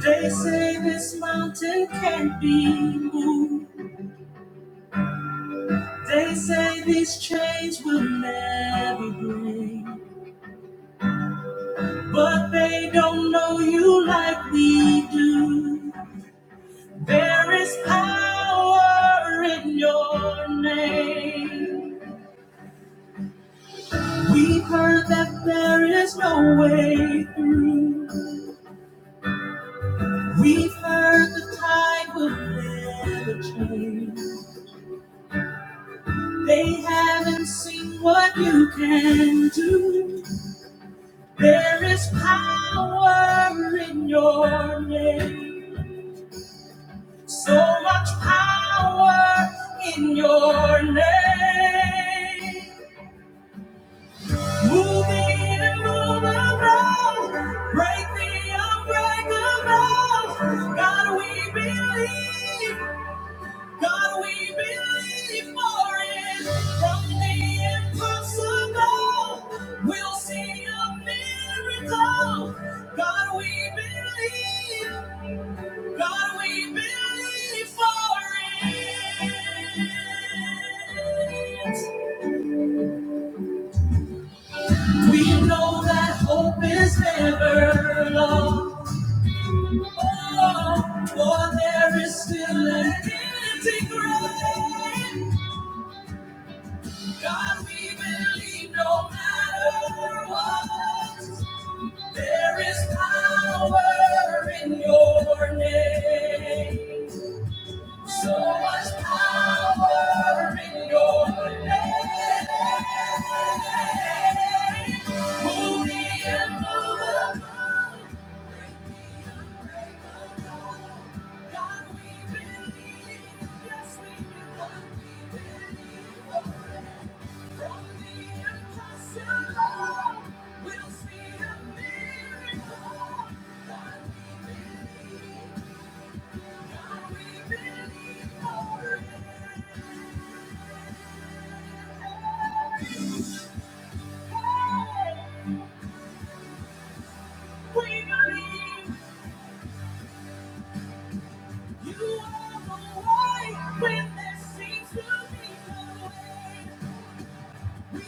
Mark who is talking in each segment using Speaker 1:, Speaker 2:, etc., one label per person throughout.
Speaker 1: They say this mountain can't be moved. They say these chains will never break. But they don't know you like we do. There is power in your name. We've heard that there is no way through. We've heard the tide will never change. They haven't seen what you can do. There is power in your name. So much power in your name. Move in and move around. Break the unbreakable. God, we believe. God, we believe for it. From the impossible, we'll see a miracle. God, we believe. God, we believe for it. We know that hope is never lost. Oh, for there is still an empty grave. God, we believe no matter what, there is power in your name. So much power in your name. Move the immovable. God, we believe. Yes, we do. God, we believe. You are the way when there seems to be no way. Trust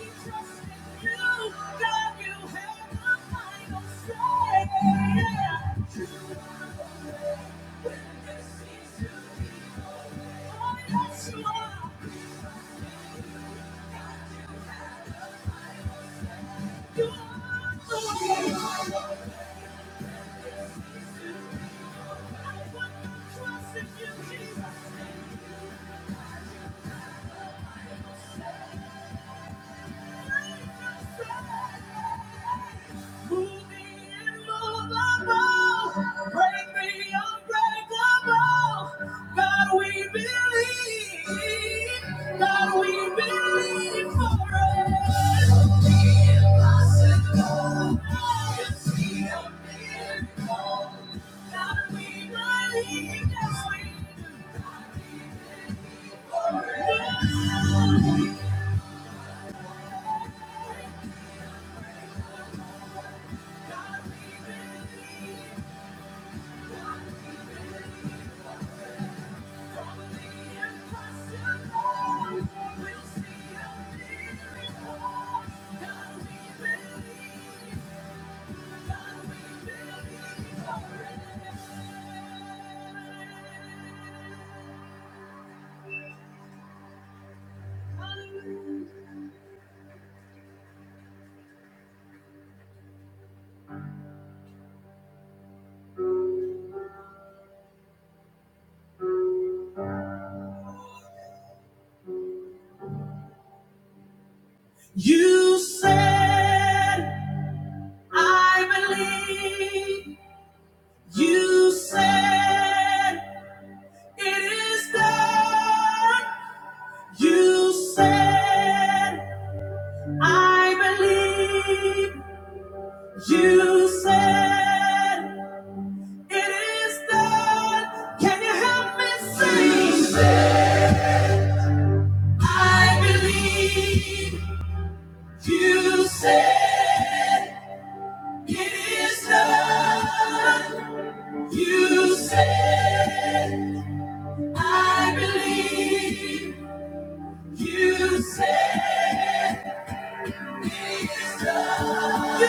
Speaker 1: in you, Jesus. we we believe. Thank you. You said, I believe. You said, it is done. You said, I believe. You said, It is done. Can you help me sing? I believe you said it is done. You said I believe you said. Just because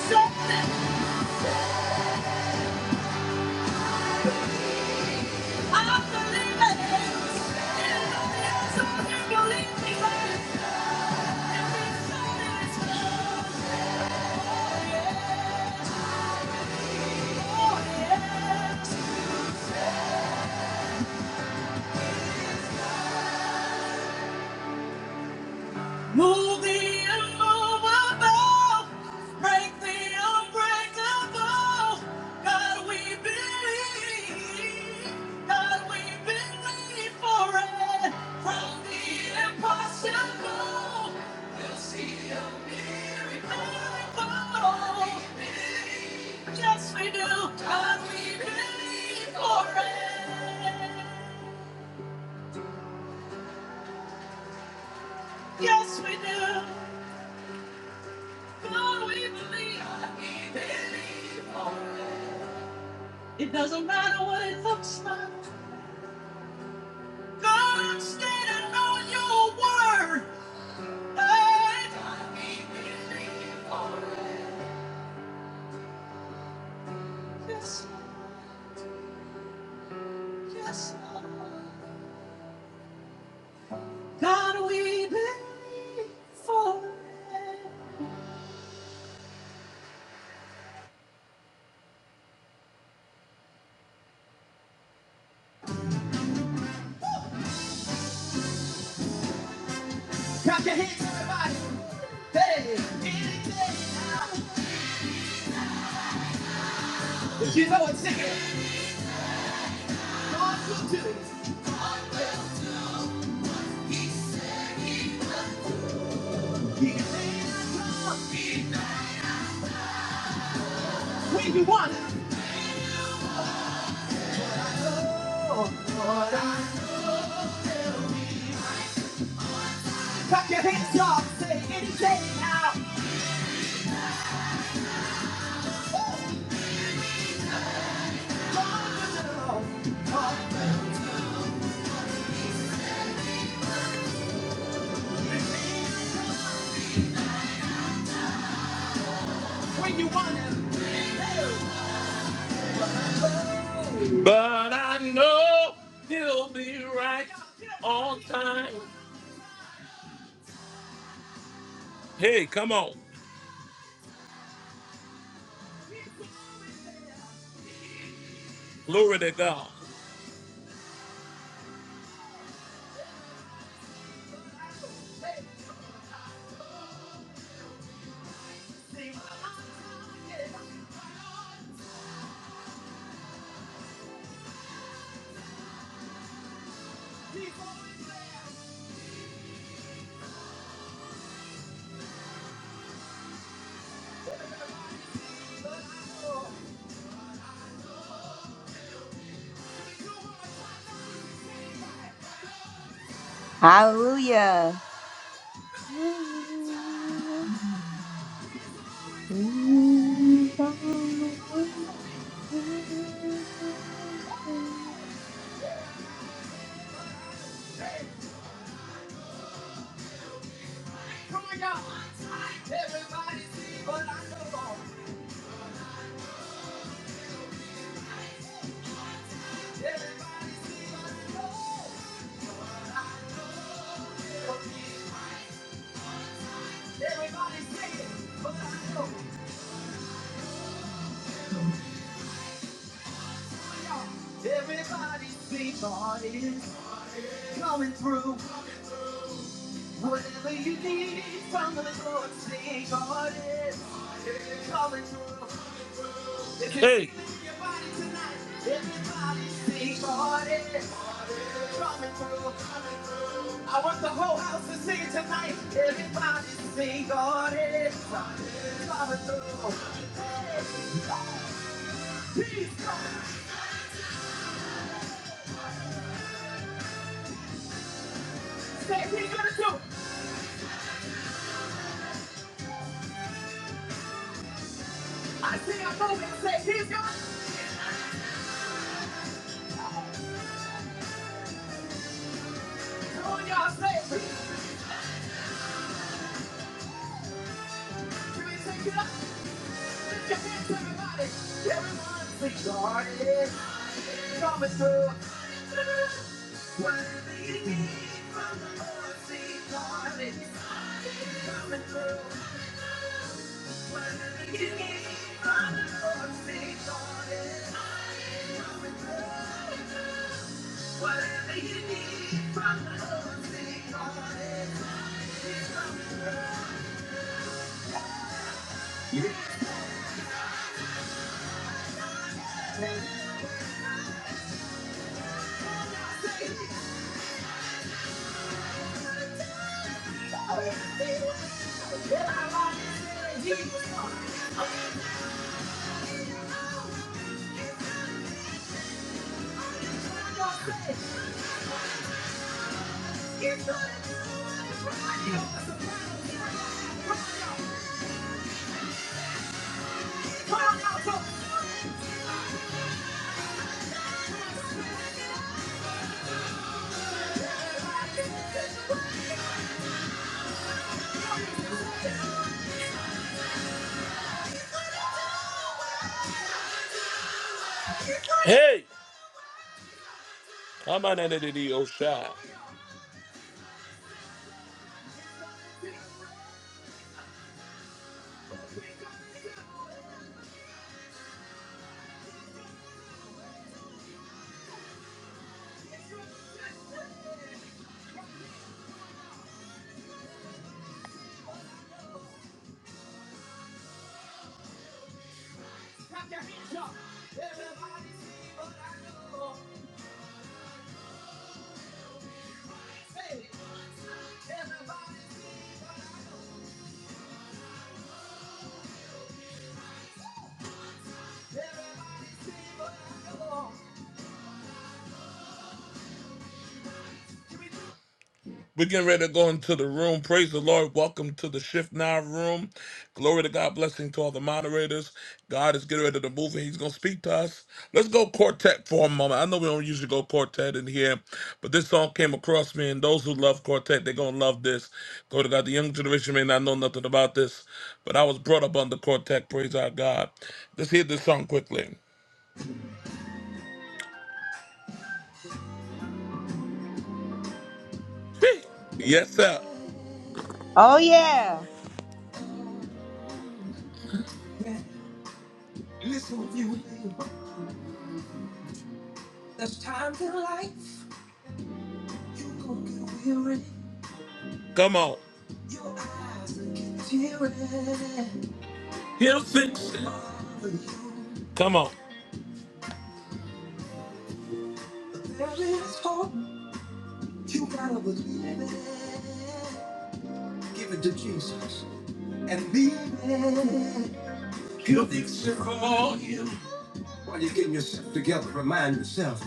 Speaker 1: you said, Move the immovable, break the unbreakable. God, we believe. God, we believe for it. From the impossible, we'll see a miracle. Yes, we do. God, we believe for it. Yes, we do. God, we believe. It doesn't matter what it looks like. God, I'm standing on your word. Hey, yes, Lord. yes. Lord. God, we believe for it. Clap your hands, everybody. Hey, if you know it's singing, God's good to you. We do want it. Oh, Lord, I Clap your hands up, say anything now. Uh, When you want it. But I know he'll be right on time. Hey, come on. Glory to God.
Speaker 2: Hallelujah.
Speaker 1: But I know. Everybody say it. But I know. Everybody see God is coming through. Whatever you need from the Lord, see God is coming through. Hey, I want the whole house to sing it tonight. Everybody sing on it. Coming through. Say he's gonna do. I see a moving. Say he's gonna do. And y'all say it. Can we take it up? Lift your hands, everybody. Everyone sing on it. Coming through. Whatever you need from the Lord, see God is coming through. Whatever you need from the Lord, see God is coming through. Whatever you need from the Lord, see God is coming through. Say, "Lord, see what- Will I rise and see Jesus come?" Turn your face. He's gonna do it. Run your- run your- run your- run your- Hey, come on out of the Osha. We're getting ready to go into the room. Praise the Lord. Welcome to the Shift Now room. Glory to God. Blessing to all the moderators. God is getting ready to move and He's going to speak to us. Let's go quartet for a moment. I know we don't usually go quartet in here, but this song came across me, and those who love quartet, they're going to love this. Glory to God. The young generation may not know nothing about this, but I was brought up under quartet. Praise our God. Let's hear this song quickly. Yes, sir.
Speaker 2: Oh, yeah.
Speaker 1: Listen, you. There's times in life Come on. He'll fix it. Come on. Give it to Jesus. While you're getting yourself together, remind yourself.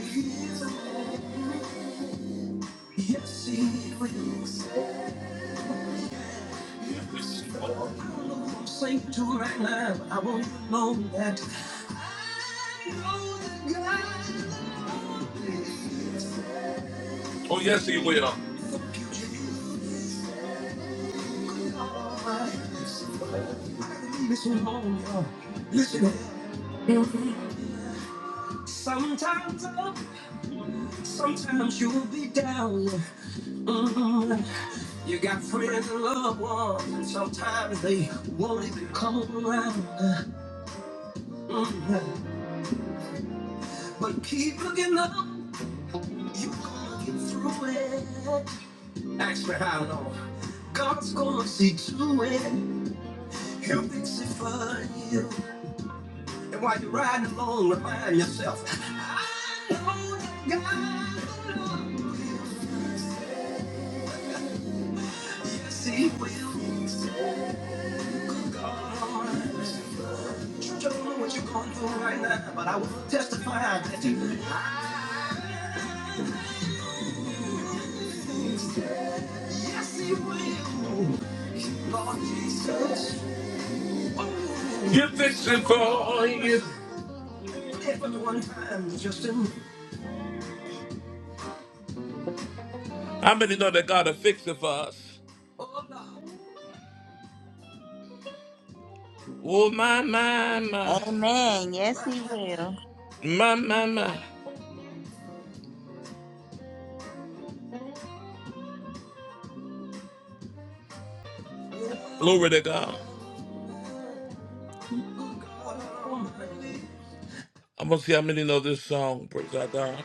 Speaker 1: Yes, he is. I to right now. I want to know that. I know that God Oh, yes, he will. Listen home, uh, listen. Sometimes up, sometimes you'll be down. Mm, You got friends and loved ones, and sometimes they won't even come around. Mm, But keep looking up, you're gonna get through it. Ask me how long. God's gonna see to it. He'll fix it for you. And while you're riding, remind yourself, I know that God will love you. See what things to come. Church, I don't know what you're going through right now, but I will testify that you. Yes, He will. Lord Jesus. You fix it for you. Everyone time. How many know that God will fix it for us? Oh, Lord. Oh, my, my, my.
Speaker 2: Amen. Yes, he will.
Speaker 1: My, my, my. Glory to God. I'm going to see how many know this song. Praise our God.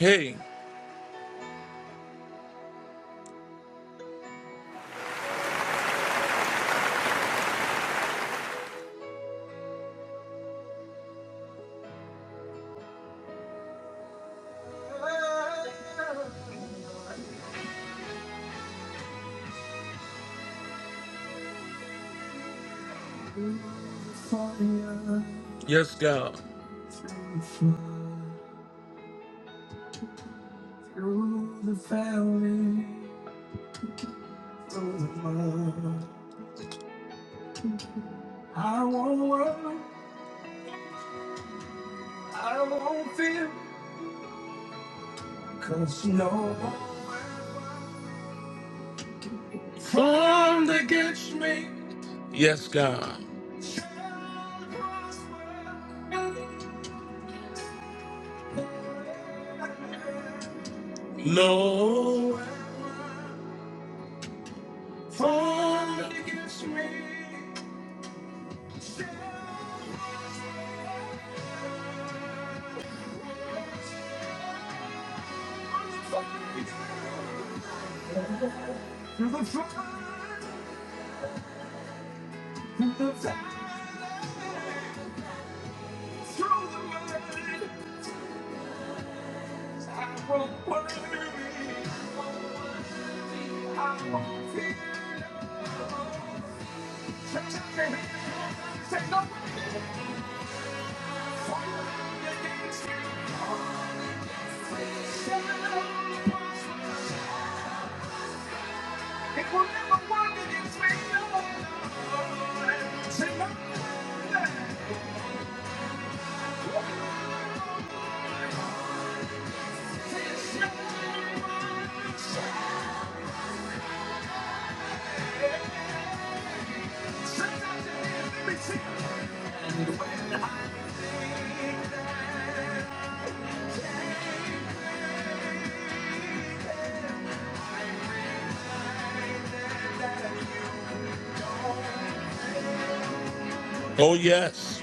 Speaker 1: Hey. Yes, God. formed against me. Yes, God. No. Formed against- Through the flood, through the flood, through the mud, I won't worry. I won't fear. Say say no weapon formed against me. shall prosper. It will never work against me. No. Say no. Oh, yes.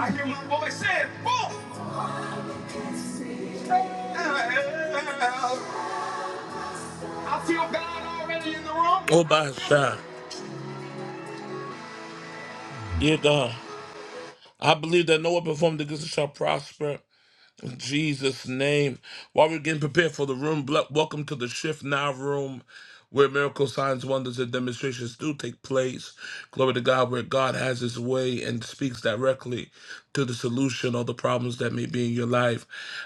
Speaker 1: I hear my voice saying, boom! I feel God already in the room. Oh, by shot. Yeah, done. I believe that no weapon performed against us shall prosper. In Jesus' name. While we're getting prepared for the room, ble- welcome to the Shift Now room where miracle signs, wonders, and demonstrations do take place. Glory to God, where God has his way and speaks directly to the solution or the problems that may be in your life.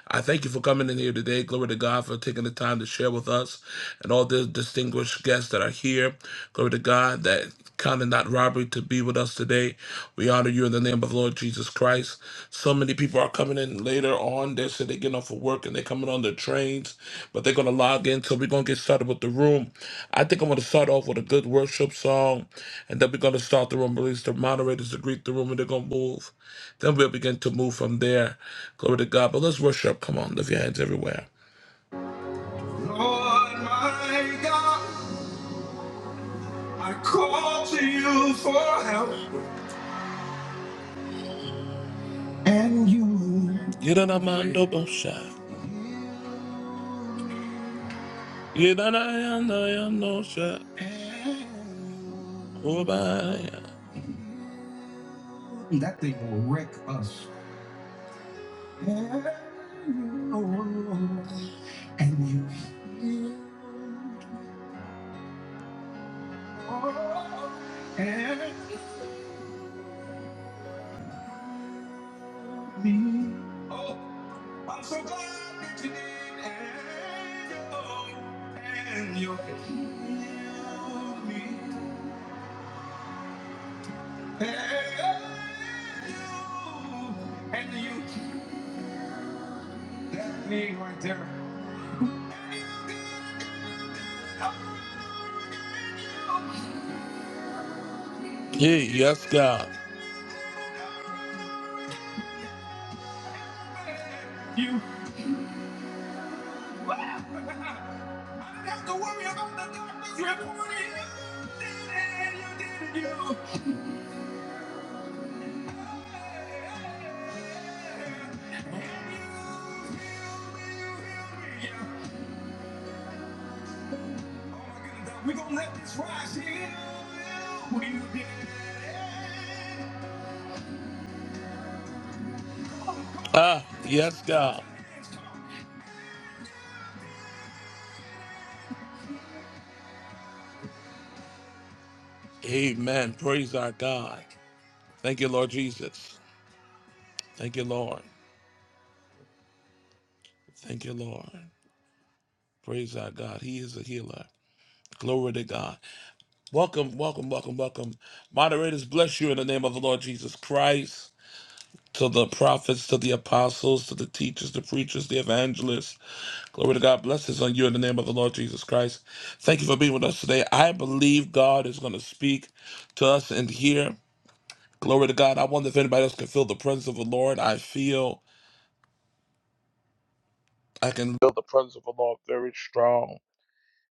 Speaker 1: I thank you for coming in here today. Glory to God for taking the time to share with us and all the distinguished guests that are here. Glory to God that counting that robbery to be with us today. We honor you in the name of the Lord Jesus Christ. So many people are coming in later on. They said they're getting off of work and they're coming on their trains, but they're going to log in. So we're going to get started with the room. I think I'm going to start off with a good worship song, and then we're going to start the room, release the moderators to greet the room, and they're going to move. Then we'll begin to move from there. Glory to God. But let's worship. Come on, lift your hands everywhere. Lord, my God, I call to you for help. Yedanamando bosha. Yedanayanda yandosha. Obaya. That thing will wreck us. And you heal and me. Oh, I'm so glad that you did. And you healed me. And you and you healed me right there. Yeah, yes, God. You. Wow. I didn't have to worry about the doctors reporting you did it, you did it, you. We're gonna let this rise here. Ah, yes, God. Amen. Praise our God. Thank you, Lord Jesus. Thank you, Lord. Thank you, Lord. Praise our God. He is a healer. Glory to God. Welcome, welcome, welcome, welcome. Moderators, bless you in the name of the Lord Jesus Christ. To the prophets, to the apostles, to the teachers, the preachers, the evangelists. Glory to God. Blessings on you in the name of the Lord Jesus Christ. Thank you for being with us today. I believe God is going to speak to us in here. Glory to God. I wonder if anybody else can feel the presence of the Lord. I feel I can feel the presence of the Lord very strong.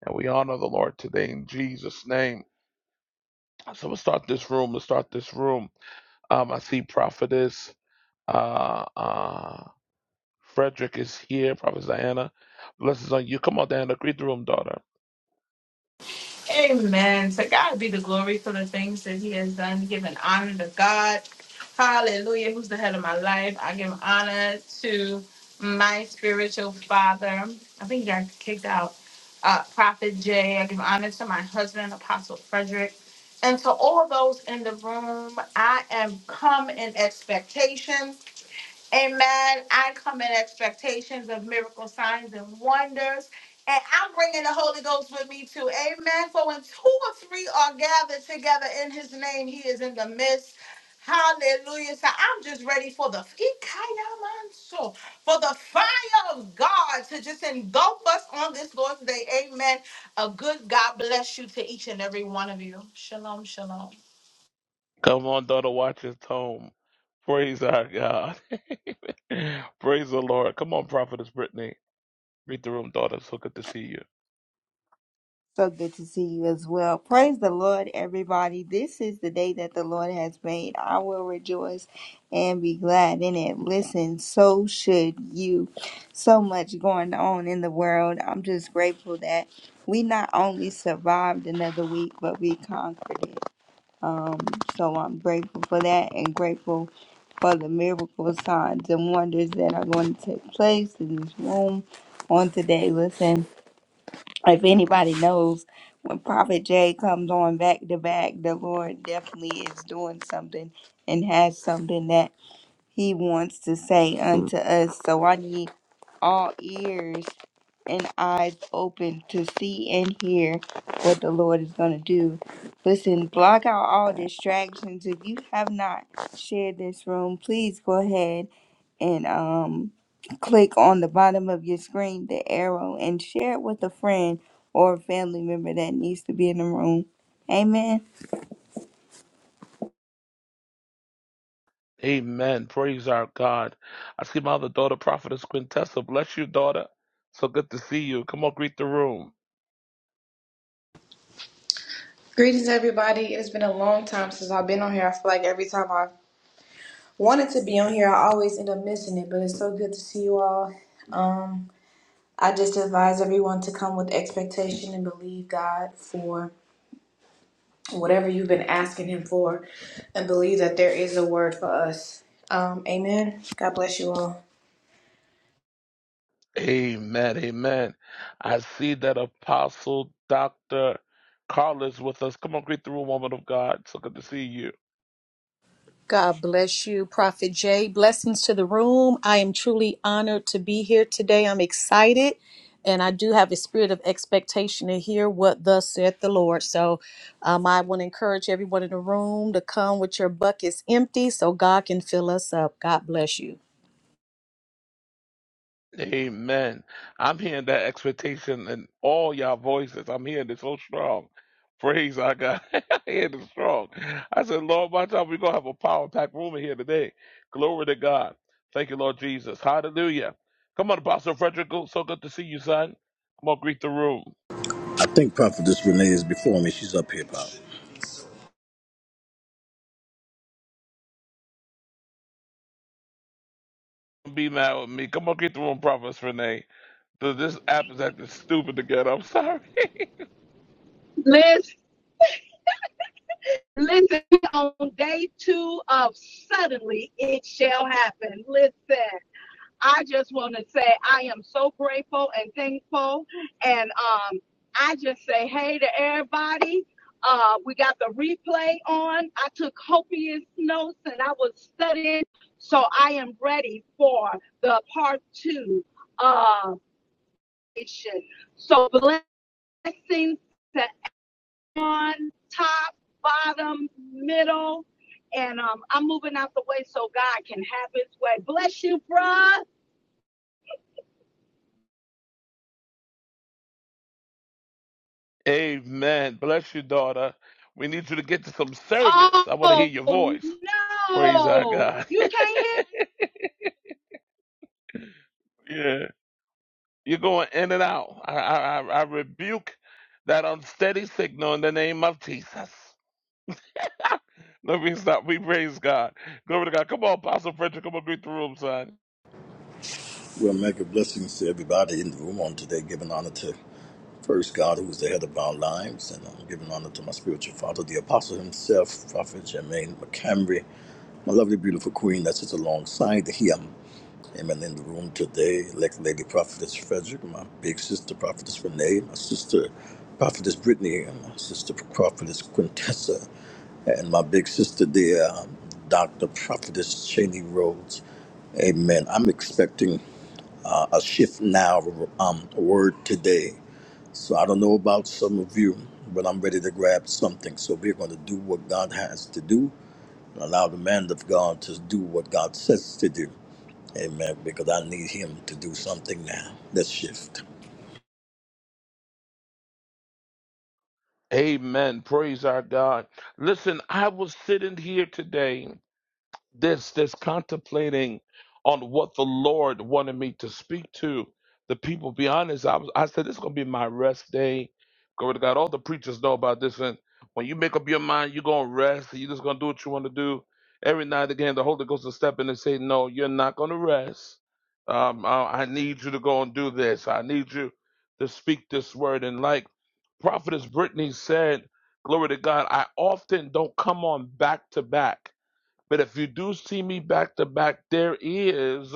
Speaker 1: And we honor the Lord today in Jesus' name. So let's start this room. Let's start this room. Um, I see Prophetess uh, uh, Frederick is here. Prophetess Diana, blessings on you. Come on, Diana, greet the room, daughter.
Speaker 3: Amen. To God be the glory for the things that He has done. Giving honor to God. Hallelujah. Who's the head of my life? I give honor to my spiritual father. I think he got kicked out. Uh, Prophet Jay. I give honor to my husband, Apostle Frederick. And to all those in the room, I am come in expectation. Amen. I come in expectations of miracle signs and wonders. And I'm bringing the Holy Ghost with me too. Amen. For when two or three are gathered together in his name, he is in the midst. Hallelujah. So I'm just ready for the Ikayamanso, for the fire of God to just engulf us on this Lord's day. Amen. A good God bless you to each and every one of you. Shalom, shalom.
Speaker 1: Come on, daughter, watch his home. Praise our God. Praise the Lord. Come on, Prophetess Brittany, greet the room, daughter. So good to see you.
Speaker 2: So good to see you as well. Praise the Lord, everybody. This is the day that the Lord has made. I will rejoice and be glad in it. Listen, so should you. So much going on in the world. I'm just grateful that we not only survived another week, but we conquered it. Um, so I'm grateful for that and grateful for the miracle signs and wonders that are going to take place in this room on today. Listen if anybody knows when prophet jay comes on back to back the lord definitely is doing something and has something that he wants to say unto us so i need all ears and eyes open to see and hear what the Lord is going to do. Listen, block out all distractions. If you have not shared this room, please go ahead and um, click on the bottom of your screen, the arrow, and share it with a friend or a family member that needs to be in the room. Amen.
Speaker 1: Amen. Praise our God. I see my other daughter, Prophetess Quintessa. Bless you, daughter. So good to see you. Come on, greet the room.
Speaker 4: Greetings, everybody. It has been a long time since I've been on here. I feel like every time I wanted to be on here, I always end up missing it, but it's so good to see you all. Um, I just advise everyone to come with expectation and believe God for whatever you've been asking Him for and believe that there is a word for us. Um, amen. God bless you all.
Speaker 1: Amen. Amen. I see that Apostle Dr. Carl is with us. Come on, greet the room, woman of God. So good to see you.
Speaker 5: God bless you, Prophet Jay. Blessings to the room. I am truly honored to be here today. I'm excited, and I do have a spirit of expectation to hear what thus saith the Lord. So, um, I want to encourage everyone in the room to come with your buckets empty so God can fill us up. God bless you.
Speaker 1: Amen. I'm hearing that expectation in all y'all voices. I'm hearing it so strong. Praise our God. I hear it strong. I said, Lord, by the time we're going to have a power packed room in here today. Glory to God. Thank you, Lord Jesus. Hallelujah. Come on, Apostle Frederick. So good to see you, son. Come on, greet the room.
Speaker 6: I Think Prophetess Renee is before me. She's up here, Pop.
Speaker 1: Don't Be mad with me. Come on, greet the room, Prophet Renee. Th- This app is acting stupid again. I'm sorry.
Speaker 7: Listen, listen, on day two of suddenly it shall happen. Listen, I just want to say I am so grateful and thankful. And um, I just say hey to everybody. Uh, we got the replay on. I took copious notes and I was studying. So I am ready for the part two of mission. So blessings. to on top, bottom, middle, and um, I'm moving out the way so God can have His way. Bless you, bruh.
Speaker 1: Amen. Bless you, daughter. We need you to get to some service. I want to hear
Speaker 7: Oh
Speaker 1: your voice. Praise our
Speaker 7: no,
Speaker 1: God.
Speaker 7: you can't hear.
Speaker 1: yeah. You're going in and out. I, I, I I rebuke that unsteady signal in the name of Jesus. Let me stop. We praise God. Glory to God. Come on, Apostle Frederick. Come on, greet the room, son.
Speaker 6: Well, mega blessings to everybody in the room on today, giving honor to first God, who's the head of our lives, and I'm giving honor to my spiritual father, the apostle himself, Prophet Jermaine McCamry, my lovely, beautiful queen that sits alongside him. Amen. In the room today, elect lady prophetess Frederick, my big sister prophetess Renee, my sister prophetess Brittany, and my sister prophetess Quintessa. and my big sister there, um, Dr. Prophetess Cheney Rhodes. Amen. I'm expecting uh, a shift now, um, a word today. So I don't know about some of you, but I'm ready to grab something. So we're going to do what God has to do and allow the man of God to do what God says to do. Amen. Because I need him to do something now. Let's shift.
Speaker 1: Amen. Praise our God. Listen, I was sitting here today this this contemplating on what the Lord wanted me to speak to the people. Be honest, I was I said this is gonna be my rest day. Glory to God. All the preachers know about this. And when you make up your mind, you're gonna rest, and you're just gonna do what you want to do. Every night again, the Holy Ghost will step in and say, No, you're not gonna rest. Um, I, I need you to go and do this. I need you to speak this word. And like Prophetess Brittany said, glory to God, I often don't come on back to back but if you do see me back to back, there is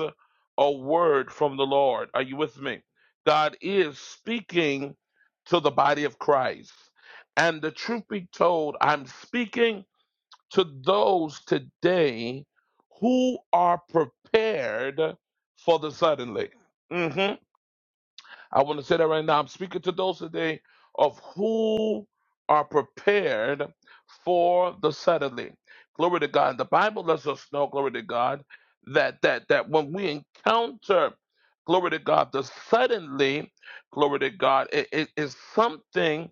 Speaker 1: a word from the Lord. Are you with me? God is speaking to the body of Christ. And the truth be told, I'm speaking to those today who are prepared for the suddenly. Mhm. I want to say that right now. I'm speaking to those today of who are prepared for the suddenly. Glory to God. The Bible lets us know, glory to God, that that that when we encounter, glory to God, the suddenly, glory to God, it it is something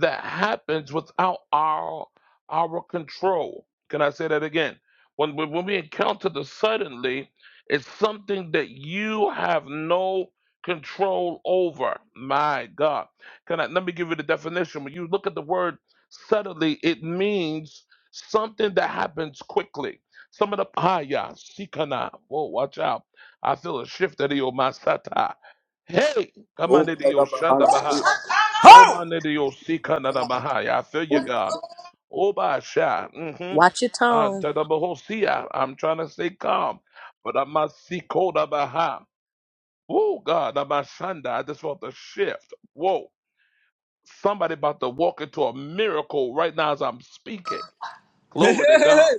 Speaker 1: that happens without our our control. Can I say that again? When we, when we encounter the suddenly, it's something that you have no control over. My God. Can I let me give you the definition? When you look at the word suddenly, it means something that happens quickly. Some of the paya, sikana. Whoa, watch out. I feel a shift of the masata. Hey, come on,
Speaker 6: Oh,
Speaker 1: the Yoshanda Baha. Oh, my, the Yosikana Baha. Yeah, I feel you, God. Oh, my, Sha. Mm-hmm.
Speaker 5: Watch your
Speaker 1: Uh,
Speaker 5: tone.
Speaker 1: Tadabahosia. I'm trying to stay calm, but I must see Koda Baha. Oh God, I'm shanda. I just felt the shift. Whoa. Somebody about to walk into a miracle right now as I'm speaking. Glory to God.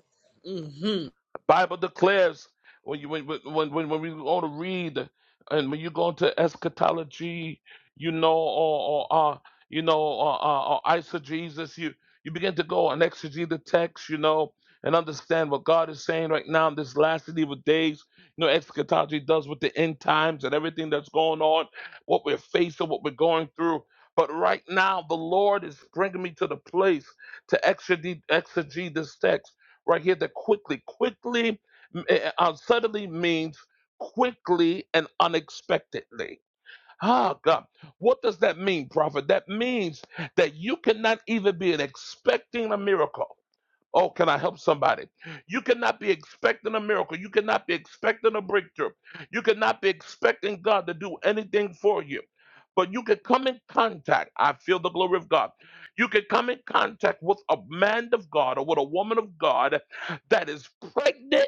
Speaker 1: Bible declares when you when when when, when we go to read and when you go into eschatology, you know, or, or uh, you know, or, or, or eisegesis, you you begin to go and exegete the text, you know, and understand what God is saying right now in this last and evil days. You know, eschatology does with the end times and everything that's going on, what we're facing, what we're going through. But right now, the Lord is bringing me to the place to exegete, exegete this text right here that quickly, quickly, eh, eh, uh, suddenly means quickly and unexpectedly. Ah, God. What does that mean, prophet? That means that you cannot even be expecting a miracle Oh, can I help somebody? You cannot be expecting a miracle. You cannot be expecting a breakthrough. You cannot be expecting God to do anything for you. But you can come in contact. I feel the glory of God. You can come in contact with a man of God or with a woman of God that is pregnant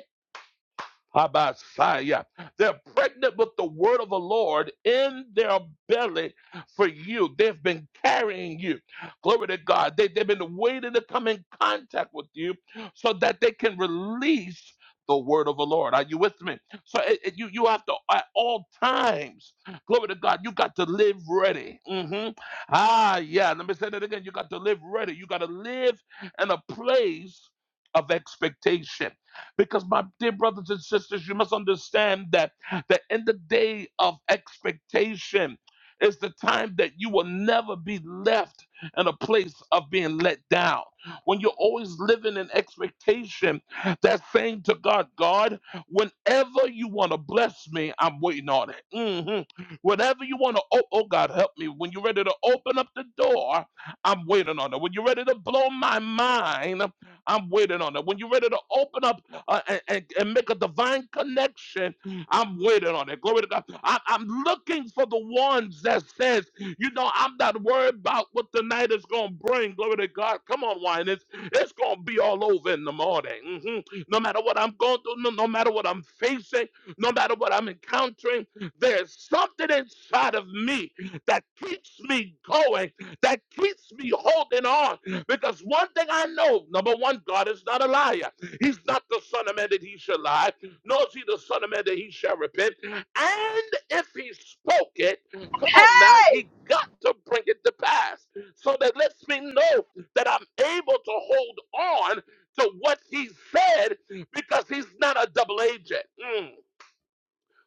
Speaker 1: Abasaya. They're pregnant with the word of the Lord in their belly for you. They've been carrying you. Glory to God. They, they've been waiting to come in contact with you so that they can release the word of the Lord. Are you with me? So it- it- you, you have to, at all times, glory to God, you got to live ready. Mhm. Ah, yeah. Let me say that again. You got to live ready. You got to live in a place of expectation. Because, my dear brothers and sisters, you must understand that, that in the day of expectation, is the time that you will never be left in a place of being let down. When you're always living in expectation, that saying to God, God, whenever you want to bless me, I'm waiting on it. Mhm. Whenever you want to, oh, oh, God, help me. When you're ready to open up the door, I'm waiting on it. When you're ready to blow my mind, I'm waiting on it. When you're ready to open up uh, and, and- make a divine connection. I'm waiting on it. Glory to God. I, I'm looking for the ones that says, you know, I'm not worried about what the night is going to bring. Glory to God. Come on, wine. It's, it's going to be all over in the morning. Mhm. No matter what I'm going through, no, no matter what I'm facing, no matter what I'm encountering, there's something inside of me that keeps me going, that keeps me holding on. Because one thing I know, number one, God is not a liar. He's not the Son of Man that he shall lie, nor is he the Son of Man that he shall repent. And if he spoke it, come on
Speaker 7: that?
Speaker 1: now, he got to bring it to pass. So that lets me know that I'm able to hold on to what he said because he's not a double agent. Mm.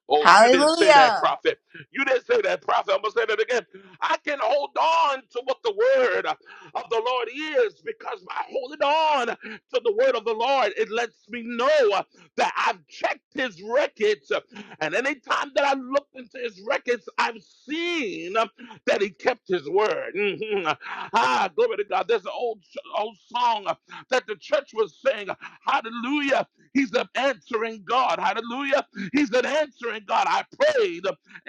Speaker 1: Oh, you didn't say that,
Speaker 2: Hallelujah.
Speaker 1: prophet. You didn't say that, prophet. I'm going to say that again. I can hold on to what the word of the Lord is because by holding on to the word of the Lord, it lets me know that I've checked his records. And anytime that I looked into his records, I've seen that he kept his word. Mhm. Ah, glory to God. There's an old, old song that the church was saying, Hallelujah. He's an answering God. Hallelujah. He's an answering God. I prayed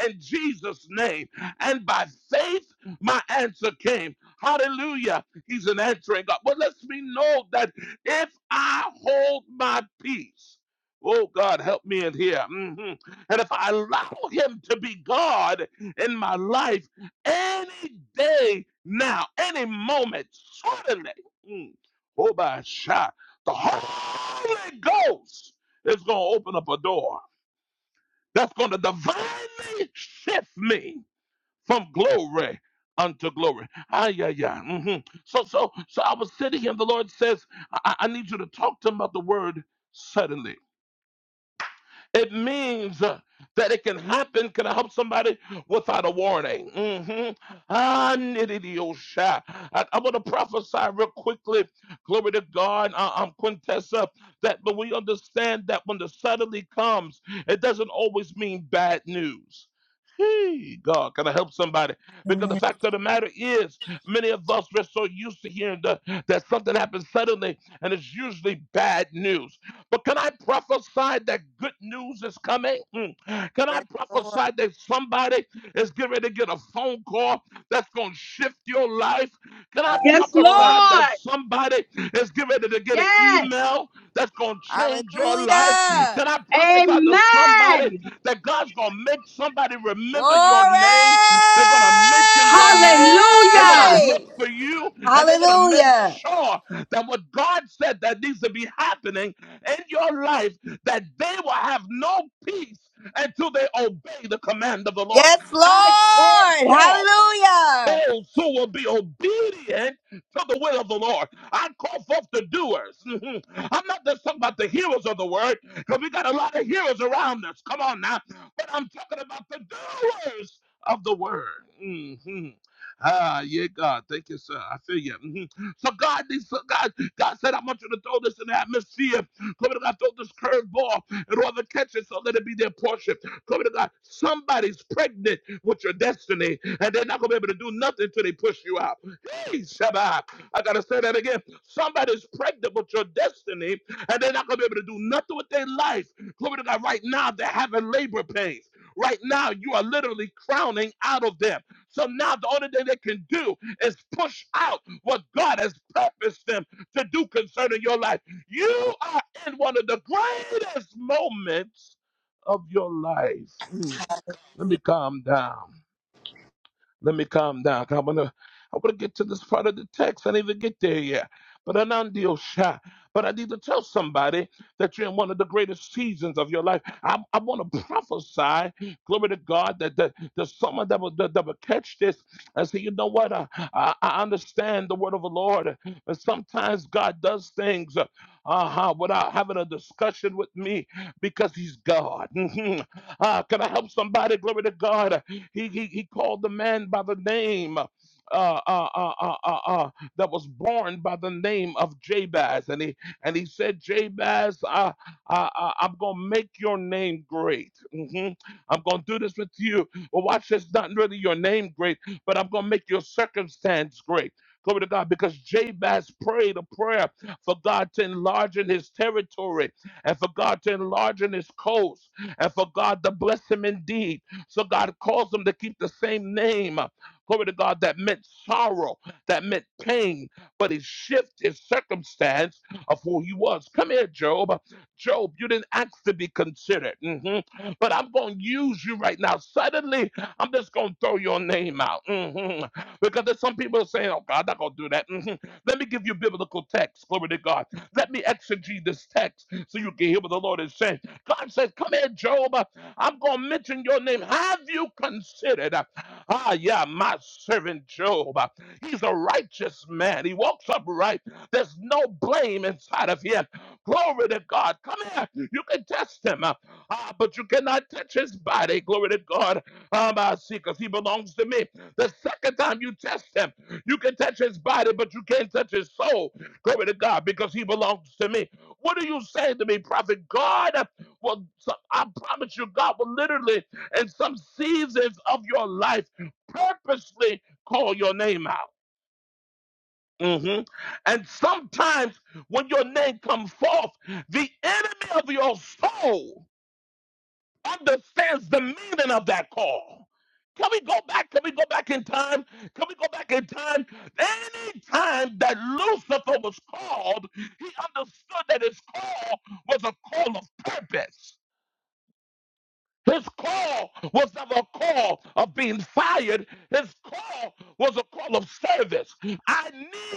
Speaker 1: in Jesus' name. And by faith, my answer came. Hallelujah. He's an answering God. But lets me know that if I hold my peace, oh God, help me in here. Mhm. And if I allow him to be God in my life any day now, any moment, suddenly, mm, oh my shot, the Holy Ghost is going to open up a door that's going to divinely shift me from glory unto glory. Ah, yeah, yeah. hmm So, so, so I was sitting here, and the Lord says, I, I I need you to talk to him about the word suddenly. It means uh, that it can happen. Can I help somebody without a warning? hmm Ah, nididiyosha. I, I want to prophesy real quickly. Glory to God. Uh, I'm Quintessa. That, but we understand that when the suddenly comes, it doesn't always mean bad news. Hey, God, can I help somebody? Because the
Speaker 4: Amen.
Speaker 1: fact of the matter is, many of us are so used to hearing the, that something happens suddenly, and it's usually bad news. But can I prophesy that good news is coming? Mm. Can I
Speaker 2: Yes, Lord.
Speaker 1: prophesy that somebody is getting ready to get a phone call that's going to shift your life? Can I
Speaker 2: Yes,
Speaker 7: Yes,
Speaker 2: Lord.
Speaker 1: prophesy that
Speaker 7: Lord.
Speaker 1: somebody is getting ready to get an
Speaker 7: Yes.
Speaker 1: email that's going to change your life?
Speaker 2: Hallelujah.
Speaker 1: Can I prophesy to somebody
Speaker 7: Amen.
Speaker 1: that God's going to make somebody remember your
Speaker 2: Glory.
Speaker 1: name? They're going to mention your name. They're going to
Speaker 7: Hallelujah.
Speaker 1: look for you and they're going to make
Speaker 2: Hallelujah.
Speaker 1: sure that what God said that needs to be happening in your life that they will have no peace until they obey the command of the Lord.
Speaker 2: Yes,
Speaker 1: I call
Speaker 2: Lord.
Speaker 1: forth
Speaker 2: Hallelujah.
Speaker 1: those who will be obedient to the will of the Lord. I call forth the doers. Mhm. I'm not just talking about the hearers of the word, because we got a lot of hearers around us. Come on now. But I'm talking about the doers of the word. hmm Ah, yeah, God. Thank you, sir. I feel you. Mhm. So God needs so God, God said, I want you to throw this in the atmosphere. Come on, God, throw this curveball and whoever catches it, so let it be their portion. Glory to God. Somebody's pregnant with your destiny, and they're not going to be able to do nothing until they push you out. Hey, Shabbat. I got to say that again. Somebody's pregnant with your destiny, and they're not going to be able to do nothing with their life. Glory to God. Right now, they're having labor pains. Right now, you are literally crowning out of them. So now the only thing they can do is push out what God has purposed them to do concerning your life. You are in one of the greatest moments of your life. Mm. Let me calm down. Let me calm down. 'cause I'm gonna, I want to get to this part of the text. I didn't even get there yet. But I'm not deal shy. But I need to tell somebody that you're in one of the greatest seasons of your life. I, I want to prophesy, glory to God, that, that there's someone that will, that, that will catch this and say, you know what? I, I, I understand the word of the Lord. but sometimes God does things uh, uh-huh, without having a discussion with me because he's God. Mhm. Ah, can I help somebody? Glory to God. He, he, he called the man by the name uh, uh, uh, uh, uh, uh, uh, that was born by the name of Jabez. And he, and he said, Jabez, I, I, I, I'm going to make your name great. hmm I'm going to do this with you. Well, watch this, not really your name great, but I'm going to make your circumstance great. Glory to God, because Jabez prayed a prayer for God to enlarge in his territory and for God to enlarge in his coast and for God to bless him indeed. So God calls them to keep the same name. Glory to God, that meant sorrow, that meant pain, but he shifted his circumstance of who he was. Come here, Job. Job, you didn't ask to be considered, Mhm. but I'm going to use you right now. Suddenly, I'm just going to throw your name out Mhm. because there's some people saying, Oh, God, I'm not going to do that. Mhm. Let me give you biblical text. Glory to God. Let me exegete this text so you can hear what the Lord is saying. God says, Come here, Job. I'm going to mention your name. Have you considered? Ah, yeah, my servant Job. He's a righteous man. He walks upright. There's no blame inside of him. Glory to God. Come here. You can test him, uh, uh, but you cannot touch his body. Glory to God. Um, I see, because he belongs to me. The second time you test him, you can touch his body, but you can't touch his soul. Glory to God, because he belongs to me. What are you saying to me, prophet? God Will so I promise you, God will literally, in some seasons of your life, purposely call your name out. Mhm. And sometimes when your name comes forth, the enemy of your soul understands the meaning of that call. Can we go back? Can we go back in time? Can we go back in time? Any time that Lucifer was called, he understood that his call was a call of purpose His call was never a call of being fired. His call was a call of service. I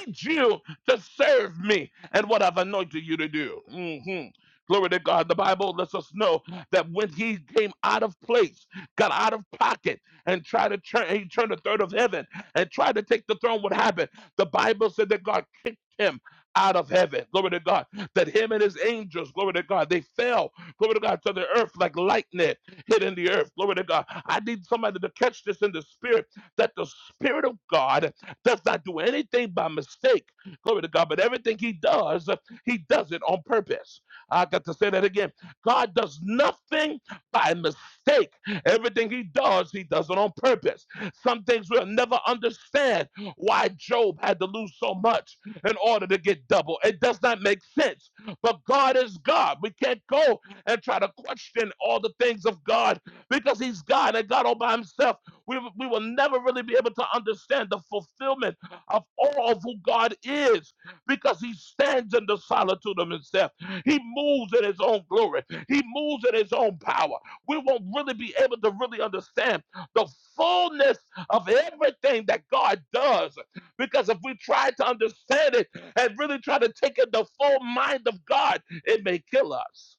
Speaker 1: need you to serve me and what I've anointed you to do. Mhm. Glory to God. The Bible lets us know that when he came out of place, got out of pocket, and tried to turn, he turned a third of heaven and tried to take the throne, what happened? The Bible said that God kicked him out of heaven. Glory to God. That him and his angels, glory to God, they fell, glory to God, to the earth like lightning hidden in the earth. Glory to God. I need somebody to catch this in the spirit that the spirit of God does not do anything by mistake. Glory to God. But everything he does, he does it on purpose. I got to say that again. God does nothing by mistake. Everything he does, he does it on purpose. Some things we'll never understand why Job had to lose so much in order to get double. It does not make sense. But God is God. We can't go and try to question all the things of God because He's God and God all by Himself. We, we will never really be able to understand the fulfillment of all of who God is because He stands in the solitude of Himself. He moves in His own glory, He moves in His own power. We won't really be able to really understand the fullness of everything that God does because if we try to understand it and really try to take in the full mind of God, it may kill us.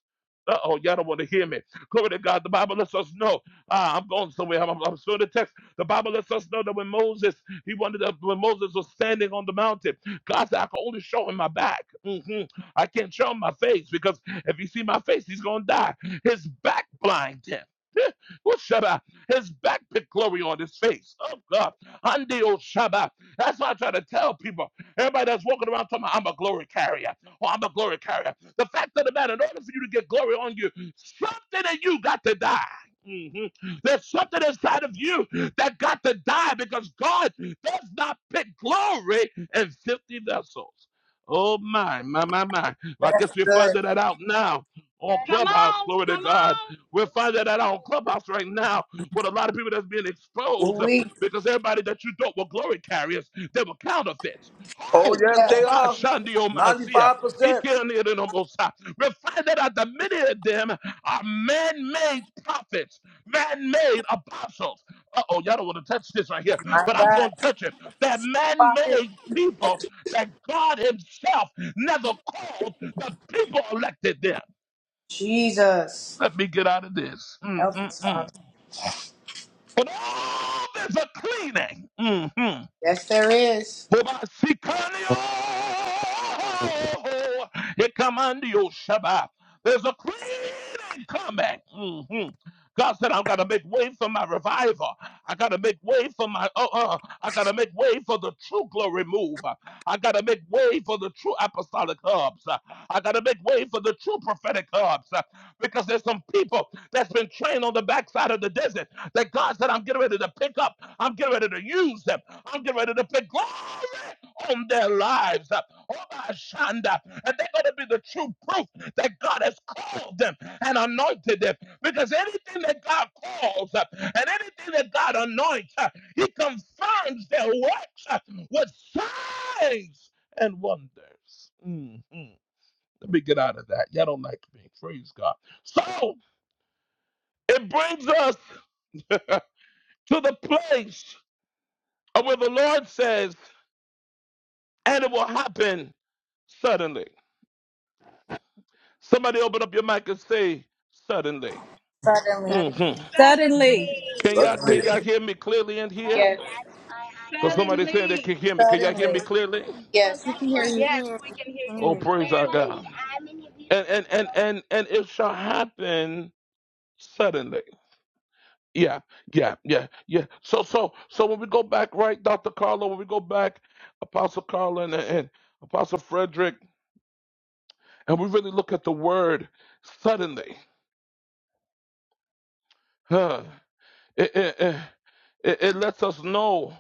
Speaker 1: Uh oh, y'all don't want to hear me. Glory to God. The Bible lets us know. Ah, I'm going somewhere. I'm, I'm, I'm still in the text. The Bible lets us know that when Moses, he wanted to, when Moses was standing on the mountain, God said, I can only show him my back. hmm I can't show him my face because if he see my face, he's going to die. His back blind him. Oh, Shabbat. His back put glory on his face. Oh, God. Andi, oh, Shabbat. That's why I try to tell people. Everybody that's walking around talking about, I'm a glory carrier. Oh, I'm a glory carrier. The fact of the matter, in order for you to get glory on you, something in you got to die. Mhm. There's something inside of you that got to die because God does not pick glory in filthy vessels. Oh my, my, my, my. Well, I guess we're finding that out now on
Speaker 7: Come
Speaker 1: Clubhouse.
Speaker 7: on,
Speaker 1: Glory to
Speaker 7: come
Speaker 1: God.
Speaker 7: on.
Speaker 1: We're
Speaker 7: It was
Speaker 1: finding that out on
Speaker 7: so
Speaker 1: Clubhouse right now with a lot of people that's being exposed uh,
Speaker 4: We
Speaker 1: because everybody that you thought were glory carriers, they were counterfeits.
Speaker 6: Oh
Speaker 1: Oh,
Speaker 6: yes,
Speaker 1: oh
Speaker 6: they
Speaker 1: my,
Speaker 6: are.
Speaker 1: Shandi, oh my, see,
Speaker 6: Ninety-five percent.
Speaker 1: we find that that many of them are man-made prophets, man-made apostles. Uh-oh, y'all don't want to touch this right here, but I'm going to touch it. They're man-made people that God himself never called the people elected them.
Speaker 4: Jesus.
Speaker 1: Let me get out of this.
Speaker 4: Help us, Father.
Speaker 1: Mm-mm-mm. But all there's a cleaning. Mm-hmm.
Speaker 4: Yes, there is.
Speaker 1: Hobasikanio. Ekamandio Shaba. There's a clean coming. Mhm. God said, I'm going to make way for my revival. I got to make way for my, uh, uh, I got to make way for the true glory move. Uh, I got to make way for the true apostolic hubs. Uh, I got to make way for the true prophetic hubs uh, because there's some people that's been trained on the backside of the desert that God said, I'm getting ready to pick up. I'm getting ready to use them. I'm getting ready to pick glory on their lives. Uh, oh, my Shanda. And they're going to be the true proof that God has called them and anointed them. Because anything that God calls uh, and anything that God anoints, uh, He confirms their works uh, with signs and wonders. Mhm. Let me get out of that. Y'all don't like me. Praise God. So it brings us to the place where the Lord says, and it will happen suddenly. Somebody open up your mic and say, suddenly.
Speaker 4: Suddenly.
Speaker 2: That
Speaker 1: hmm
Speaker 2: is
Speaker 5: Suddenly.
Speaker 1: Can
Speaker 7: Suddenly.
Speaker 1: y'all can y'all hear me clearly in
Speaker 7: fun.
Speaker 1: here?
Speaker 4: Yes.
Speaker 7: That's my idea.
Speaker 1: Because
Speaker 2: us.
Speaker 1: somebody said they can
Speaker 7: Suddenly.
Speaker 1: hear me. Can y'all hear
Speaker 4: Suddenly.
Speaker 1: me clearly?
Speaker 7: So
Speaker 4: Yes, we
Speaker 7: guess
Speaker 4: can hear
Speaker 7: what?
Speaker 2: We
Speaker 4: you.
Speaker 2: can
Speaker 7: Yes,
Speaker 2: hear
Speaker 7: we
Speaker 2: you.
Speaker 7: can hear
Speaker 2: We can
Speaker 7: you
Speaker 1: Oh,
Speaker 2: hear you.
Speaker 1: praise our
Speaker 7: clearly.
Speaker 1: God.
Speaker 7: I'm in the
Speaker 1: And
Speaker 7: abusive
Speaker 1: and and
Speaker 7: hospital.
Speaker 1: and and it shall happen suddenly. Yeah, yeah, yeah, yeah. So so so when we go back, right, Dr. Carlo, when we go back, Apostle Carlo and, and Apostle Frederick, and we really look at the word suddenly, huh? It, it, it, it it lets us know.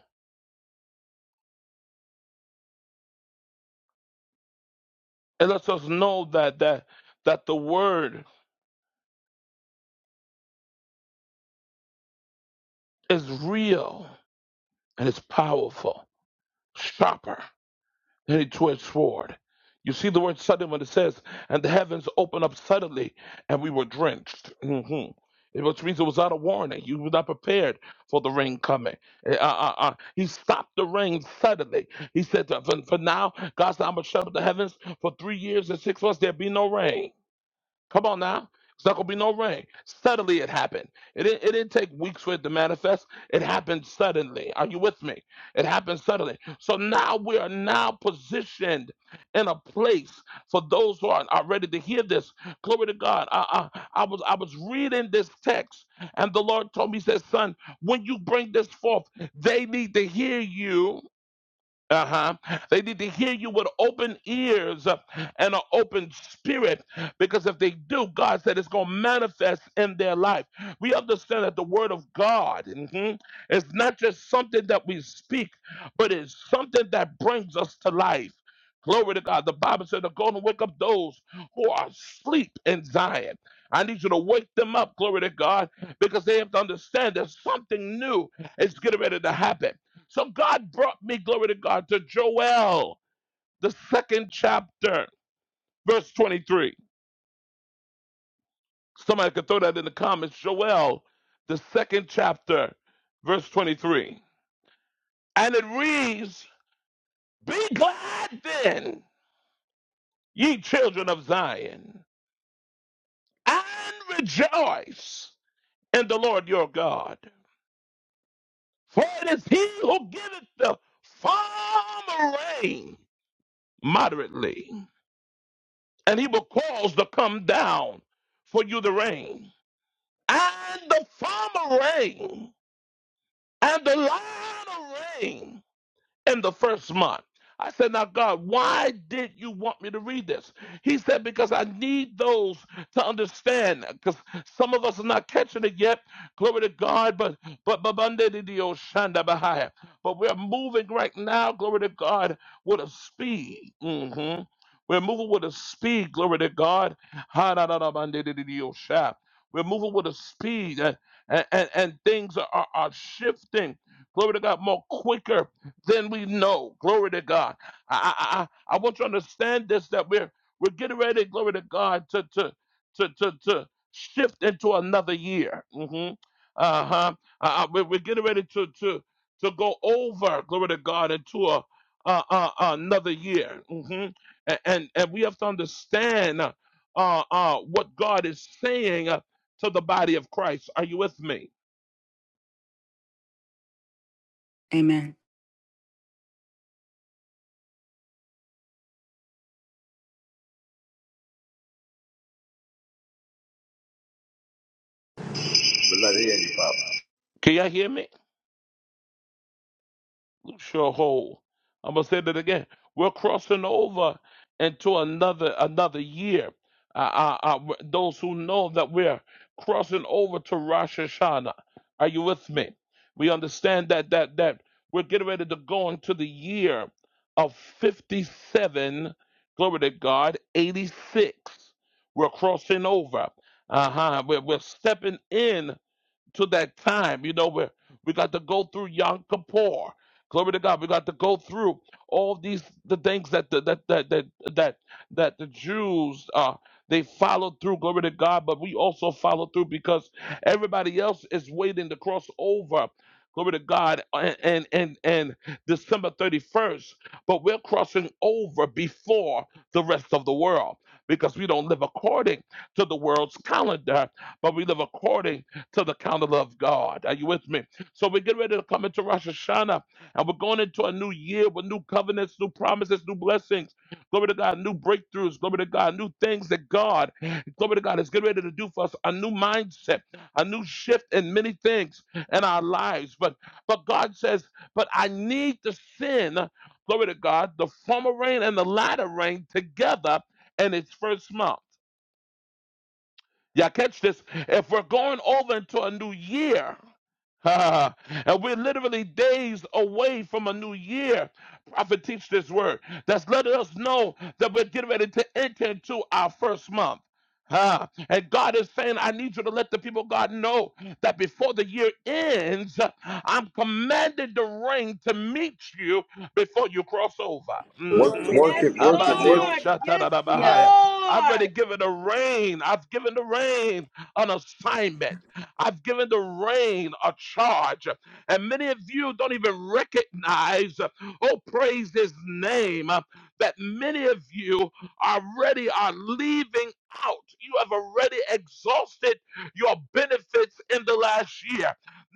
Speaker 1: It lets us know that that that the word is real and it's powerful, sharper than any two-edged sword. You see the word sudden when it says, "And the heavens opened up suddenly, and we were drenched." hmm It was means it was not a warning. You were not prepared for the rain coming. Eh, Uh, uh, uh. He stopped the rain suddenly. He said, "For, for now, God's not going to shut up the heavens for three years and six months. There be no rain." Come on now. It's not gonna be no rain. Suddenly it happened. It didn't, it didn't take weeks for it to manifest. It happened suddenly. Are you with me? It happened suddenly. So now we are now positioned in a place for those who are, are ready to hear this. Glory to God. I, I, I was I was reading this text, and the Lord told me, He said, Son, when you bring this forth, they need to hear you uh-huh. They need to hear you with open ears uh, and an open spirit because if they do, God said it's going to manifest in their life. We understand that the word of God mhm, is not just something that we speak, but it's something that brings us to life. Glory to God. The Bible said to go and wake up those who are asleep in Zion. I need you to wake them up, glory to God, because they have to understand that something new is getting ready to happen. So God brought me, glory to God, to Joel, the second chapter, verse 23. Somebody could throw that in the comments. Joel, the second chapter, verse 23. And it reads, Be glad then, ye children of Zion, and rejoice in the Lord your God. For it is he who giveth the farm rain moderately and he will cause to come down for you the rain and the former rain and the latter rain in the first month. I said, Now, God, why did you want me to read this? He said, Because I need those to understand. Because some of us are not catching it yet. Glory to God. But but but But we're moving right now, glory to God, with a speed. hmm We're moving with a speed, glory to God. We're moving with a speed, and, and, and things are are shifting, glory to God, more quicker then we know. Glory to God. I, I, I I want you to understand this that we're we're getting ready, glory to God, to to to to, to shift into another year. hmm Uh-huh. Uh, uh, we're, we're getting ready to to to go over, glory to God, into a uh, uh, another year, hmm and, and and we have to understand uh, uh, what God is saying uh, to the body of Christ. Are you with me?
Speaker 8: Amen.
Speaker 1: Can you hear me? Sure. I'm gonna say that again. We're crossing over into another another year. Uh, uh, uh, those who know that we're crossing over to Rosh Hashanah. Are you with me? We understand that that that we're getting ready to go into the year of 57. Glory to God. 86. We're crossing over. Uh huh. We're, we're stepping in to that time, you know, where we got to go through Yom Kippur. Glory to God. We got to go through all these the things that the, that that that that that the Jews uh they followed through. Glory to God. But we also follow through because everybody else is waiting to cross over. Glory to God. And and and, and December thirty first. But we're crossing over before the rest of the world because we don't live according to the world's calendar, but we live according to the counsel of God. Are you with me? So we get ready to come into Rosh Hashanah and we're going into a new year with new covenants, new promises, new blessings. Glory to God, new breakthroughs. Glory to God, new things that God, glory to God, is getting ready to do for us. A new mindset, a new shift in many things in our lives. But but God says, but I need to send, glory to God, the former rain and the latter rain together in its first month. Y'all catch this? If we're going over into a new year, and we're literally days away from a new year, prophet teach this word. That's letting us know that we're getting ready to enter into our first month. Ah, and God is saying, I need you to let the people of God know that before the year ends, I'm commanded the rain to meet you before you cross over.
Speaker 6: Work,
Speaker 1: hmm
Speaker 6: work
Speaker 7: Yes,
Speaker 6: it, work it, work it.
Speaker 7: Lord. Yes,
Speaker 4: Yeah.
Speaker 1: I've already
Speaker 7: Lord.
Speaker 1: given the rain. I've given the rain an assignment. I've given the rain a charge. And many of you don't even recognize, oh, praise his name, uh, that many of you already are leaving out. You have already exhausted your benefits in the last year.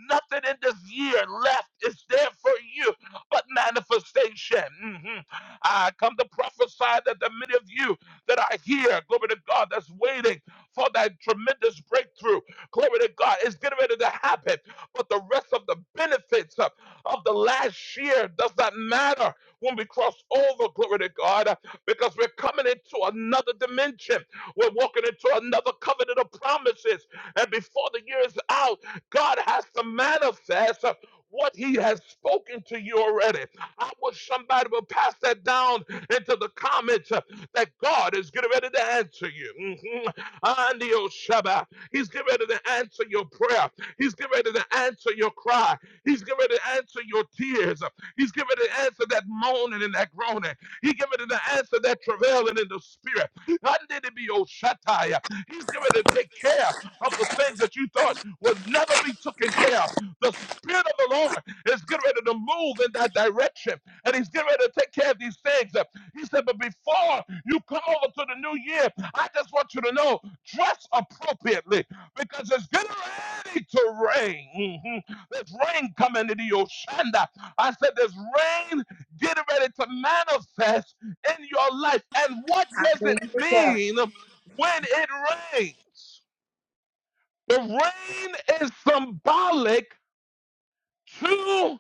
Speaker 1: Nothing in this year left is there for you but manifestation. Mhm. I come to prophesy that the many of you that are here, glory to God, that's waiting for that tremendous breakthrough. Glory to God, it's getting ready to happen. But the rest of the benefits of, of the last year does not matter when we cross over, glory to God, because we're coming into another dimension. We're walking into another covenant of promises. And before the year is out, God has to manifest uh, what he has spoken to you already. I wish somebody would pass that down into the comments. Uh, that God is getting ready to answer you. Mhm. Andio Shaba. He's getting ready to answer your prayer. He's getting ready to answer your cry. He's getting ready to answer your tears. He's getting ready to answer that moaning and that groaning. He's getting ready to answer that travailing in the spirit. Andio Shataya. He's getting ready to take care of the things that you thought would never be taken care of. The Spirit of the Lord is getting ready to move in that direction, and He's getting ready to take care of these things. He said, but before you come over to the new year, I just want you to know, dress appropriately because it's getting ready to rain. Mhm. There's rain coming to the Oshanda. I said, there's rain getting ready to manifest in your life. And what does it
Speaker 4: Hallelujah.
Speaker 1: mean when it rains? The rain is symbolic to."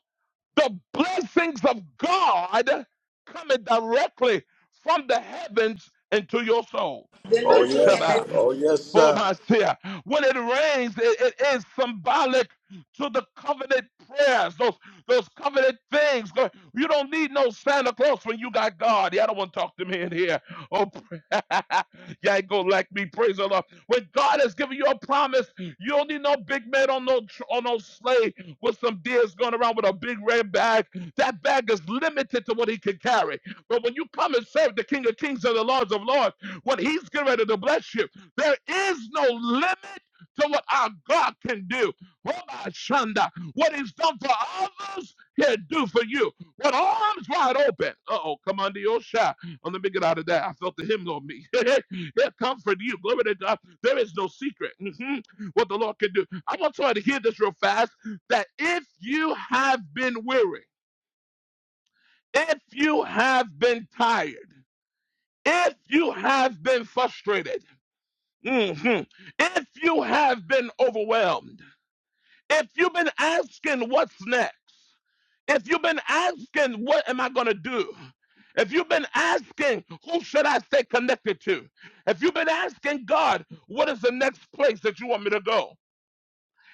Speaker 1: The blessings of God coming directly from the heavens into your soul. Hey,
Speaker 6: Oh
Speaker 4: Amen.
Speaker 6: yes,
Speaker 1: Shabbat.
Speaker 6: oh yes,
Speaker 1: Oh,
Speaker 6: sir.
Speaker 1: my dear. When it rains, it it is symbolic to the covenant prayers, those those covenant things. Go- You don't need no Santa Claus when you got God. Y'all don't want to talk to me in here. Oh, you ain't gonna like me. Praise the Lord. When God has given you a promise, you don't need no big man on no tr- on no sleigh with some deers going around with a big red bag. That bag is limited to what he can carry. But when you come and serve the King of Kings and the Lords of Lords, when he's getting ready to bless you, there is no limit to what our God can do. Oh, my Shanda, What he's done for others, he'll do for you. With arms wide open. Uh-oh, come under your shot. Oh, let me get out of that. I felt the hymn on me. he'll comfort you. Glory to God. There is no secret. Mhm. What the Lord can do. I want somebody to hear this real fast that if you have been weary, if you have been tired, if you have been frustrated, mhm, if you have been overwhelmed, if you've been asking what's next, if you've been asking what am I going to do, if you've been asking who should I stay connected to, if you've been asking God, what is the next place that you want me to go?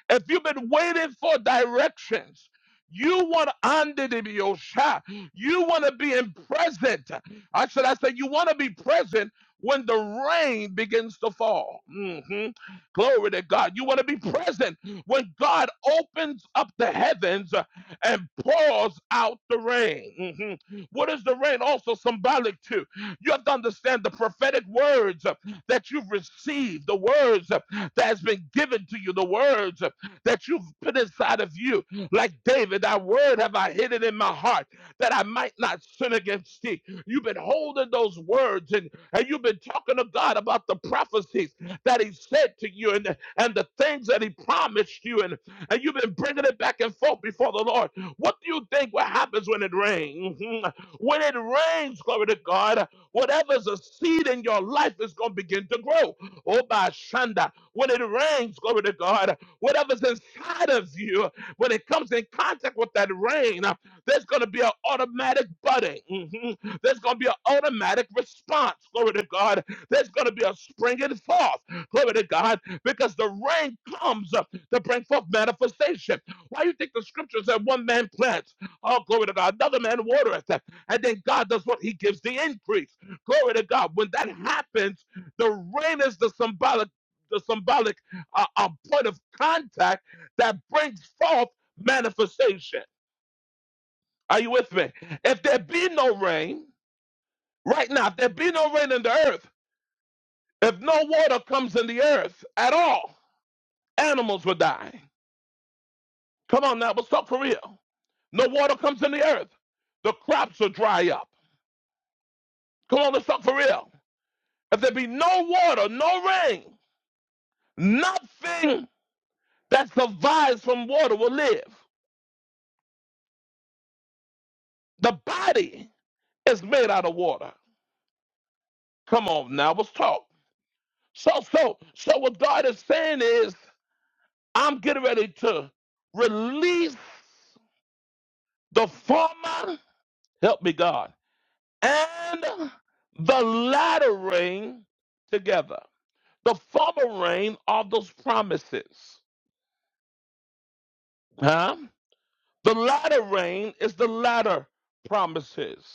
Speaker 1: If you've been waiting for directions, you want under the Yosha. You want to be in present. I said, I said, you want to be present when the rain begins to fall. Mhm. Glory to God. You want to be present when God opens up the heavens uh, and pours out the rain. Mhm. What is the rain also symbolic to? You have to understand the prophetic words uh, that you've received, the words uh, that has been given to you, the words uh, that you've put inside of you. Like David, thy word have I hidden in my heart that I might not sin against thee. You've been holding those words and, and you've been talking to God about the prophecies that he said to you and, and the things that he promised you. And, and you've been bringing it back and forth before the Lord. What do you think what happens when it rains? When it rains, glory to God, whatever's a seed in your life is going to begin to grow. Oh, by Shanda, when it rains, glory to God, whatever's inside of you, when it comes in contact with that rain, uh, there's going to be an automatic budding. Mhm. There's going to be an automatic response, glory to God. There's going to be a springing forth, glory to God, because the rain comes uh, to bring forth manifestation. Why you think the scriptures that one man plants, oh, glory to God, another man watereth, and then God does what? He gives the increase. Glory to God. When that happens, the rain is the symbolic, the symbolic uh, uh, point of contact that brings forth manifestation. Are you with me? If there be no rain, right now, if there be no rain in the earth, if no water comes in the earth at all, animals will die. Come on now, let's talk for real. No water comes in the earth, the crops will dry up. Come on, let's talk for real. If there be no water, no rain, nothing that survives from water will live. The body is made out of water. Come on now, let's talk. So, so, so what God is saying is, I'm getting ready to release the former, help me God, and the latter rain together. The former rain are those promises. Huh? The latter rain is the latter promises.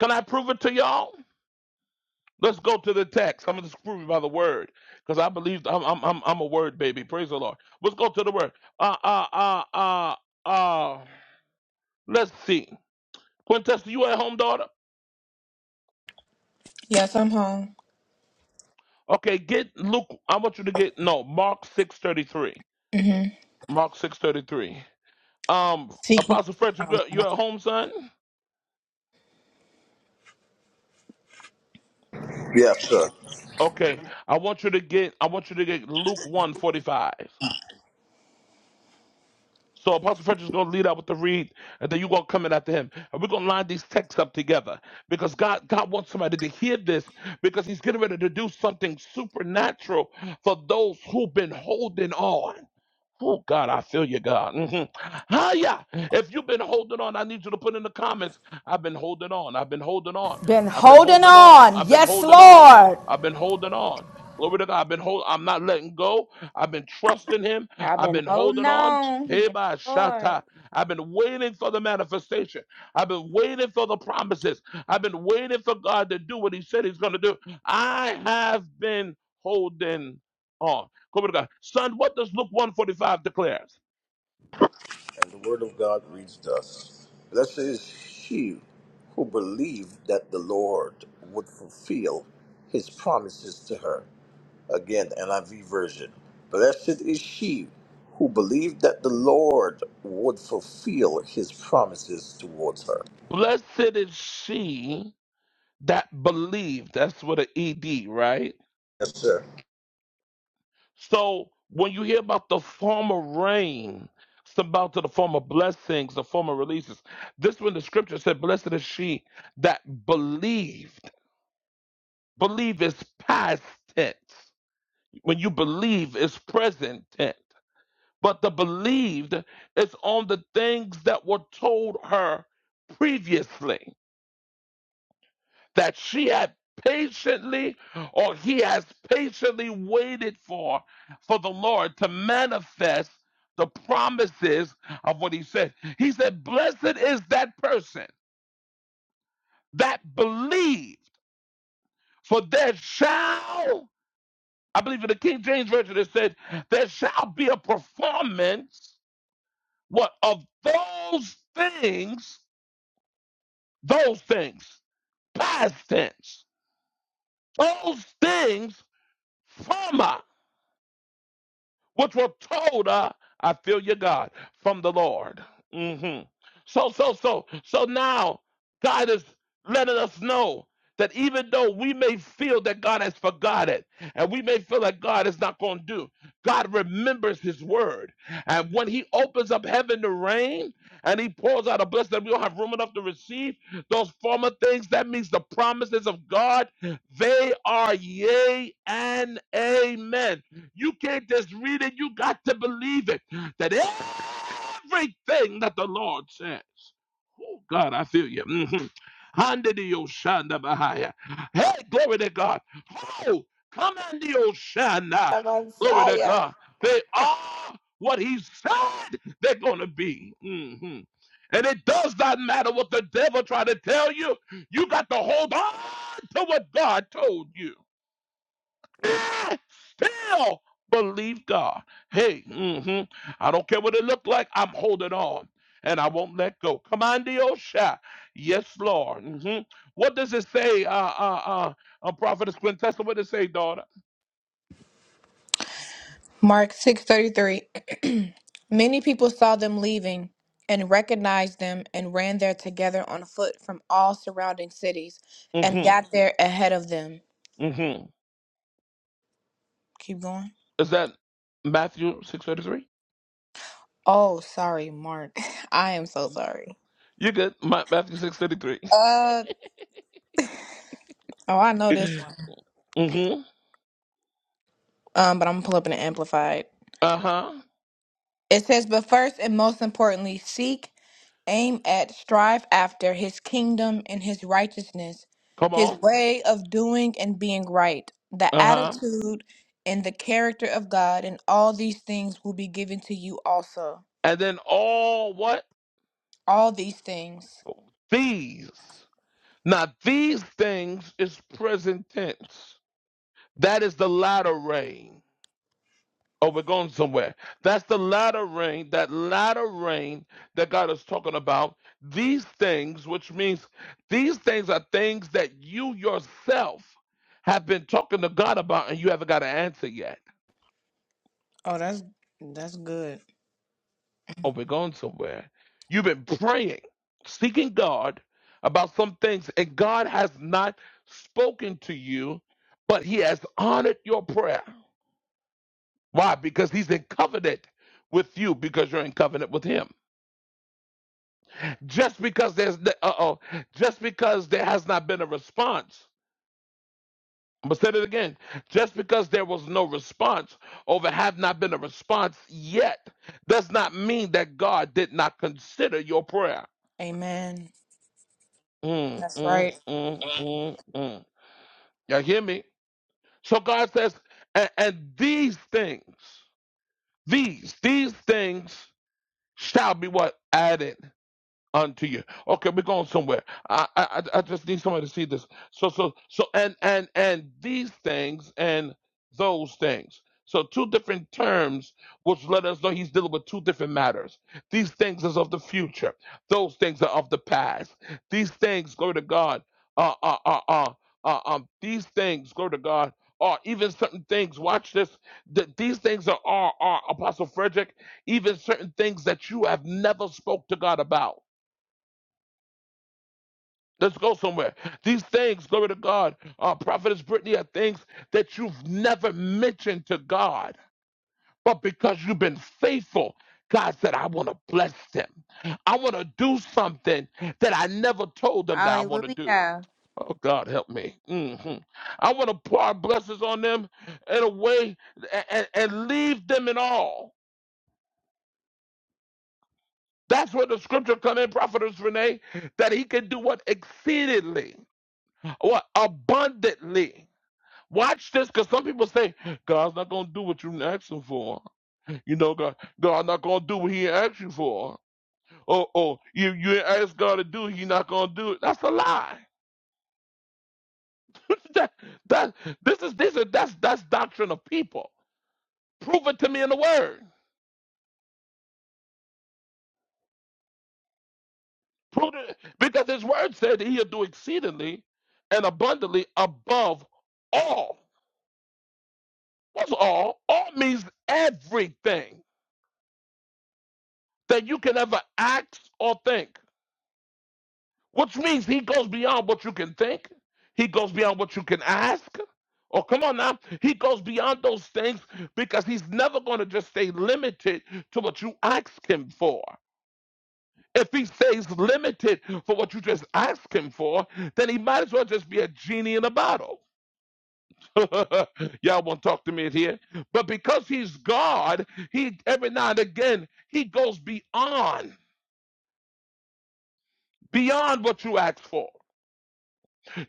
Speaker 1: Can I prove it to y'all? Let's go to the text. I'm going to prove you by the word because I believe I'm, I'm I'm I'm a word baby. Praise the Lord. Let's go to the word. Uh uh uh uh uh. Let's see. Quintessa, you at home, daughter?
Speaker 4: Yes, I'm home.
Speaker 1: Okay, get Luke. I want you to get no Mark six thirty three.
Speaker 4: hmm
Speaker 1: Mark six thirty three. Um,
Speaker 4: Seek ye-
Speaker 1: Apostle Frederick, you you at home, son?
Speaker 6: Yes, sir.
Speaker 1: Okay, I want you to get. I want you to get Luke one forty five. So Apostle Frederick's going to lead out with the read, and then you're going to come in after him. And we're going to line these texts up together because God, God wants somebody to hear this because he's getting ready to do something supernatural for those who've been holding on. Oh God, I feel you, God. Mm-hmm. Hiya! If you've been holding on, I need you to put in the comments. I've been holding on. I've been holding on.
Speaker 7: Been
Speaker 1: I've been
Speaker 7: holding
Speaker 1: holding on.
Speaker 7: on.
Speaker 1: I've been
Speaker 7: Yes,
Speaker 1: holding on.
Speaker 7: Lord.
Speaker 1: I've been holding on. Glory to God. I've been hold. I'm not letting go. I've been trusting Him.
Speaker 2: I've
Speaker 1: I've
Speaker 2: been
Speaker 1: been
Speaker 2: holding
Speaker 1: holding on.
Speaker 2: on.
Speaker 1: Hey,
Speaker 2: Yes,
Speaker 1: my
Speaker 2: Lord.
Speaker 1: shatta. I've been waiting for the manifestation. I've been waiting for the promises. I've been waiting for God to do what He said He's going to do. I have been holding on. Glory to God. Son, what does Luke 145 declares?
Speaker 6: And the word of God reached us. Blessed is he who believed that the Lord would fulfill his promises to her. Again, NIV version. Blessed is she who believed that the Lord would fulfill his promises towards her.
Speaker 1: Blessed is she that believed. That's with an ED, right?
Speaker 6: Yes, sir.
Speaker 1: So when you hear about the former rain, it's about to the former blessings, the former releases. This when the scripture said, Blessed is she that believed. Believe is past tense. When you believe is present tense. But the believed is on the things that were told her previously. that she had patiently or he has patiently waited for for the Lord to manifest the promises of what he said. He said, Blessed is that person that believed, for there shall, I believe in the King James Version, it said, there shall be a performance what of those things, those things, past tense, those things from us which were told uh, I feel your God from the Lord. hmm So, so, so, so now God is letting us know that even though we may feel that God has forgotten and we may feel that God is not going to do, God remembers his word. And when he opens up heaven to rain and he pours out a blessing that we don't have room enough to receive, those former things, that means the promises of God, they are yea and amen. You can't just read it, you got to believe it. That everything that the Lord says, oh God, I feel you. Mhm. Under the Oshana Bahaya. Hey, glory to God. Oh, come on the Oshana. Glory to God. They are what He said they're going to be. Mhm. And it does not matter what the devil try to tell you. You got to hold on to what God told you. Ah, still believe God. Hey, mhm, I don't care what it looked like. I'm holding on, and I won't let go. Come on, Diosha. Yes, Lord. hmm What does it say? Uh, uh, uh, uh Prophetess Quintessa, what does it say, daughter?
Speaker 4: Mark six thirty three. Many people saw them leaving and recognized them and ran there together on foot from all surrounding cities and
Speaker 1: hmm
Speaker 4: got there ahead of them.
Speaker 1: hmm
Speaker 4: Keep going.
Speaker 1: Is that Matthew six thirty three?
Speaker 4: Oh, sorry, Mark. I am so sorry.
Speaker 1: You good? Ma- Matthew six thirty three.
Speaker 4: Uh oh, I know this one.
Speaker 1: Mm-hmm.
Speaker 4: Um, but I'm gonna pull up an amplified.
Speaker 1: Uh huh.
Speaker 4: It says, but first and most importantly, seek. aim at, strive after his kingdom and his righteousness,
Speaker 1: Come
Speaker 4: his
Speaker 1: on.
Speaker 4: way of doing and being right, the
Speaker 1: Uh huh.
Speaker 4: attitude and the character of God, and all these things will be given to you also.
Speaker 1: And then all what
Speaker 4: All these things.
Speaker 1: these? Now, these things is present tense. That is the latter rain. Oh, we're going somewhere. That's the latter rain, that latter rain that God is talking about. These things, which means these things are things that you yourself have been talking to God about and you haven't got an answer yet.
Speaker 4: Oh, that's that's good.
Speaker 1: Oh, we're going somewhere. You've been praying, seeking God about some things, and God has not spoken to you, but He has honored your prayer. Why? Because he's in covenant with you because you're in covenant with him. Just because there's uh oh, just because there has not been a response. I'm gonna say it again. Just because there was no response or there have not been a response yet does not mean that God did not consider your prayer.
Speaker 4: Amen.
Speaker 1: Mm,
Speaker 4: That's
Speaker 1: mm,
Speaker 4: right.
Speaker 1: mm, mm, mm. Y'all hear me? So God says, and, and these things, these, these things shall be what? Added. unto you. Okay, we're going somewhere. I, I I I just need somebody to see this. So so so and and and these things and those things. So two different terms which let us know he's dealing with two different matters. These things is of the future. Those things are of the past. These things, glory to God, uh uh uh uh, uh um these things, glory to God. Or even certain things, watch this. That these things are, are, are Apostle Frederick, even certain things that you have never spoke to God about Let's go somewhere. These things, glory to God, uh, Prophetess Brittany, are things that you've never mentioned to God. But because you've been faithful, God said, I want to bless them. I want to do something that I never told them that I want to do.
Speaker 2: Hallelujah.
Speaker 1: Oh, God, help me. Mhm. I want to pour our blessings on them in a way and, and leave them in awe. That's where the scripture come in, Prophetess Renee, that he can do what exceedingly, what abundantly. Watch this, because some people say God's not gonna do what you asked him for. You know, God, God not gonna do what He asked you for. Oh, oh, you you ain't asked God to do, He not gonna do it. That's a lie. that, that this is this is that's that's doctrine of people. Prove it to me in the Word. Prove it because His Word said that He'll do exceedingly and abundantly above all. What's all? All means everything that you can ever ask or think. which means he goes beyond what you can think. He goes beyond what you can ask. Oh, come on now. He goes beyond those things because he's never going to just stay limited to what you ask him for. If he stays limited for what you just ask him for, then he might as well just be a genie in a bottle. Y'all won't talk to me in here. But because he's God, he every now and again he goes beyond, beyond what you ask for.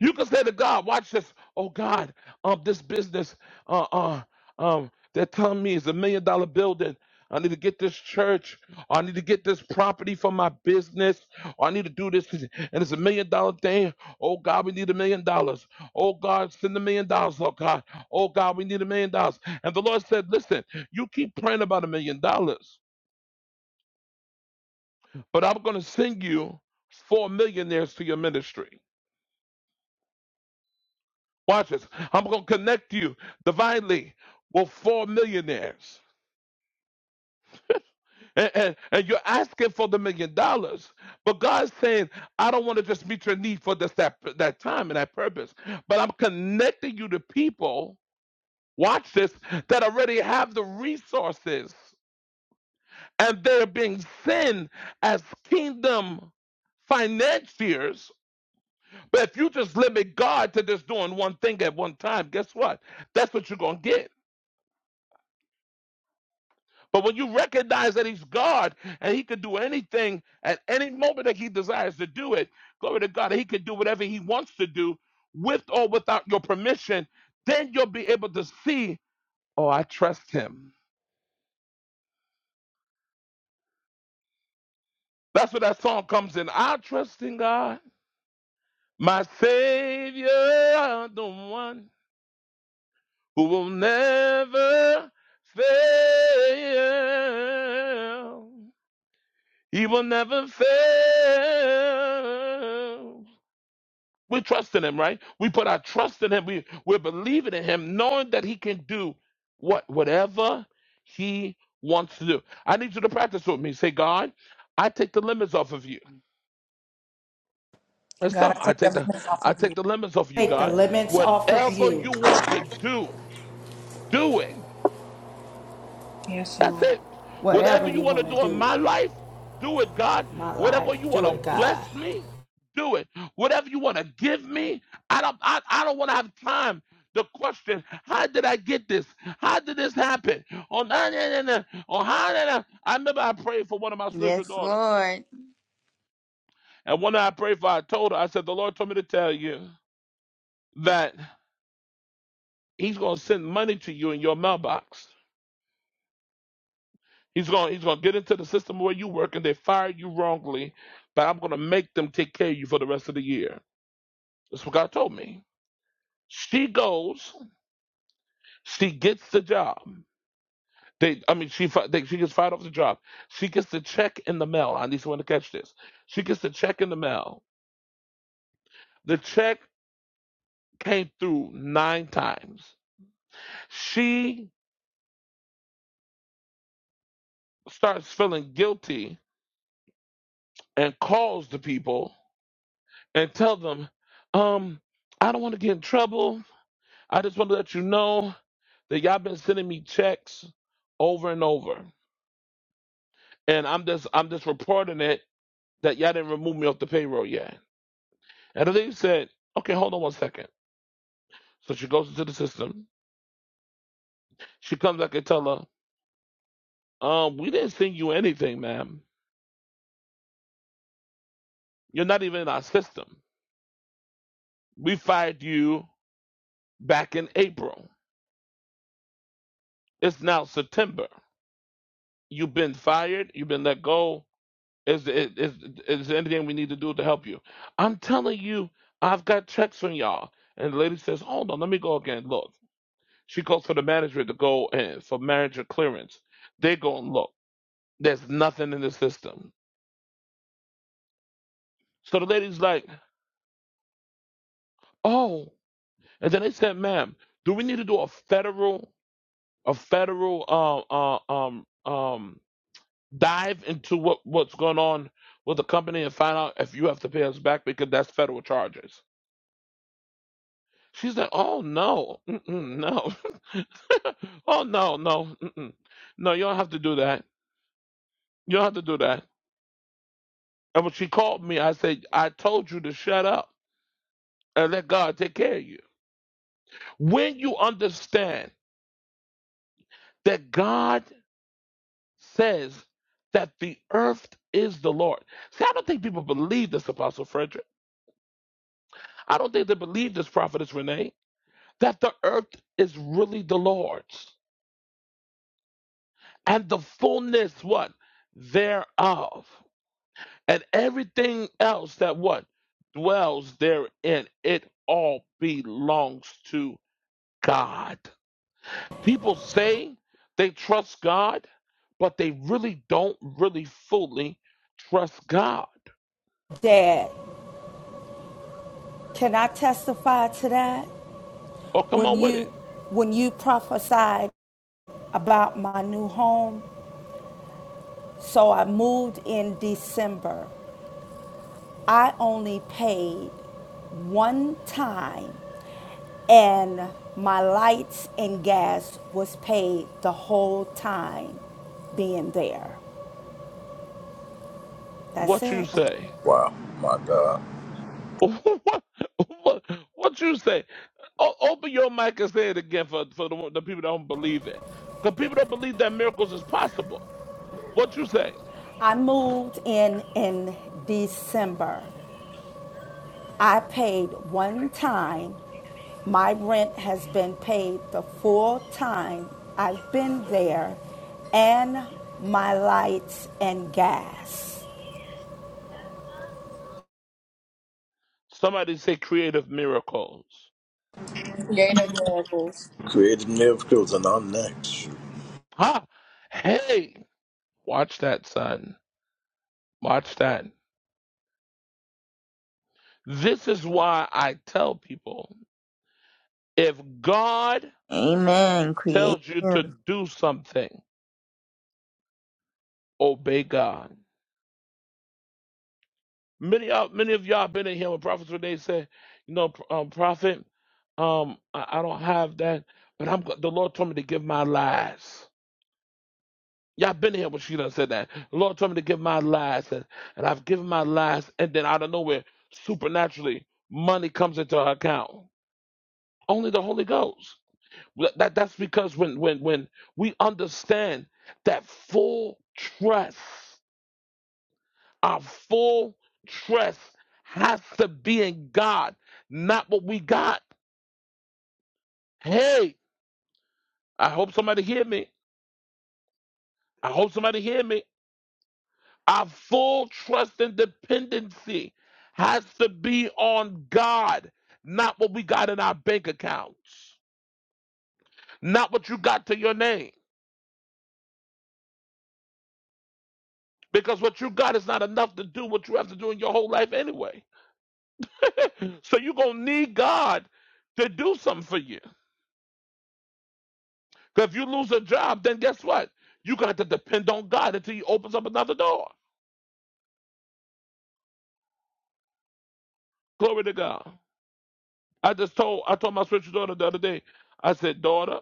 Speaker 1: You can say to God, watch this. Oh God, um, this business, uh, uh, um, they're telling me it's a million dollar building. I need to get this church. Or I need to get this property for my business. Or I need to do this, and it's a million dollar thing. Oh God, we need a million dollars. Oh God, send a million dollars. Oh God, oh God, we need a million dollars. And the Lord said, listen, you keep praying about a million dollars, but I'm going to send you four millionaires to your ministry. Watch this. I'm going to connect you divinely with four millionaires. And, and, and you're asking for the million dollars, but God's saying, I don't want to just meet your need for this, that, that time and that purpose, but I'm connecting you to people, watch this, that already have the resources and they're being sent as kingdom financiers. But if you just limit God to just doing one thing at one time, guess what? That's what you're going to get But when you recognize that he's God and he can do anything at any moment that he desires to do it, glory to God, and he can do whatever he wants to do with or without your permission, then you'll be able to see, oh, I trust him. That's where that song comes in. I trust in God, my Savior, the one who will never fail. He will never fail. We trust in him, right? We put our trust in him. We we're believing in him, knowing that he can do what whatever he wants to do. I need you to practice with me. Say, God, I take the limits off of you. Let's
Speaker 4: God,
Speaker 1: tell him,
Speaker 4: I
Speaker 1: I
Speaker 4: take
Speaker 1: take
Speaker 4: the
Speaker 1: the
Speaker 4: limits off
Speaker 1: I
Speaker 4: of
Speaker 1: take the
Speaker 4: you.
Speaker 1: limits off you,
Speaker 7: Take the
Speaker 1: God.
Speaker 7: off
Speaker 1: Whatever
Speaker 7: you.
Speaker 1: you want to do, do it. That's it.
Speaker 7: Whatever
Speaker 1: Whatever you
Speaker 7: you
Speaker 1: want to
Speaker 7: want to
Speaker 1: do in
Speaker 7: do,
Speaker 1: my life, do it, God.
Speaker 7: my life,
Speaker 1: Whatever you want
Speaker 7: do
Speaker 1: to
Speaker 7: it,
Speaker 1: bless
Speaker 7: God.
Speaker 1: me, do it. Whatever you want to give me, I don't I, I don't want to have time to question how did I get this? How did this happen? Oh nah, nah, nah, nah. Oh, how did I? I remember I prayed for one of my spiritual
Speaker 2: Yes,
Speaker 1: daughters.
Speaker 2: Lord.
Speaker 1: And one I prayed for, I told her, I said, the Lord told me to tell you that He's gonna send money to you in your mailbox. He's gonna he's gonna get into the system where you work and they fired you wrongly, but I'm gonna make them take care of you for the rest of the year. That's what God told me. She goes, she gets the job. They, I mean, she they, she gets fired off the job. She gets the check in the mail. I need someone to catch this. She gets the check in the mail. The check came through nine times. She starts feeling guilty and calls the people and tell them, um, I don't want to get in trouble. I just want to let you know that y'all been sending me checks over and over. And I'm just I'm just reporting it that y'all didn't remove me off the payroll yet. And the lady said, Okay, hold on one second. So she goes into the system. She comes back and tell her, um, we didn't send you anything, ma'am. You're not even in our system. We fired you back in April. It's now September. You've been fired, you've been let go, Is is is is there anything we need to do to help you? I'm telling you, I've got checks from y'all. And the lady says, Hold on, let me go again. Look. She calls for the manager to go in for manager clearance. They go and look. There's nothing in the system. So the lady's like, Oh. And then they said, ma'am, do we need to do a federal a federal um uh, um um dive into what, what's going on with the company and find out if you have to pay us back because that's federal charges. She's like, oh no, Mm-mm, no, oh no, no, Mm-mm. no, you don't have to do that. You don't have to do that. And when she called me, I said, I told you to shut up and let God take care of you. When you understand that God says that the earth is the Lord. See, I don't think people believe this, Apostle Frederick. I don't think they believe this, Prophetess Renee, that the earth is really the Lord's and the fullness, what? Thereof. and everything else that what dwells therein it all belongs to god people say they trust god but they really don't really fully trust god
Speaker 7: Dad, can I testify to that?
Speaker 1: oh come
Speaker 7: When
Speaker 1: on with
Speaker 7: you
Speaker 1: it
Speaker 7: when you prophesied about my new home, so I moved in December. I only paid one time and my lights and gas was paid the whole time being there. That's
Speaker 1: what you
Speaker 7: it.
Speaker 1: say
Speaker 6: Wow, my God.
Speaker 1: what, what what you say o- open your mic and say it again for, for the, the people that don't believe it because people don't believe that miracles is possible what you say
Speaker 7: I moved in in December. I paid one time. My rent has been paid the full time I've been there and my lights and gas.
Speaker 1: somebody say creative miracles
Speaker 4: Creative miracles.
Speaker 6: Created miracles and our next.
Speaker 1: Ha! Hey, watch that, son. Watch that. This is why I tell people if God
Speaker 2: Amen. Creative.
Speaker 1: tells you to do something, obey God. Many of many of y'all been in here when prophets when they say, you know, um, prophet, um, I, I don't have that, but I'm go- the Lord told me to give my last. Y'all been in here when she done said that. The Lord told me to give my last, and, and I've given my last, and then out of nowhere, supernaturally, money comes into her account Only the Holy Ghost. That, that- that's because when when when we understand that full trust, our full trust has to be in God, not what we got. Hey, I hope somebody hear me. I hope somebody hear me. Our full trust and dependency has to be on God, not what we got in our bank accounts, not what you got to your name because what you got is not enough to do what you have to do in your whole life anyway. so you're going to need God to do something for you. Because if you lose a job, then guess what? You got to depend on God until He opens up another door. Glory to God. I just told I told my spiritual daughter the other day. I said, daughter,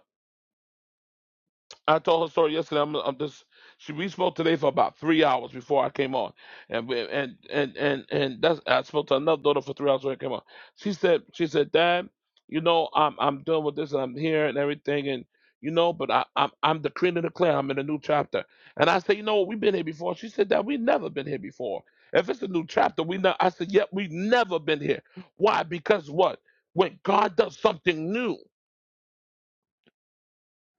Speaker 1: I told her story yesterday. I'm, I'm just she we spoke today for about three hours before I came on, and we- and and and and that's I spoke to another daughter for three hours when I came on. She said she said Dad, you know I'm I'm dealing with this and I'm here and everything and you know, but I I'm I'm decreeing and declaring I'm in a new chapter. And I said, you know, we've been here before. She said that we have never been here before. If it's a new chapter, we know. I said, yep, we have never been here. Why? Because what? When God does something new,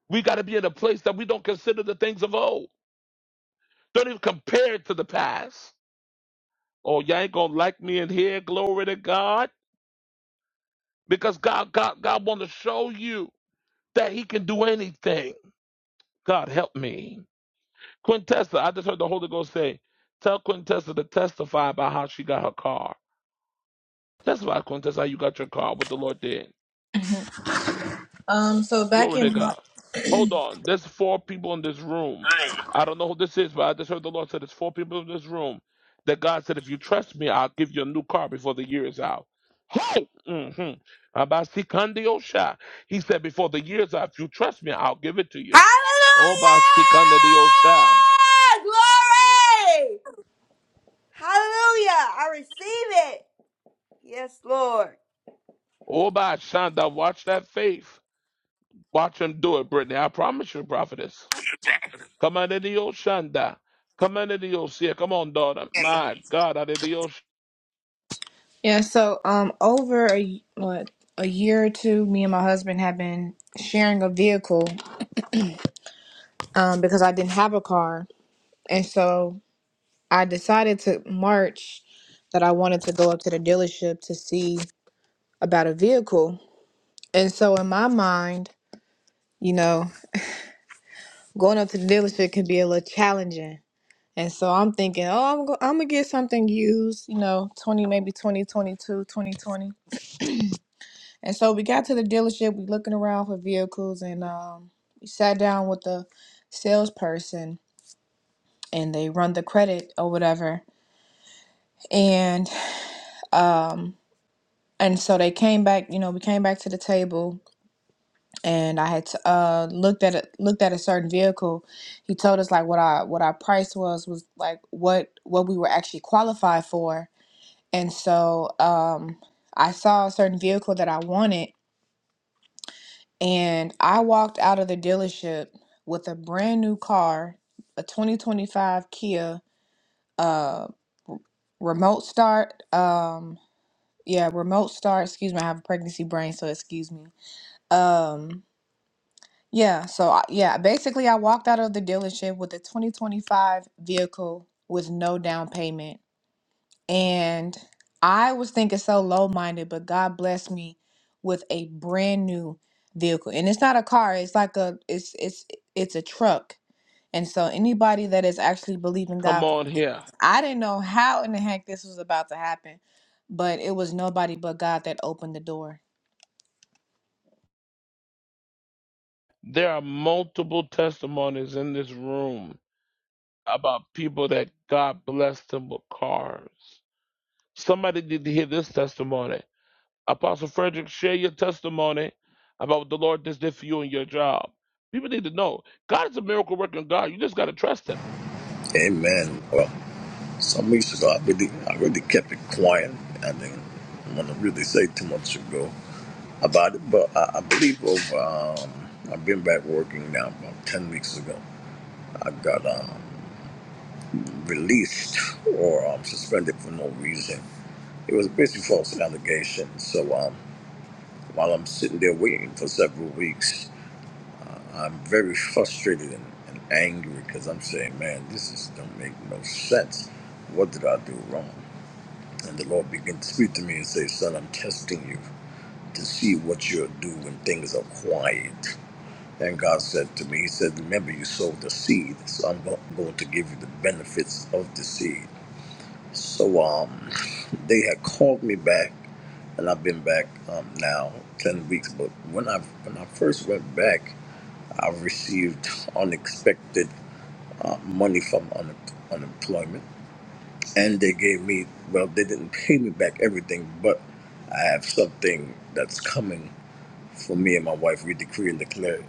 Speaker 1: we got to be in a place that we don't consider the things of old. Don't even compare it to the past. Oh, y'all ain't gonna like me in here. Glory to God, because God, God, God want to show you that He can do anything. God help me, Quintessa. I just heard the Holy Ghost say, "Tell Quintessa to testify about how she got her car. Testify, Quintessa, how you got your car, what the Lord did."
Speaker 4: Mhm. Um, so back
Speaker 1: Glory to
Speaker 4: in
Speaker 1: God. Hold on. There's four people in this room. I don't know who this is, but I just heard the Lord said there's four people in this room that God said, if you trust me, I'll give you a new car before the year is out. Hey! hmm He said, before the year is out, if you trust me, I'll give it to you.
Speaker 2: Hallelujah.
Speaker 1: Oba Sikandiyosha.
Speaker 2: Glory. Hallelujah. I receive it. Yes, Lord.
Speaker 1: Oba Shanda, watch that faith. Watch him do it, Brittany. I promise you, prophetess. Come on, Shanda. Come on, Come on, daughter. My God,
Speaker 4: Yeah, so um over a y- what a year or two, me and my husband have been sharing a vehicle um because I didn't have a car. And so I decided to March that I wanted to go up to the dealership to see about a vehicle. And so in my mind, you know, going up to the dealership can be a little challenging. And so I'm thinking, oh, I'm, go- I'm gonna get something used, you know, 20, maybe 2022, And so we got to the dealership, we looking around for vehicles and um we sat down with the salesperson and they run the credit or whatever. And um and so they came back, you know, we came back to the table and I had t- uh looked at it looked at a certain vehicle. He told us like what our what our price was was like what what we were actually qualified for. And so um I saw a certain vehicle that I wanted And I walked out of the dealership with a brand new car, a 2025 Kia, uh, remote start. Um, yeah, remote start. Excuse me, I have a pregnancy brain, so excuse me. Um, yeah, so I- yeah, basically, I walked out of the dealership with a 2025 vehicle with no down payment and I was thinking so low minded, but God blessed me with a brand new vehicle. And it's not a car, it's like a it's it's it's a truck. And so anybody that is actually believing
Speaker 1: Come
Speaker 4: God,
Speaker 1: on here.
Speaker 4: I didn't know how in the heck this was about to happen, but it was nobody but God that opened the door.
Speaker 1: There are multiple testimonies in this room about people that God blessed them with cars. Somebody need to hear this testimony. Apostle Frederick, share your testimony about what the Lord just did for you and your job. People need to know God is a miracle working God. You just got to trust
Speaker 6: Amen. Well. Some weeks ago, I really, I really kept it quiet. I didn't want to really say too much ago about it, but I, I believe over. Um, I've been back working now about ten weeks ago. I got um, released or um, suspended for no reason. It was basically false allegation. So um, while I'm sitting there waiting for several weeks, I'm very frustrated and, and angry because I'm saying, man, this just don't make no sense. What did I do wrong? And the Lord began to speak to me and say, Son, I'm testing you to see what you'll do when things are quiet. And God said to me, He said, Remember, you sowed the seed, so I'm go- going to give you the benefits of the seed. So um, they had called me back, and I've been back um, now 10 weeks. But when I, when I first went back, I received unexpected uh, money from un- unemployment and they gave me well they didn't pay me back everything but i have something that's coming for me and my wife we decree and declare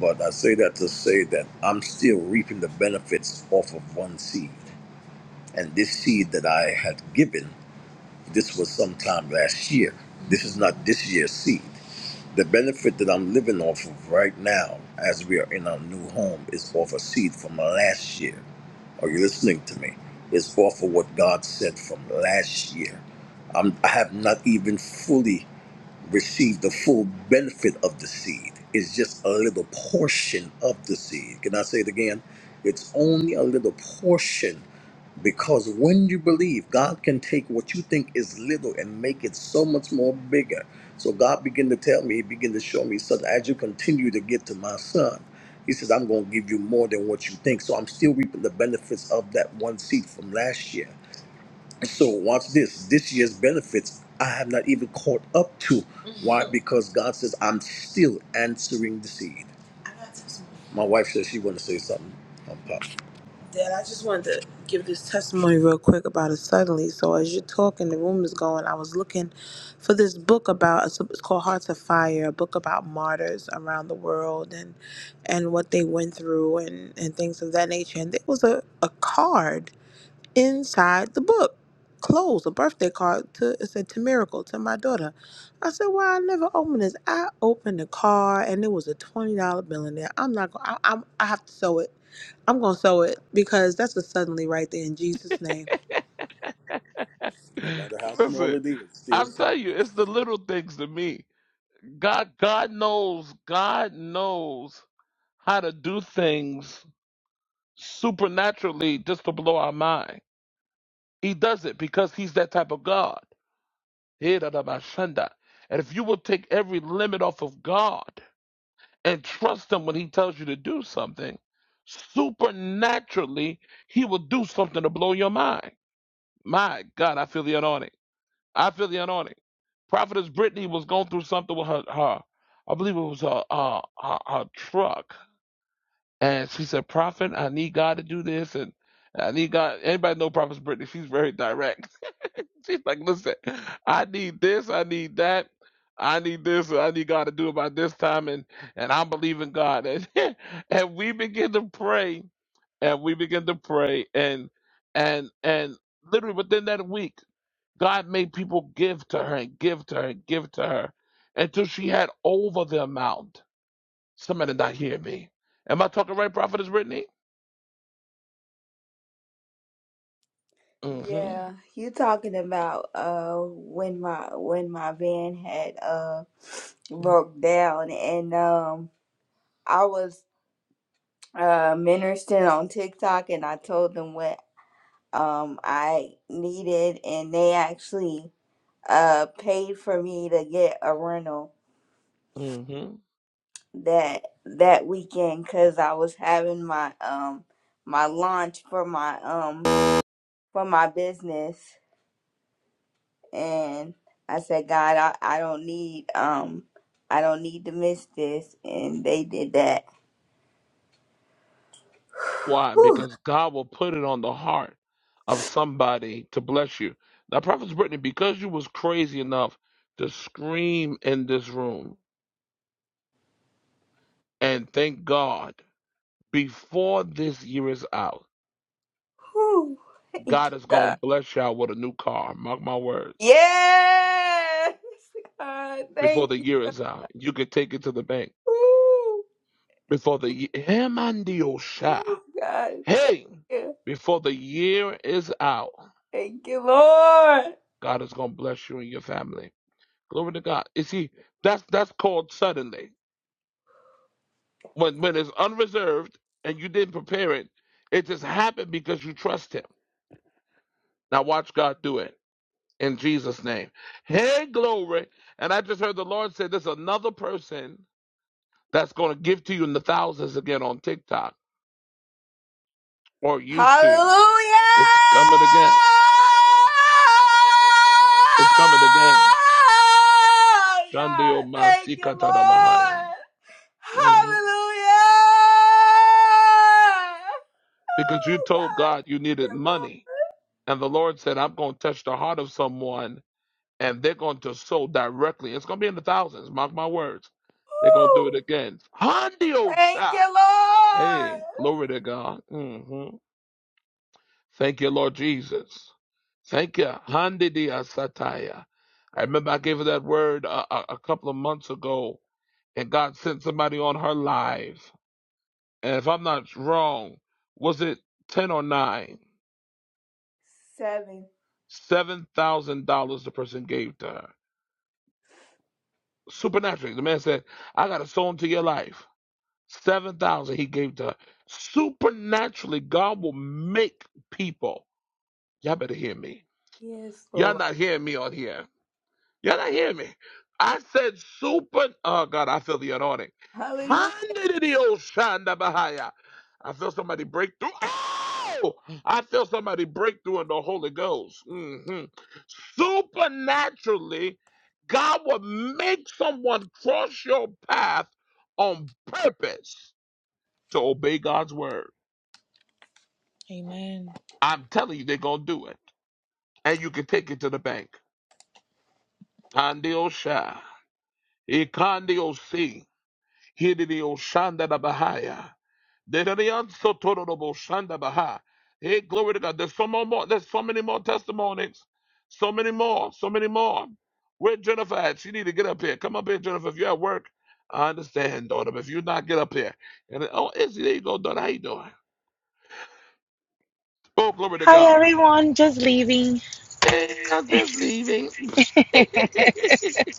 Speaker 6: but i say that to say that i'm still reaping the benefits off of one seed and this seed that i had given this was sometime last year this is not this year's seed the benefit that i'm living off of right now as we are in our new home is off a seed from last year are you listening to me? It's off of what God said from last year. I'm, I have not even fully received the full benefit of the seed. It's just a little portion of the seed. Can I say it again? It's only a little portion because when you believe, God can take what you think is little and make it so much more bigger. So God began to tell me, He began to show me, so that as you continue to get to my son, He says, I'm going to give you more than what you think. So I'm still reaping the benefits of that one seed from last year. So watch this. This year's benefits, I have not even caught up to. Why? Because God says, I'm still answering the seed. My wife says she want to say something. Dad, I just wanted to give this testimony real quick about it suddenly. So as you're talking, the room is going. I was looking for this book about it's it's called Hearts of Fire, a book about martyrs around the world and and what they went through and and things of that nature. And there was a a card inside the book clothes, a birthday card to it said to Miracle, to my daughter. I said, Well, I never opened this. I opened the card and it was a twenty dollar bill in there. I'm not gonna I, am not going i am I have to sew it. I'm gonna sew it because that's a suddenly right there in Jesus' name. No
Speaker 1: Him.
Speaker 6: matter how small
Speaker 1: Listen,
Speaker 6: it is, still
Speaker 1: I'm
Speaker 6: something.
Speaker 1: telling you, it's the little things to me. God, God knows, God knows how to do things supernaturally just to blow our mind. He does it because he's that type of God. Hirabashanda. And if you will take every limit off of God and trust him when he tells you to do something, supernaturally he will do something to blow your mind. My God, I feel the anointing. I feel the anointing. Prophetess Brittany was going through something with her, her I believe it was her, uh, her, her truck And she said, Prophet, I need God to do this. And I need God. Anybody know Prophet Brittany? She's very direct. She's like, listen, I need this. I need that. I need this. and I need God to do it by this time. And, and I believe in God. And, and we begin to pray and we begin to pray. And, and, and literally within that week, God made people give to her and give to her and give to her until she had over the amount. Somebody not hear me. Am I talking right, Prophetess Brittany? hmm
Speaker 2: Yeah, you talking about uh when my when my van had uh broke down and um I was uh ministering on TikTok and I told them what um I needed and they actually uh paid for me to get a rental
Speaker 1: hmm
Speaker 2: that that weekend cuz I was having my um my launch for my um for my business and I said, God, I, I don't need um I don't need to miss this and they did that.
Speaker 1: Why?
Speaker 2: Whew,
Speaker 1: Because God will put it on the heart of somebody to bless you. Now, Prophet Brittany, because you was crazy enough to scream in this room and thank God before this year is out,
Speaker 2: whew. Thank you,
Speaker 1: God is
Speaker 2: God.
Speaker 1: gonna bless y'all with a new car. Mark my words.
Speaker 2: Yes God
Speaker 1: Before
Speaker 2: thank
Speaker 1: the
Speaker 2: you.
Speaker 1: year is out, you can take it to the bank.
Speaker 2: Whew,
Speaker 1: Before the year,
Speaker 2: whew, God thank
Speaker 1: hey,
Speaker 2: you.
Speaker 1: before the year is out,
Speaker 2: Thank you Lord.
Speaker 1: God is gonna bless you and your family. Glory to God. You see, that's that's called suddenly. When when it's unreserved and you didn't prepare it, it just happened because you trust him. Now watch God do it in Jesus' name. Hey, glory. And I just heard the Lord say there's another person that's gonna give to you in the thousands again on TikTok or YouTube.
Speaker 2: Hallelujah.
Speaker 1: It's coming again. It's coming again.
Speaker 2: God,
Speaker 1: Shandio
Speaker 2: thank you,
Speaker 1: Masikatanamahaya.
Speaker 2: Lord.
Speaker 1: Mhm.
Speaker 2: Hallelujah!
Speaker 1: Because you
Speaker 2: Oh,
Speaker 1: told
Speaker 2: God.
Speaker 1: God you
Speaker 2: Thank
Speaker 1: needed
Speaker 2: you, Lord.
Speaker 1: money. And the Lord said, I'm going to touch the heart of someone and they're going to sow directly. It's going to be in the thousands. Mark my words. They're going to do
Speaker 2: Woo.
Speaker 1: it again.
Speaker 2: Thank
Speaker 1: Handiosha.
Speaker 2: you, Lord.
Speaker 1: Hey, glory to God. hmm Thank you, Lord Jesus. Thank you. Handidia sataya. I remember I gave her that word a, a, a couple of months ago, and God sent somebody on her live. And if I'm not wrong, was it 10 or 9?
Speaker 2: Seven.
Speaker 1: $7,000 the person gave to her. Supernaturally, the man said, I got to sow into your life. Seven thousand he gave to her. Supernaturally, God will make people. Y'all better hear me.
Speaker 2: Yes,
Speaker 1: Y'all
Speaker 2: Lord.
Speaker 1: not hearing me on here. Y'all not hearing me. I said super. Oh God, I feel the anointing.
Speaker 2: Hallelujah.
Speaker 1: Handidioshanda bahaya. I feel somebody break through. Oh, I feel somebody break through in the Holy Ghost. hmm Supernaturally, God will make someone cross your path on purpose to obey God's word.
Speaker 4: Amen.
Speaker 1: I'm telling you, they're going to do it. And you can take it to the bank. Kandio Sha. Ikandio Si. Hidio Shanda da Bahaya. Dedarian Sotoro da Bo Shanda Hey, glory to God. There's so more, more- There's so many more testimonies. So many more. So many more. Where Jennifer at? She need to get up here. Come up here, Jennifer. If you're at work, I understand, daughter. But if you're not, get up here. And oh, Izzy, there you go, daughter. How you doing? Oh, glory to
Speaker 9: Hi
Speaker 1: God.
Speaker 9: everyone, just leaving.
Speaker 1: Hey, I'm just leaving.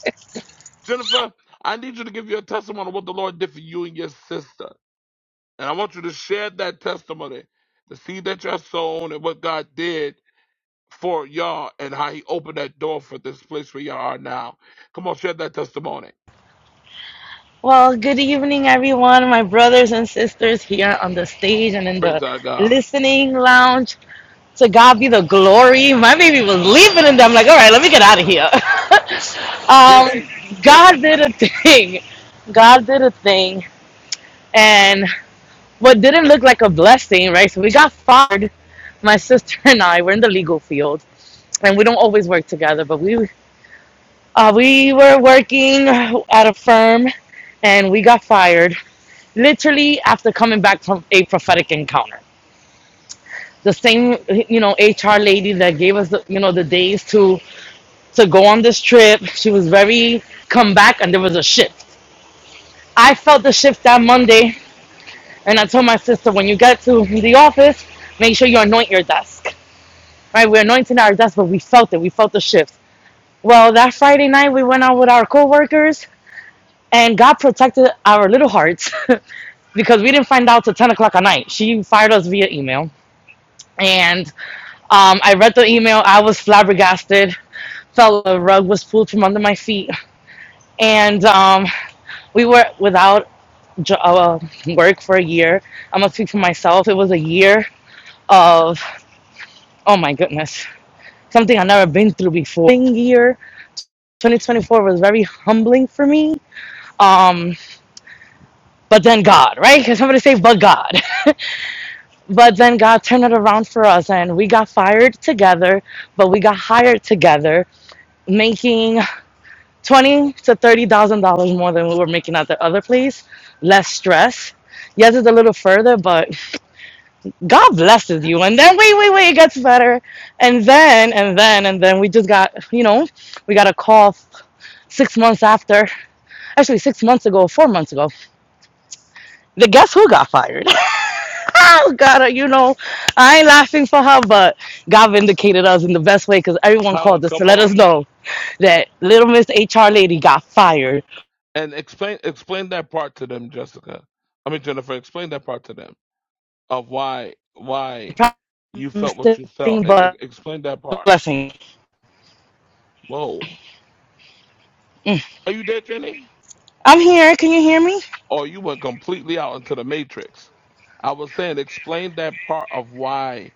Speaker 1: Jennifer, I need you to give your testimony of what the Lord did for you and your sister. And I want you to share that testimony, the seed that you're sown, and what God did for y'all, and how He opened that door for this place where y'all are now. Come on, share that testimony.
Speaker 9: Well, good evening everyone, my brothers and sisters here on the stage and in the
Speaker 1: Praise our God.
Speaker 9: listening lounge. To God be the glory. My baby was leaving and I'm like, all right, let me get out of here.
Speaker 1: Hey,
Speaker 9: um,
Speaker 1: hey,
Speaker 9: God did a thing. God did a thing. And what didn't look like a blessing, right? So we got fired. My sister and I, we're in the legal field and we don't always work together, but we Uh, we were working at a firm and we got fired literally after coming back from a prophetic encounter. The same, you know, HR lady that gave us, the, you know, the days to to go on this trip. She was very come back, and there was a shift. I felt the shift that Monday, and I told my sister, when you get to the office, make sure you anoint your desk. Right, we're anointing our desk, but we felt it. We felt the shift. Well, that Friday night, we went out with our coworkers, and God protected our little hearts because we didn't find out till 10 o'clock at night. She fired us via email. And um, I read the email. I was flabbergasted. Felt the rug was pulled from under my feet. And um, we were without jo- uh, work for a year. I'm going to speak for myself. It was a year of, oh my goodness, something I've never been through before. Year 2024 was very humbling for me. Um, but then God, right? Can somebody say, but God? but then God turned it around for us and we got fired together, but we got hired together, making twenty to thirty thousand dollars more than we were making at the other place. Less stress. Yes, it's a little further, but God blesses you. And then wait, wait, wait, it gets better. And then and then and then we just got, you know, we got a call six months after, actually six months ago, four months ago. The guess who got fired? oh god you know i ain't laughing for her but god vindicated us in the best way because everyone
Speaker 1: oh,
Speaker 9: called us to
Speaker 1: come
Speaker 9: let
Speaker 1: on.
Speaker 9: us know that little miss hr lady got fired
Speaker 1: And explain explain that part to them, Jessica. I mean, Jennifer, explain that part to them. of why why you felt what
Speaker 9: Probably
Speaker 1: you felt.
Speaker 9: thing
Speaker 1: E- e-
Speaker 9: but
Speaker 1: explain that part.
Speaker 9: blessing
Speaker 1: Whoa, are you there, Jenny?
Speaker 9: i'm here can you hear me
Speaker 1: Or you went completely out into the matrix? I was saying, explain that part of why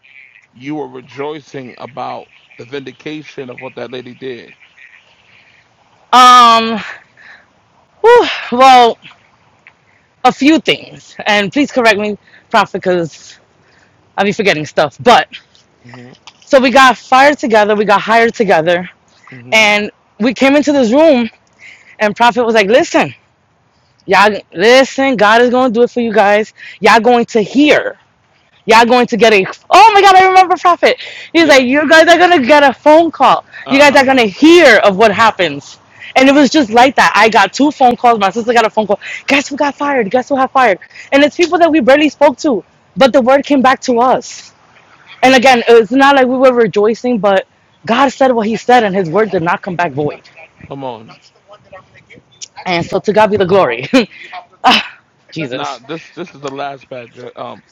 Speaker 1: you were rejoicing about the vindication of what that lady did.
Speaker 9: um whew, well a few things and please correct me prophet because i'll be forgetting stuff but
Speaker 1: hmm
Speaker 9: so we got fired together we got hired together
Speaker 1: hmm
Speaker 9: and we came into this room and prophet was like listen Y'all listen, God is gonna do it for you guys. Y'all going to hear. Y'all going to get a oh my god, I remember Prophet. He's like,
Speaker 1: Yes.
Speaker 9: You guys are gonna get a phone call. You
Speaker 1: Uh
Speaker 9: guys are
Speaker 1: huh.
Speaker 9: gonna hear of what happens. And it was just like that. I got two phone calls, my sister got a phone call. Guess who got fired? Guess who got fired? And it's people that we barely spoke to. But the word came back to us. And
Speaker 1: hmm
Speaker 9: again, it's not like we were rejoicing, but God said what he said and his word did not come back void.
Speaker 1: Come on.
Speaker 9: And so to God be the glory. Ah,
Speaker 1: Now
Speaker 9: Jesus.
Speaker 1: this this is the last part, Je- um,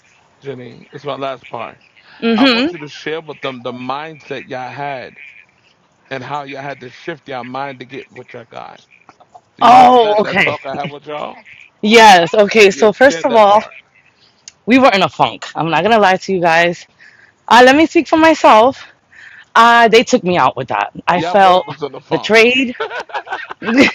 Speaker 1: Jenny. This is my last part. I
Speaker 9: Mm-hmm.
Speaker 1: want you to share with them the mindset y'all had and how y'all had to shift y'all mind to get what y'all got. Do you remember
Speaker 9: Oh,
Speaker 1: that that
Speaker 9: okay.
Speaker 1: talk I had with y'all?
Speaker 9: Yes. Okay.
Speaker 1: Yeah,
Speaker 9: So first
Speaker 1: share
Speaker 9: of
Speaker 1: that
Speaker 9: all,
Speaker 1: part.
Speaker 9: we were in a funk. I'm not gonna lie to you guys. Uh, let me speak for myself. Uh, they took me out with that. I
Speaker 1: Y'all
Speaker 7: Tell
Speaker 1: both
Speaker 9: felt
Speaker 7: it.
Speaker 1: was in the funk.
Speaker 9: betrayed. Listen,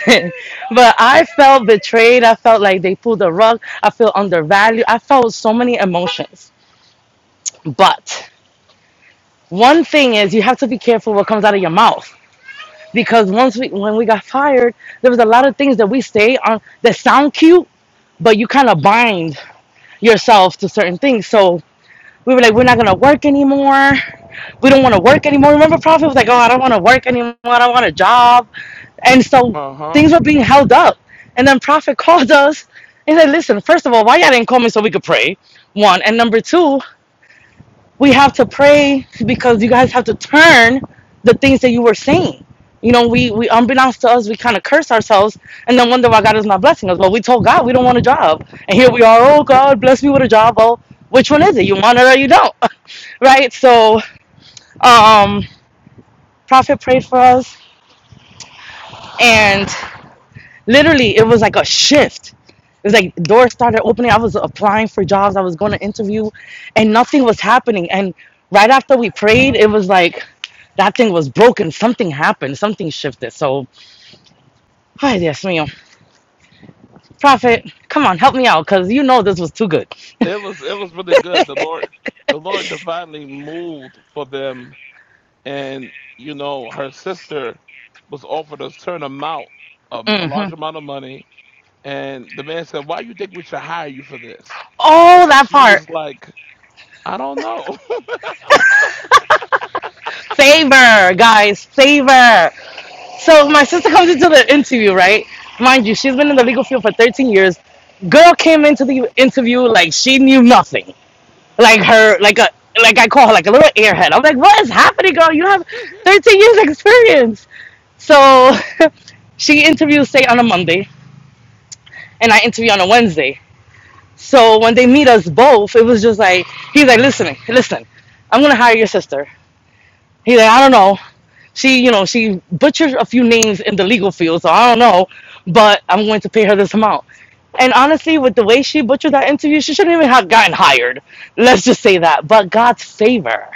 Speaker 7: Oh
Speaker 9: but
Speaker 7: my
Speaker 9: I
Speaker 7: God.
Speaker 9: felt betrayed. I felt like they pulled the rug. I felt undervalued. I felt so many emotions. But one thing is, you have to be careful what comes out of your mouth because once we, when we got fired, there was a lot of things that we say on that sound cute but you kind of bind yourself to certain things. So we were like, we're not gonna work anymore. We don't want to work anymore. Remember, Prophet was like, oh, I don't want to work anymore. I don't want a job. And so
Speaker 1: Uh
Speaker 9: things
Speaker 1: huh.
Speaker 9: were being held up. And then Prophet called us and said, listen, first of all, why y'all didn't call me so we could pray? One. And number two, we have to pray because you guys have to turn the things that you were saying. You know, we, we unbeknownst to us, we kind of curse ourselves and then wonder why God is not blessing us. But we told God we don't want a job. And here we are, oh, God, bless me with a job. Well, which one is it? You want it or you don't, right? So, um, Prophet prayed for us and Literally, it was like a shift. It was like doors started opening. I was applying for jobs. I was going to interview, and nothing was happening. And right after we prayed, it was like that thing was broken. Something happened. Something shifted. So, ay, yes, ma'am. Prophet, come on, help me out, cause you know this was too good.
Speaker 1: It was it was really good. The Lord the Lord divinely moved for them, and you know her sister was offered a certain amount, um, a
Speaker 9: hmm
Speaker 1: large amount of money And the man said, Why you think we should hire you for this? And
Speaker 9: Oh, that
Speaker 1: she
Speaker 9: part.
Speaker 1: was like, I don't know.
Speaker 9: Favor, guys, favor. So my sister comes into the interview, right? Mind you, she's been in the legal field for 13 years. Girl came into the interview like she knew nothing. like her like a like I call her like a little airhead. I'm like, what is happening, girl? You have 13 years experience. So she interviews say on a Monday and I interview on a Wednesday. So when they meet us both, it was just like he's like, listen, listen, I'm gonna hire your sister. He's like, I don't know. She, you know, she butchered a few names in the legal field, so I don't know, but I'm going to pay her this amount. And honestly, with the way she butchered that interview, she shouldn't even have gotten hired. Let's just say that. But God's favor.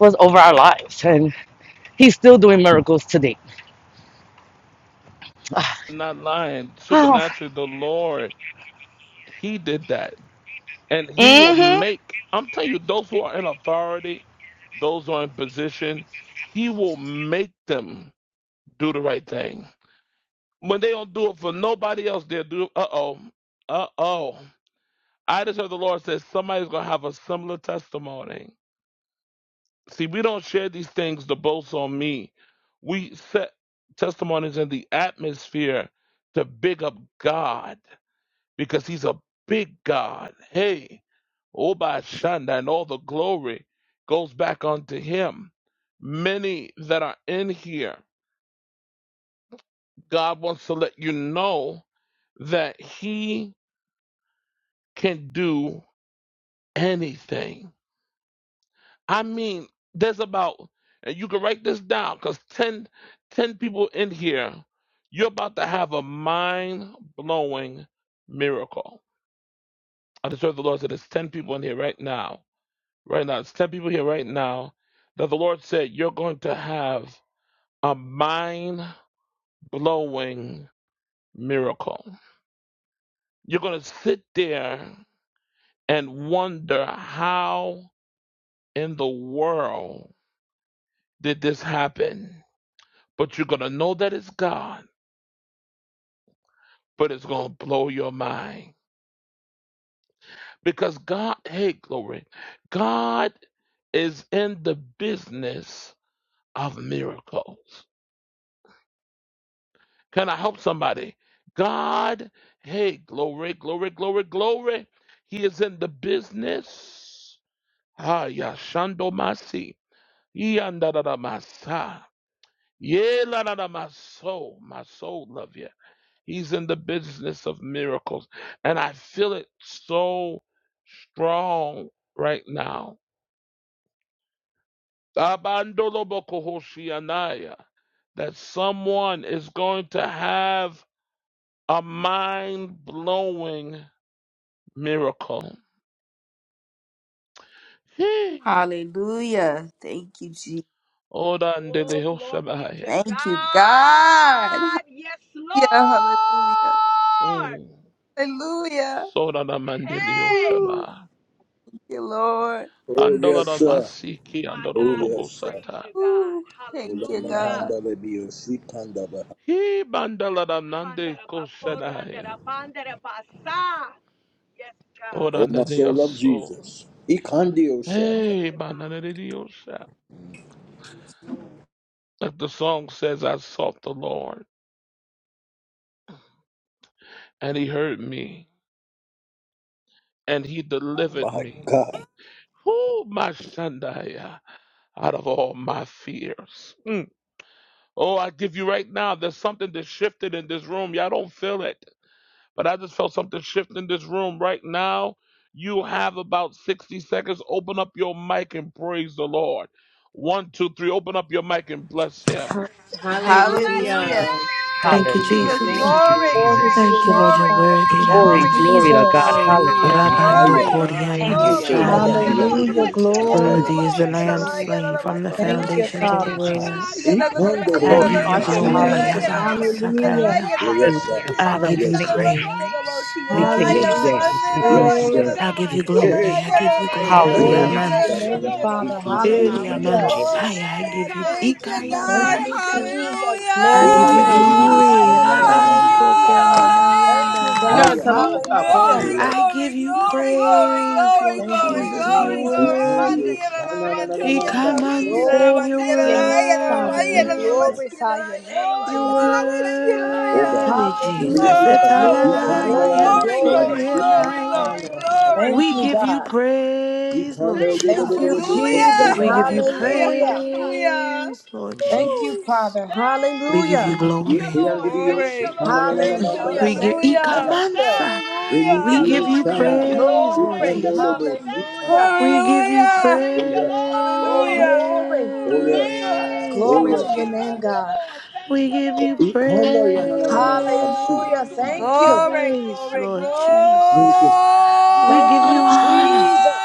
Speaker 9: was over our lives. And he's still doing miracles today.
Speaker 1: not lying.
Speaker 9: Oh,
Speaker 1: Supernaturally, the Lord, He did that. And He will
Speaker 9: mm-hmm.
Speaker 1: make, I'm telling you, those who are in authority, those who are in position, He will make them do the right thing. When they don't do it for nobody else, they'll do, uh oh, uh oh. I just heard the Lord say somebody's going to have a similar testimony See, we don't share these things, the boast on me. We set testimonies in the atmosphere to big up God because He's a big God. Hey, Oba Shanda, and all the glory goes back unto Him. Many that are in here, God wants to let you know that He can do anything I mean, there's about, and you can write this down because 10, 10 people in here, you're about to have a mind blowing miracle. I just heard the Lord said there's 10 people in here right now. Right now, it's 10 people here right now that the Lord said you're going to have a mind blowing miracle. You're going to sit there and wonder how in the world did this happen? But you're going to know that it's God but it's going to blow your mind because God, hey, glory, God is in the business of miracles. Can I help somebody? God, hey, glory, glory, glory, glory. He is in the business. Ah, yashando masi. Yanda da da masa. ye la da da my soul, my soul love you. He's in the business of miracles. And I feel it so strong right now. Abandolobokohoshianaya, That someone is going to have a mind blowing miracle. Hey.
Speaker 2: Hallelujah. Thank you, Jesus.
Speaker 7: Oh, glory to
Speaker 1: Odandelehoshamaya.
Speaker 2: Thank you, God.
Speaker 7: God. Yes, Lord.
Speaker 2: Hallelujah. Hallelujah.
Speaker 1: Mm.
Speaker 2: Hallelujah.
Speaker 7: Hey,
Speaker 2: Ooh,
Speaker 1: Sodanamandelehoshama.
Speaker 2: thank you, Lord.
Speaker 6: Oh yes, sir.
Speaker 1: Andoladamasiki
Speaker 7: my
Speaker 6: Oh
Speaker 7: God, we
Speaker 6: yes, sir.
Speaker 7: praise
Speaker 1: andolodobosata.
Speaker 7: you, God.
Speaker 2: Ooh, thank you,
Speaker 6: Ulama
Speaker 2: God.
Speaker 7: Hallelujah.
Speaker 6: handa lebio sikanda baha.
Speaker 1: He bandalanande koshanaya.
Speaker 7: Handarabakorandarabandara-basa. Yes, God.
Speaker 6: Oh my
Speaker 1: Oranda
Speaker 6: soul
Speaker 1: Dios.
Speaker 6: of
Speaker 1: So,
Speaker 6: Jesus. Ikandio shata.
Speaker 7: Glory
Speaker 1: hey,
Speaker 7: to
Speaker 1: manana
Speaker 7: God.
Speaker 1: de Dios. Like the song says, I sought the Lord, and he heard me, and he delivered
Speaker 6: My
Speaker 1: me.
Speaker 6: God.
Speaker 1: Who my Shandaya out of all my fears. Mm. Oh, I give you right now, there's something that shifted in this room. Y'all don't feel it. But I just felt something shift in this room right now. You have about 60 seconds. Open up your mic and praise the Lord. One, two, three. Open up your mic and bless him.
Speaker 3: Thank you,
Speaker 10: Hallelujah.
Speaker 2: Hallelujah.
Speaker 3: Jesus.
Speaker 7: Hallelujah.
Speaker 3: Thank
Speaker 10: Thank
Speaker 3: you,
Speaker 10: you,
Speaker 9: Hallelujah.
Speaker 10: Lord.
Speaker 2: Jesus,
Speaker 3: Jesus.
Speaker 10: Thank you,
Speaker 9: Thank
Speaker 6: Oh,
Speaker 9: you,
Speaker 10: Jesus.
Speaker 2: glory,
Speaker 4: Glory
Speaker 9: Jesus.
Speaker 4: to
Speaker 2: glory,
Speaker 4: your
Speaker 3: Thank you, Lord.
Speaker 4: name,
Speaker 3: You're
Speaker 2: glory,
Speaker 4: Father.
Speaker 2: glory,
Speaker 3: worthy,
Speaker 9: Glory,
Speaker 2: glory, glory,
Speaker 9: glory
Speaker 3: Ramanso.
Speaker 9: to God.
Speaker 4: Jesus.
Speaker 2: glory, glory, glory,
Speaker 10: Hallelujah.
Speaker 9: Hallelujah.
Speaker 6: yeah.
Speaker 3: Rabando
Speaker 2: glory,
Speaker 10: Hallelujah.
Speaker 3: Koria
Speaker 9: Thank you,
Speaker 2: glory.
Speaker 10: Hallelujah.
Speaker 6: Masola
Speaker 9: Jesus.
Speaker 2: Man,
Speaker 3: Mansaya.
Speaker 6: baki
Speaker 9: Thank
Speaker 2: yada,
Speaker 6: and
Speaker 9: you.
Speaker 7: Oh,
Speaker 2: da,
Speaker 6: the
Speaker 2: da,
Speaker 4: Hallelujah.
Speaker 2: ba,
Speaker 7: bless you,
Speaker 2: yada, da, da,
Speaker 9: Thank
Speaker 4: Glory.
Speaker 3: Worthy
Speaker 9: you,
Speaker 2: ba,
Speaker 6: gate.
Speaker 3: is
Speaker 7: Lord.
Speaker 3: the
Speaker 2: yada,
Speaker 3: Lamb
Speaker 2: da,
Speaker 9: Jesus.
Speaker 10: Glory,
Speaker 9: Thank
Speaker 2: yada, da,
Speaker 9: you.
Speaker 3: slain
Speaker 2: da ba,
Speaker 10: glory,
Speaker 3: from the
Speaker 2: yada,
Speaker 10: glory.
Speaker 4: Thank
Speaker 2: da,
Speaker 4: you,
Speaker 7: Bless you,
Speaker 2: yada.
Speaker 3: foundations of
Speaker 9: Thank
Speaker 3: the
Speaker 4: Father.
Speaker 9: you,
Speaker 7: Father
Speaker 3: world.
Speaker 7: God.
Speaker 2: Iki,
Speaker 9: Jesus.
Speaker 2: yada, da,
Speaker 7: Bless
Speaker 2: da,
Speaker 7: your
Speaker 2: da,
Speaker 6: Ikondo
Speaker 3: I
Speaker 6: holo
Speaker 2: yada,
Speaker 9: Glory
Speaker 2: da,
Speaker 4: Thank
Speaker 3: give
Speaker 9: to
Speaker 2: da,
Speaker 7: name.
Speaker 10: Oh, I
Speaker 3: you
Speaker 2: ba,
Speaker 4: you,
Speaker 6: bus.
Speaker 10: should
Speaker 9: God.
Speaker 10: have went
Speaker 2: yada,
Speaker 10: that
Speaker 2: da,
Speaker 3: glory,
Speaker 10: way.
Speaker 4: Jesus.
Speaker 2: yada,
Speaker 9: Hallelujah.
Speaker 2: da, da ba,
Speaker 7: Hallelujah.
Speaker 2: yada, da,
Speaker 4: Hallelujah.
Speaker 3: Yabansakaya.
Speaker 2: yada, da,
Speaker 6: Yes sir.
Speaker 9: Hallelujah.
Speaker 3: I
Speaker 9: Father,
Speaker 7: Praise
Speaker 9: we
Speaker 3: give
Speaker 7: you,
Speaker 3: you
Speaker 6: Yes
Speaker 2: da,
Speaker 7: God.
Speaker 9: thank
Speaker 2: ba,
Speaker 6: sir.
Speaker 9: you.
Speaker 2: yada, da, yada, da, da ba, yada, da, da ba,
Speaker 3: praise.
Speaker 9: We
Speaker 2: yada,
Speaker 3: Thank you,
Speaker 2: da,
Speaker 9: thank
Speaker 2: yada,
Speaker 6: Yes
Speaker 9: you,
Speaker 4: Hallelujah.
Speaker 6: sir.
Speaker 3: Jesus.
Speaker 9: Jesus. We
Speaker 2: da, ba,
Speaker 9: thank you.
Speaker 6: Yes
Speaker 7: Praise
Speaker 9: We
Speaker 4: Glory.
Speaker 7: you,
Speaker 2: yada,
Speaker 6: sir.
Speaker 2: da, ba, yada, da,
Speaker 3: I
Speaker 2: da
Speaker 9: thank
Speaker 3: give
Speaker 9: you.
Speaker 7: God.
Speaker 3: you
Speaker 9: We
Speaker 6: Hey
Speaker 9: thank
Speaker 6: hey.
Speaker 9: you.
Speaker 3: glory. I give you
Speaker 2: ba, yada, da, yada, da, da ba, yada, da, da ba,
Speaker 10: Wait,
Speaker 2: yada,
Speaker 10: that
Speaker 2: da,
Speaker 3: glory,
Speaker 10: way,
Speaker 6: We are
Speaker 10: right?
Speaker 4: Glory
Speaker 9: Hallelujah.
Speaker 4: to
Speaker 2: ba,
Speaker 4: your
Speaker 6: under
Speaker 7: Praise
Speaker 6: the
Speaker 7: you,
Speaker 3: Yamanso.
Speaker 2: iki,
Speaker 4: name,
Speaker 6: band,
Speaker 2: yada,
Speaker 7: Lord.
Speaker 6: see,
Speaker 2: da,
Speaker 4: Father.
Speaker 2: ba,
Speaker 6: see,
Speaker 10: Go to the
Speaker 2: yada.
Speaker 6: see,
Speaker 3: Eri
Speaker 6: and
Speaker 9: Thank
Speaker 10: highway.
Speaker 6: under
Speaker 9: you,
Speaker 6: the
Speaker 4: Hallelujah.
Speaker 7: Praise
Speaker 6: band.
Speaker 7: your
Speaker 2: Oh
Speaker 9: Jesus.
Speaker 3: Amansaya. I
Speaker 7: name,
Speaker 2: God,
Speaker 3: give you
Speaker 7: God.
Speaker 2: thank you,
Speaker 3: Ikaya
Speaker 4: Thank
Speaker 2: God.
Speaker 10: Oh.
Speaker 4: you,
Speaker 7: Praise your
Speaker 3: Manse.
Speaker 7: name.
Speaker 4: Jesus.
Speaker 2: Hallelujah.
Speaker 3: I
Speaker 7: Praise
Speaker 3: give
Speaker 7: your
Speaker 6: Holy
Speaker 3: you
Speaker 6: and the
Speaker 4: Glory.
Speaker 7: name.
Speaker 10: Hallelujah.
Speaker 6: release. Na
Speaker 3: glory,
Speaker 6: na
Speaker 7: Praise your
Speaker 6: na na
Speaker 10: Hallelujah.
Speaker 6: na na.
Speaker 7: name.
Speaker 3: Rabanso
Speaker 7: Praise
Speaker 10: Hallelujah.
Speaker 3: Kona
Speaker 7: your
Speaker 4: Thank
Speaker 7: name.
Speaker 3: mayanda
Speaker 4: you,
Speaker 10: You got
Speaker 4: God.
Speaker 10: to tell
Speaker 7: You
Speaker 6: Higher.
Speaker 3: Hasi.
Speaker 10: them
Speaker 7: are
Speaker 10: to stop
Speaker 4: Hallelujah.
Speaker 10: calling
Speaker 7: worthy,
Speaker 10: you.
Speaker 2: Glory,
Speaker 6: Masola
Speaker 3: I
Speaker 7: God.
Speaker 2: glory,
Speaker 3: give you
Speaker 7: You are
Speaker 2: glory, glory,
Speaker 3: praise,
Speaker 7: worthy.
Speaker 2: glory,
Speaker 7: You
Speaker 3: Lord
Speaker 4: Thank
Speaker 7: are
Speaker 2: glory,
Speaker 4: you,
Speaker 3: Jesus.
Speaker 7: worthy.
Speaker 10: Hallelujah.
Speaker 3: You're
Speaker 2: glory,
Speaker 7: You are
Speaker 2: glory.
Speaker 6: baki
Speaker 4: Jesus.
Speaker 6: and the
Speaker 3: worthy.
Speaker 7: worthy.
Speaker 2: Mandi era
Speaker 6: ocean.
Speaker 2: la
Speaker 6: Na na
Speaker 7: Thank
Speaker 6: na
Speaker 7: you,
Speaker 6: na
Speaker 2: mansi
Speaker 3: You
Speaker 6: na
Speaker 7: Lord
Speaker 2: era
Speaker 6: na.
Speaker 2: la
Speaker 3: come
Speaker 2: mandi
Speaker 3: and
Speaker 2: era la
Speaker 7: Jesus.
Speaker 3: say you're
Speaker 2: mandi
Speaker 4: Glory
Speaker 7: Thank
Speaker 4: to
Speaker 2: era
Speaker 4: your
Speaker 7: you,
Speaker 2: la
Speaker 4: name,
Speaker 2: era la
Speaker 7: Lord.
Speaker 4: Father.
Speaker 2: mandi
Speaker 4: We
Speaker 2: era
Speaker 6: Mando
Speaker 2: la
Speaker 6: sir.
Speaker 3: worthy.
Speaker 2: mansi era
Speaker 4: glorify
Speaker 2: la
Speaker 4: your
Speaker 2: era la
Speaker 4: name,
Speaker 2: mandi
Speaker 3: You're
Speaker 4: Jesus.
Speaker 2: era la
Speaker 7: Oh,
Speaker 2: mansi
Speaker 7: thank you,
Speaker 2: era la.
Speaker 6: Oga.
Speaker 3: worthy,
Speaker 7: Lord.
Speaker 6: Release
Speaker 3: Jesus.
Speaker 7: Thank
Speaker 6: it.
Speaker 4: Hallelujah.
Speaker 7: you,
Speaker 2: Oh
Speaker 4: Glory,
Speaker 2: God,
Speaker 6: Ikana na na na
Speaker 4: glory,
Speaker 7: Lord.
Speaker 6: na
Speaker 3: Etanananamayan,
Speaker 2: glory,
Speaker 7: Thank you,
Speaker 4: glory.
Speaker 6: na.
Speaker 2: glory, glory,
Speaker 3: soriemayan.
Speaker 7: Lord.
Speaker 6: Ikana.
Speaker 2: glory,
Speaker 6: ya.
Speaker 7: Thank you,
Speaker 2: glory.
Speaker 4: Thank
Speaker 3: We
Speaker 4: you,
Speaker 3: give
Speaker 7: Lord.
Speaker 3: you
Speaker 4: God.
Speaker 6: Hey,
Speaker 3: praise, Lord
Speaker 7: Thank you,
Speaker 4: Thank you,
Speaker 7: Lord.
Speaker 3: Jesus.
Speaker 7: Thank you,
Speaker 4: Jesus.
Speaker 2: Hallelujah.
Speaker 3: We give
Speaker 7: Lord.
Speaker 3: you
Speaker 2: Hallelujah.
Speaker 7: Thank you,
Speaker 4: Hallelujah.
Speaker 7: Father.
Speaker 2: Hallelujah.
Speaker 3: praise, Lord
Speaker 4: Thank you,
Speaker 2: Whew.
Speaker 3: Jesus.
Speaker 4: Father.
Speaker 3: We give
Speaker 4: Hallelujah.
Speaker 3: you
Speaker 7: Thank you,
Speaker 3: glory.
Speaker 7: Lord. Thank you,
Speaker 2: Glory.
Speaker 7: Lord. Thank
Speaker 3: Mm.
Speaker 7: you,
Speaker 4: Hallelujah.
Speaker 3: We
Speaker 7: Lord.
Speaker 3: give
Speaker 4: Thank
Speaker 2: Hallelujah.
Speaker 4: you, Jesus.
Speaker 3: Ikamansa.
Speaker 7: Thank
Speaker 3: We
Speaker 2: Hallelujah.
Speaker 7: you,
Speaker 3: give you
Speaker 7: Lord.
Speaker 2: Hallelujah.
Speaker 7: Thank you,
Speaker 3: praise,
Speaker 7: Lord.
Speaker 3: Lord
Speaker 7: Thank
Speaker 4: Glory.
Speaker 7: you, Lord.
Speaker 3: Jesus.
Speaker 4: Hallelujah.
Speaker 3: We
Speaker 7: Thank you,
Speaker 3: give you
Speaker 7: Lord.
Speaker 2: Hallelujah.
Speaker 7: Thank you,
Speaker 4: Oh,
Speaker 7: Lord.
Speaker 2: Hallelujah.
Speaker 4: glory.
Speaker 7: Thank
Speaker 2: Hallelujah.
Speaker 3: praise,
Speaker 7: you,
Speaker 4: Glory
Speaker 2: Oh
Speaker 3: Lord
Speaker 4: to your
Speaker 7: Lord.
Speaker 2: God.
Speaker 4: name,
Speaker 7: Thank you,
Speaker 3: Jesus.
Speaker 4: God.
Speaker 7: Lord. Thank
Speaker 3: We
Speaker 7: you,
Speaker 3: give you
Speaker 7: Lord.
Speaker 3: praise,
Speaker 7: Oh,
Speaker 4: Hallelujah.
Speaker 7: glory
Speaker 4: Thank
Speaker 7: to
Speaker 4: you.
Speaker 2: Glory,
Speaker 7: God.
Speaker 2: glory,
Speaker 3: Lord
Speaker 2: glory,
Speaker 7: Hallelujah.
Speaker 3: Jesus. We
Speaker 4: Thank
Speaker 3: give
Speaker 4: you,
Speaker 3: you honor.
Speaker 4: Jesus.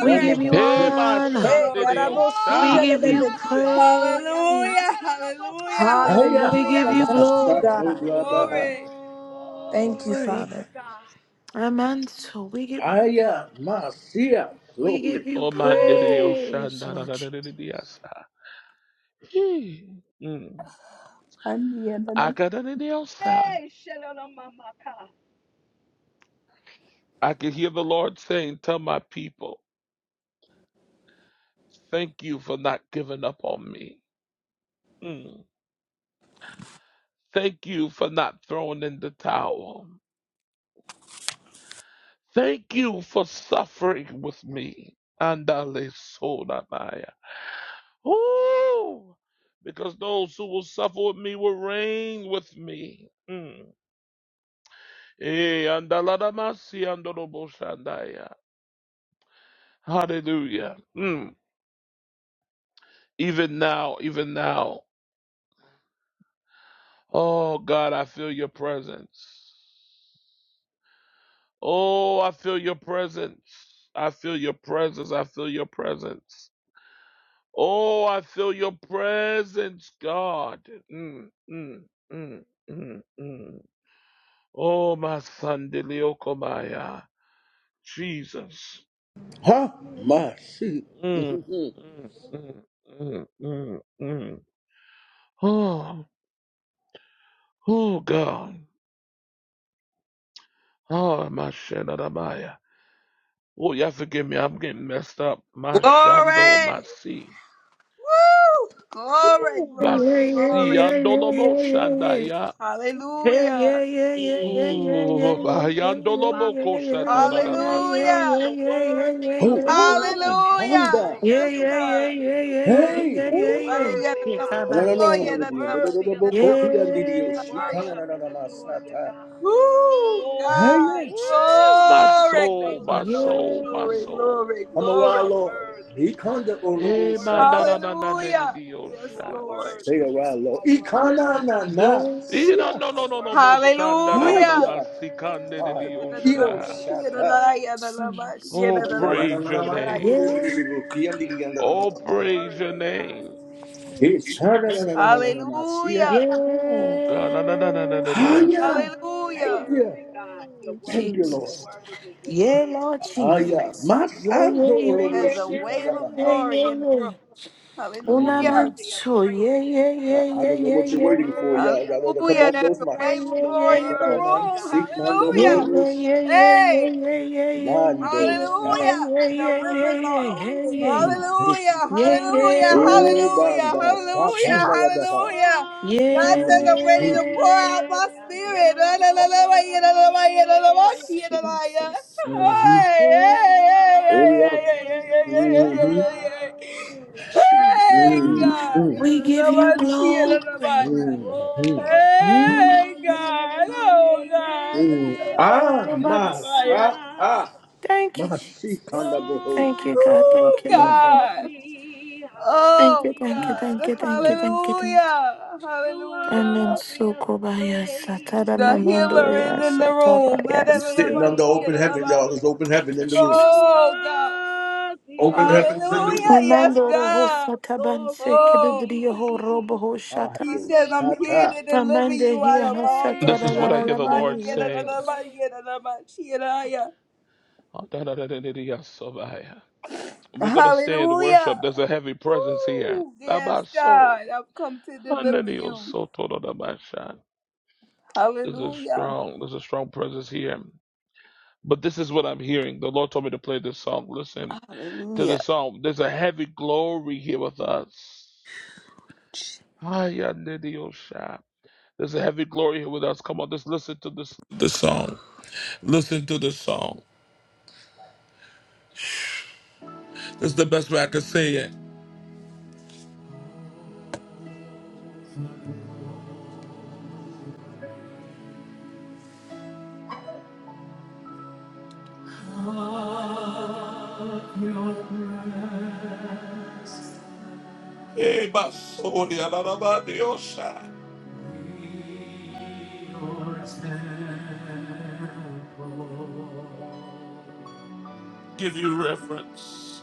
Speaker 3: We
Speaker 6: one more
Speaker 3: give you
Speaker 1: Hey,
Speaker 2: glory,
Speaker 6: time.
Speaker 1: my
Speaker 2: glory,
Speaker 3: honor.
Speaker 1: son,
Speaker 4: Hey,
Speaker 1: did
Speaker 2: glory.
Speaker 1: you
Speaker 3: We
Speaker 7: Oh,
Speaker 4: yarabosuya
Speaker 1: shot?
Speaker 3: give you
Speaker 7: Shelalabo,
Speaker 4: lelebekia.
Speaker 3: praise.
Speaker 2: Hallelujah,
Speaker 7: Yasandaraboko.
Speaker 2: hallelujah,
Speaker 6: Aya,
Speaker 3: We give
Speaker 4: Hallelujah.
Speaker 3: you
Speaker 2: hallelujah.
Speaker 4: Thank you,
Speaker 3: glory.
Speaker 6: Masato
Speaker 4: God.
Speaker 1: Oh, glory.
Speaker 6: Blabaha.
Speaker 2: Glory.
Speaker 7: Oh,
Speaker 4: Thank
Speaker 6: my
Speaker 4: you,
Speaker 7: glory
Speaker 6: God.
Speaker 7: to
Speaker 4: Father.
Speaker 7: God.
Speaker 3: Amanto. We give
Speaker 6: Aya, Masia.
Speaker 3: we
Speaker 6: glory,
Speaker 3: give you
Speaker 1: Oh, man, did
Speaker 2: Woo.
Speaker 1: you shot?
Speaker 3: praise,
Speaker 1: Na, na,
Speaker 3: Lord
Speaker 1: na, na,
Speaker 3: Jesus.
Speaker 1: na, na, na, sa. Hey. Mm.
Speaker 2: Ani and
Speaker 1: I
Speaker 2: then
Speaker 1: got na, na, sa.
Speaker 7: Hey, Shelalamamaka.
Speaker 1: I can hear the Lord saying, Tell my people, thank you for not giving up on me. Mm. Thank you for not throwing in the towel. Thank you for suffering with me. Andale sodamaya. Ooh, because those who will suffer with me will reign with me. Mm. Eh, andaladamasi andoroboshandaya. Hallelujah. Mm. Even now, even now. Oh, God, I feel your presence. Oh, I feel your presence. I feel your presence. I feel your presence. Oh, I feel your presence, God. Mm, mm, mm, mm, mm. Oh, my son, Deliokomaya. Jesus.
Speaker 6: ha,
Speaker 1: Mm, mm, mm, mm, mm, mm. Oh, oh God. Oh, my Shenanamaya. Oh, yeah, forgive me. I'm getting messed up. My Shando,
Speaker 2: Glory.
Speaker 1: my C.
Speaker 2: Woo. Glory,
Speaker 1: Oh,
Speaker 3: Yeah,
Speaker 1: my
Speaker 2: glory,
Speaker 3: yeah,
Speaker 1: C.
Speaker 2: glory.
Speaker 3: yeah, yeah, yeah,
Speaker 1: Andolomo
Speaker 3: yeah, yeah.
Speaker 1: Shandaya.
Speaker 3: Yeah, yeah,
Speaker 2: Hallelujah.
Speaker 3: yeah, yeah, yeah, yeah,
Speaker 1: Oh,
Speaker 7: Oh,
Speaker 1: my
Speaker 7: thank you,
Speaker 1: Yandolomo
Speaker 7: Father. You're so worthy.
Speaker 1: Koshatanamasa.
Speaker 2: Hallelujah.
Speaker 7: You're worthy
Speaker 6: my
Speaker 7: of the honor
Speaker 1: Oh,
Speaker 7: and the
Speaker 2: Hallelujah.
Speaker 6: Honda.
Speaker 7: glory.
Speaker 2: Yes,
Speaker 7: You're
Speaker 2: God.
Speaker 7: worthy. You're
Speaker 6: Hey.
Speaker 7: worthy. You're
Speaker 2: Maria da
Speaker 7: worthy,
Speaker 2: da
Speaker 7: God.
Speaker 6: No no no no no no
Speaker 2: Maria
Speaker 7: You're
Speaker 6: no
Speaker 1: oh,
Speaker 2: da
Speaker 6: no
Speaker 2: da
Speaker 6: no
Speaker 7: worthy
Speaker 2: Maria
Speaker 7: of
Speaker 2: da
Speaker 6: no
Speaker 7: the
Speaker 2: da
Speaker 6: go to
Speaker 7: worship. We
Speaker 6: Yandidio. She kind
Speaker 2: Maria.
Speaker 6: of
Speaker 7: worship
Speaker 6: na na
Speaker 7: and
Speaker 6: na
Speaker 7: adore you,
Speaker 6: masata.
Speaker 7: God.
Speaker 2: Woo,
Speaker 7: Oh,
Speaker 6: Hey
Speaker 2: God.
Speaker 6: yeah.
Speaker 7: thank you,
Speaker 1: oh,
Speaker 7: Lord.
Speaker 1: my
Speaker 2: Glory,
Speaker 1: soul,
Speaker 7: Thank
Speaker 2: glory,
Speaker 1: my
Speaker 3: yeah,
Speaker 7: you, Lord
Speaker 2: glory,
Speaker 1: soul, my
Speaker 3: yeah,
Speaker 2: glory,
Speaker 7: Jesus.
Speaker 1: soul.
Speaker 2: glory,
Speaker 6: I'm a
Speaker 7: You
Speaker 6: wild
Speaker 7: are
Speaker 2: glory.
Speaker 6: lord.
Speaker 7: worthy.
Speaker 6: He kind of
Speaker 7: You are
Speaker 6: olobo
Speaker 1: Hey, man, na
Speaker 7: worthy,
Speaker 1: na
Speaker 6: sata.
Speaker 1: na
Speaker 7: God.
Speaker 1: na na
Speaker 2: Hallelujah.
Speaker 7: You
Speaker 2: Yes,
Speaker 7: are
Speaker 1: na
Speaker 2: Lord.
Speaker 6: They
Speaker 7: worthy.
Speaker 6: a wild
Speaker 7: You
Speaker 6: lord.
Speaker 7: are worthy.
Speaker 6: Ikana na na. See
Speaker 1: Ira
Speaker 6: ya.
Speaker 7: You
Speaker 1: no no
Speaker 7: are
Speaker 1: no no bo
Speaker 7: worthy. You
Speaker 1: shanda
Speaker 7: are
Speaker 1: da da da
Speaker 7: worthy.
Speaker 2: Hallelujah.
Speaker 1: ba
Speaker 6: Hiya.
Speaker 1: sikande de
Speaker 6: Hi.
Speaker 1: di
Speaker 6: Io sata. Na
Speaker 1: Oh,
Speaker 6: na na na
Speaker 1: praise
Speaker 6: na
Speaker 1: your
Speaker 3: yeah,
Speaker 6: na.
Speaker 3: yeah,
Speaker 1: name.
Speaker 3: yeah.
Speaker 6: Kiandidio na na na
Speaker 1: Oh,
Speaker 6: na.
Speaker 1: praise your
Speaker 7: Worthy, God.
Speaker 1: name.
Speaker 3: Yeah,
Speaker 6: It's
Speaker 3: Jesus.
Speaker 6: na na na na na na na. See ya.
Speaker 3: Yeah,
Speaker 2: Hallelujah.
Speaker 1: Oh, God. da da da da
Speaker 3: Lord
Speaker 1: da da di
Speaker 6: Hiya.
Speaker 7: You're
Speaker 6: Thank
Speaker 2: Hallelujah.
Speaker 6: you.
Speaker 7: worthy, God. You're
Speaker 6: Thank you,
Speaker 7: worthy.
Speaker 3: Jesus.
Speaker 7: You're
Speaker 6: Lord.
Speaker 7: worthy. You're
Speaker 3: Yeah,
Speaker 7: worthy.
Speaker 3: yeah, yeah,
Speaker 7: You're
Speaker 3: yeah,
Speaker 7: worthy.
Speaker 6: Aya,
Speaker 3: yeah,
Speaker 6: Masando
Speaker 7: You're
Speaker 3: yeah,
Speaker 6: Oloro
Speaker 2: There's
Speaker 7: worthy.
Speaker 2: a wave of
Speaker 3: yeah,
Speaker 6: Shikadabaha.
Speaker 3: yeah.
Speaker 2: glory in the room.
Speaker 3: yeah.
Speaker 7: You're
Speaker 3: Una
Speaker 2: Hallelujah.
Speaker 6: Mm.
Speaker 7: worthy of
Speaker 3: manso. Yeah,
Speaker 7: praises,
Speaker 3: yeah, yeah,
Speaker 7: God.
Speaker 6: I I
Speaker 3: yeah,
Speaker 6: don't know
Speaker 3: yeah,
Speaker 6: what
Speaker 3: yeah,
Speaker 6: you're
Speaker 7: You're
Speaker 3: yeah,
Speaker 6: waiting
Speaker 3: yeah,
Speaker 6: for, y'all.
Speaker 7: worthy of
Speaker 6: Y'all ought to come
Speaker 2: Hallelujah.
Speaker 6: off
Speaker 2: There's
Speaker 7: honor.
Speaker 6: those
Speaker 2: a
Speaker 3: yeah, yeah,
Speaker 2: wave
Speaker 6: mics.
Speaker 2: of
Speaker 7: You're
Speaker 2: glory
Speaker 3: yeah.
Speaker 2: in the
Speaker 7: worthy,
Speaker 6: Mandaraman
Speaker 2: room.
Speaker 7: God.
Speaker 6: Sikando
Speaker 7: You're
Speaker 3: Yeah,
Speaker 2: Hallelujah.
Speaker 6: Oloro
Speaker 3: yeah,
Speaker 6: Shia.
Speaker 3: yeah,
Speaker 7: worthy.
Speaker 3: yeah, yeah, yeah,
Speaker 2: Hey.
Speaker 3: yeah,
Speaker 6: Mando Shia.
Speaker 2: Hallelujah.
Speaker 3: yeah, yeah, yeah, yeah,
Speaker 2: The
Speaker 3: yeah, yeah,
Speaker 2: rivers are
Speaker 3: yeah, yeah,
Speaker 2: open.
Speaker 3: yeah.
Speaker 7: Abante, ante,
Speaker 2: Hallelujah.
Speaker 3: Yeah,
Speaker 2: Hallelujah.
Speaker 7: ante.
Speaker 6: Oh,
Speaker 3: yeah.
Speaker 2: Hallelujah.
Speaker 6: Banda
Speaker 2: Hallelujah.
Speaker 3: Jesus.
Speaker 6: Sakandarabaha.
Speaker 2: Hallelujah.
Speaker 3: Yeah. yeah. Yeah,
Speaker 7: Glory,
Speaker 2: God
Speaker 3: yeah,
Speaker 2: says,
Speaker 6: Mm,
Speaker 7: glory,
Speaker 2: I'm
Speaker 3: yeah,
Speaker 2: ready
Speaker 6: mm,
Speaker 2: to
Speaker 3: yeah,
Speaker 2: pour
Speaker 3: yeah,
Speaker 2: out my
Speaker 7: glory. Ante,
Speaker 2: spirit.
Speaker 3: yeah.
Speaker 2: La, la, la, la,
Speaker 7: amante,
Speaker 2: la, ya, la, la, la,
Speaker 7: amante.
Speaker 2: ya, la, la, la, she, ya, la, la, ya.
Speaker 3: Jesus.
Speaker 6: mhm.
Speaker 2: Hey, hey,
Speaker 3: Yeah,
Speaker 2: hey,
Speaker 7: Hallelujah,
Speaker 2: hey,
Speaker 6: Oh, yeah.
Speaker 2: hey, hey, hey, hey, hey, hey, hey, hey.
Speaker 6: Mhm,
Speaker 2: Hey, hey.
Speaker 7: hallelujah.
Speaker 2: Hey,
Speaker 3: Jesus.
Speaker 6: mhm.
Speaker 2: God. La,
Speaker 3: We
Speaker 2: la,
Speaker 3: give
Speaker 2: la,
Speaker 7: Hallelujah.
Speaker 3: you
Speaker 2: la, she, ya, la, la, la,
Speaker 3: glory.
Speaker 2: ya.
Speaker 7: Oh,
Speaker 3: Mm.
Speaker 2: Hey, God. Oh,
Speaker 7: Yagadamandadadadabande,
Speaker 2: God. La,
Speaker 7: yeah,
Speaker 2: la, la,
Speaker 3: Ah.
Speaker 6: Ah,
Speaker 2: she, ya, la,
Speaker 3: but
Speaker 2: la,
Speaker 6: my,
Speaker 2: la,
Speaker 7: Barayasa.
Speaker 2: ya.
Speaker 3: ah,
Speaker 6: ah,
Speaker 3: ah.
Speaker 6: ah.
Speaker 3: Thank
Speaker 6: My
Speaker 3: you, Jesus.
Speaker 6: Sikandaboho.
Speaker 3: Thank you,
Speaker 7: Glory,
Speaker 3: God.
Speaker 2: Oh
Speaker 3: Thank you,
Speaker 7: glory,
Speaker 3: Lord.
Speaker 6: Mm, mm.
Speaker 2: God.
Speaker 7: glory.
Speaker 3: Thank
Speaker 2: Oh
Speaker 3: you, thank you, thank
Speaker 2: God.
Speaker 3: you,
Speaker 7: Hallelujah.
Speaker 3: thank you,
Speaker 6: You're
Speaker 3: thank you, thank you.
Speaker 2: Hallelujah.
Speaker 7: You're
Speaker 2: Hallelujah.
Speaker 3: Amen.
Speaker 7: worthy
Speaker 3: So
Speaker 7: of the
Speaker 3: kobaya
Speaker 7: praise.
Speaker 3: satara
Speaker 2: The
Speaker 7: You're
Speaker 3: mamando
Speaker 2: healer
Speaker 3: ya
Speaker 2: is in the
Speaker 7: worthy of
Speaker 2: room.
Speaker 7: the
Speaker 3: satabaya.
Speaker 6: sitting under
Speaker 3: Father,
Speaker 6: open
Speaker 3: Open
Speaker 6: heaven,
Speaker 3: heaven,
Speaker 6: y'all.
Speaker 7: praise.
Speaker 3: God.
Speaker 6: There's open
Speaker 3: Open
Speaker 6: heaven
Speaker 3: heaven,
Speaker 6: in the room.
Speaker 7: You're
Speaker 3: Jesus.
Speaker 2: Oh God.
Speaker 7: worthy
Speaker 6: Open
Speaker 3: Open
Speaker 7: of the
Speaker 3: heaven,
Speaker 6: heaven's in the
Speaker 3: Hallelujah.
Speaker 6: room.
Speaker 2: Hallelujah. Yes,
Speaker 3: Mamando
Speaker 7: honor
Speaker 3: roho
Speaker 7: and
Speaker 2: God.
Speaker 7: the
Speaker 3: sataban se
Speaker 2: Oh.
Speaker 3: kedidriyo robo
Speaker 7: glory.
Speaker 6: Oh,
Speaker 3: shata.
Speaker 2: He
Speaker 6: yo,
Speaker 2: says, I'm
Speaker 7: Handela
Speaker 6: shut
Speaker 2: here
Speaker 6: up.
Speaker 2: to
Speaker 7: mande,
Speaker 2: deliver
Speaker 7: hande
Speaker 3: Amande
Speaker 2: you out
Speaker 3: hiya
Speaker 2: of all your
Speaker 1: This
Speaker 3: hasatara
Speaker 1: is what
Speaker 7: ye,
Speaker 1: I
Speaker 2: troubles.
Speaker 1: hear
Speaker 3: dalala
Speaker 1: the Lord
Speaker 3: mahi.
Speaker 7: handela
Speaker 1: saying.
Speaker 7: bo.
Speaker 1: Ah, da da da da da di aso We're going to stay in
Speaker 2: Hallelujah.
Speaker 1: worship. There's a heavy presence here.
Speaker 2: Ooh,
Speaker 1: Da
Speaker 2: yes,
Speaker 1: ba
Speaker 2: God.
Speaker 1: so.
Speaker 2: I've come to
Speaker 1: Ah, na
Speaker 2: deliver you.
Speaker 1: to do da ba sha. There's a
Speaker 2: Hallelujah.
Speaker 1: strong, there's a strong presence here. But this is what I'm hearing. The Lord told me to play this song. Listen to the
Speaker 2: Hallelujah.
Speaker 1: song. There's a heavy glory here with us. Hiya, Nidio Shah. There's a heavy glory here with us. Come on, just listen to this. The song. Listen to the song. This is the best way I can say it. Hey, Basuri, Alarabadio Shah. Give you reference.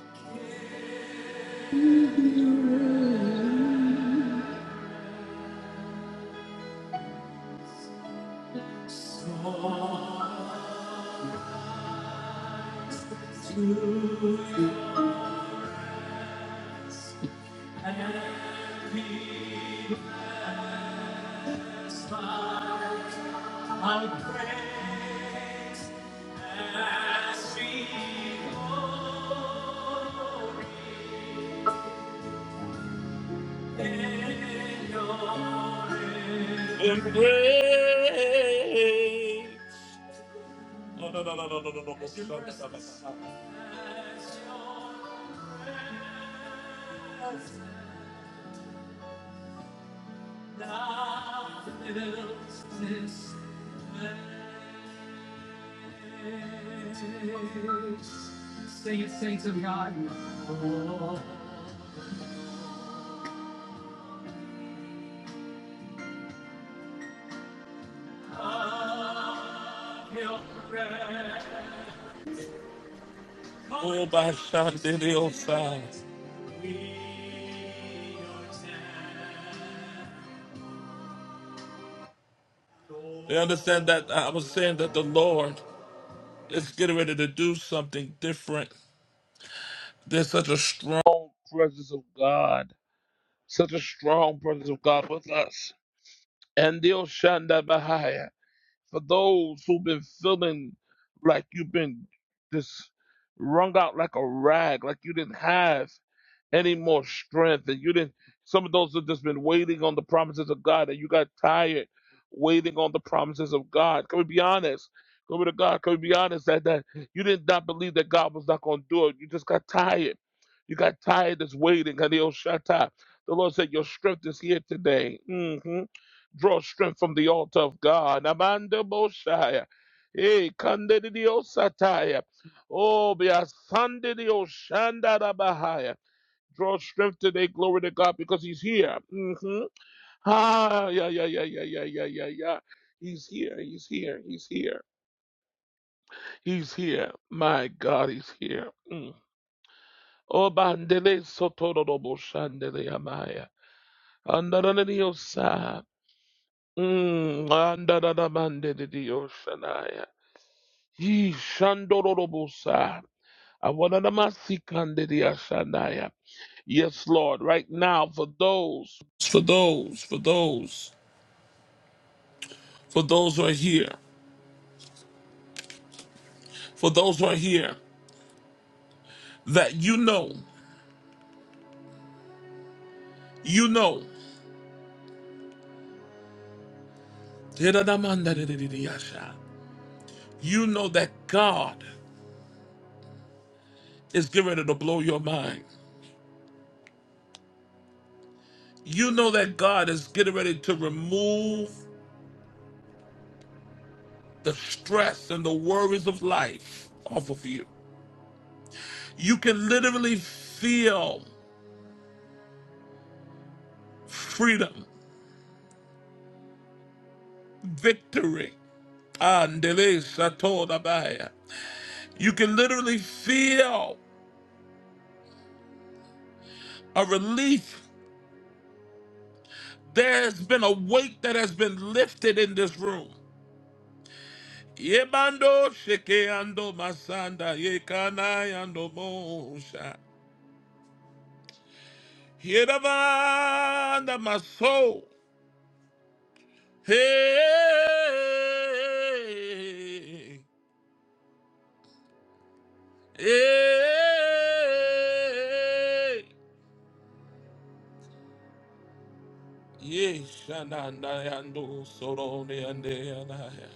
Speaker 1: Embrace. No, no, no, no, no, no, no, no. Your Sing it, saints of God. Of your Oh, by Shandiriosa. We understand that I was saying that the Lord It's getting ready to do something different. There's such a strong presence of God, such a strong presence of God with us. And the Oshanda Bahaya, for those who've been feeling like you've been just wrung out like a rag, like you didn't have any more strength. And you didn't, some of those have just been waiting on the promises of God and you got tired waiting on the promises of God. Can we be honest? Glory to God. Can we be honest that, that you did not believe that God was not going to do it? You just got tired. You got tired of waiting. Hadiel Shatta. The Lord said, Your strength is here today. hmm Draw strength from the altar of God. Amanda Boshaya. Hey, Kande Sataya. Oh, be a Sunday, the Oshanda Bahaya. Draw strength today, glory to God, because He's here. hmm Ah, yeah, yeah, yeah, yeah, yeah, yeah, yeah, yeah. He's here, He's here, He's here, He's here. My God, He's here. Mm. Oh, bandele sotorobo shandele amaya. Andaraniosa. Mm. Andaranamandele dioshanaya. Ye shandorobosa. Awananamasikandele ashanaya. Yes, Lord, right now for those, for those, for those. for those who are here, for those who are here, that you know, you know, you know that God is getting ready to blow your mind. You know that God is getting ready to remove the stress and the worries of life off of you. You can literally feel freedom, victory. Andele Satorabaya. You can literally feel a relief There's been a weight that has been lifted in this room. Yebando sheke ando masanda yekana yando mosha. Yerabanda my soul. Hey, hey, Ye shananda yando sorone ande yanaya.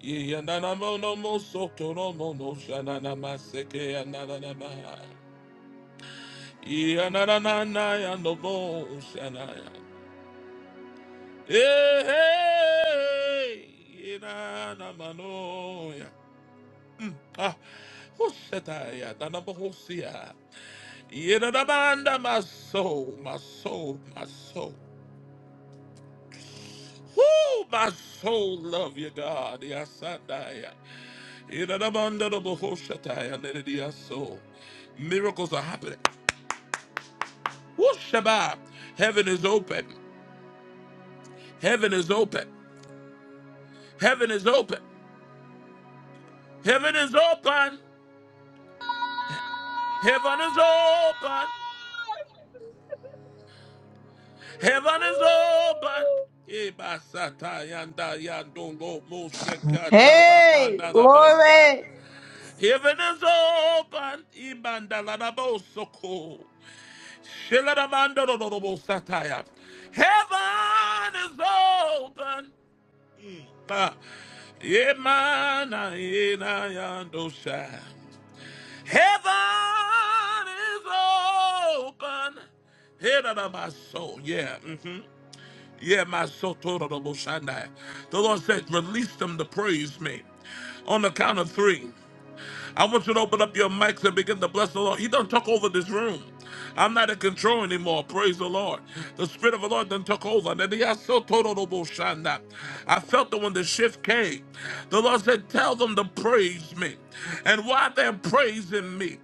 Speaker 1: Ye yanana mono mo soto no mono shanana maseke yanana Yanananaya no bo shanaya. Hey, hey, yananamanoya. Ah, hoshetaya, danabohosia. Yananamanda, my soul, my soul, my soul. Who, my soul love you, God. Yes, I die. Yasadaya. Yananamanda, no bohoshataya, neredia soul. Miracles are happening. Who Shabbat. Heaven is open. Heaven is open. Heaven is open. Heaven is open. Heaven is open. Heaven is open. Eba sata yanda yandongo mo shekata la
Speaker 2: Hey,
Speaker 1: banda la basa.
Speaker 2: glory.
Speaker 1: Heaven is open. Ibanda la la bo soko. Shela la manda lo lo lo bo sataya. Heaven is open. Ah. Yemana yena yandosha. Heaven is open. Head of my soul. Yeah. hmm Yeah, my soul total of Oshanda. The Lord said, release them to praise me. On the count of three. I want you to open up your mics and begin to bless the Lord. He done took over this room. I'm not in control anymore. Praise the Lord. The Spirit of the Lord done took over. And he has so total of Oshanda. I felt that when the shift came, the Lord said, Tell them to praise me. And while they're praising me,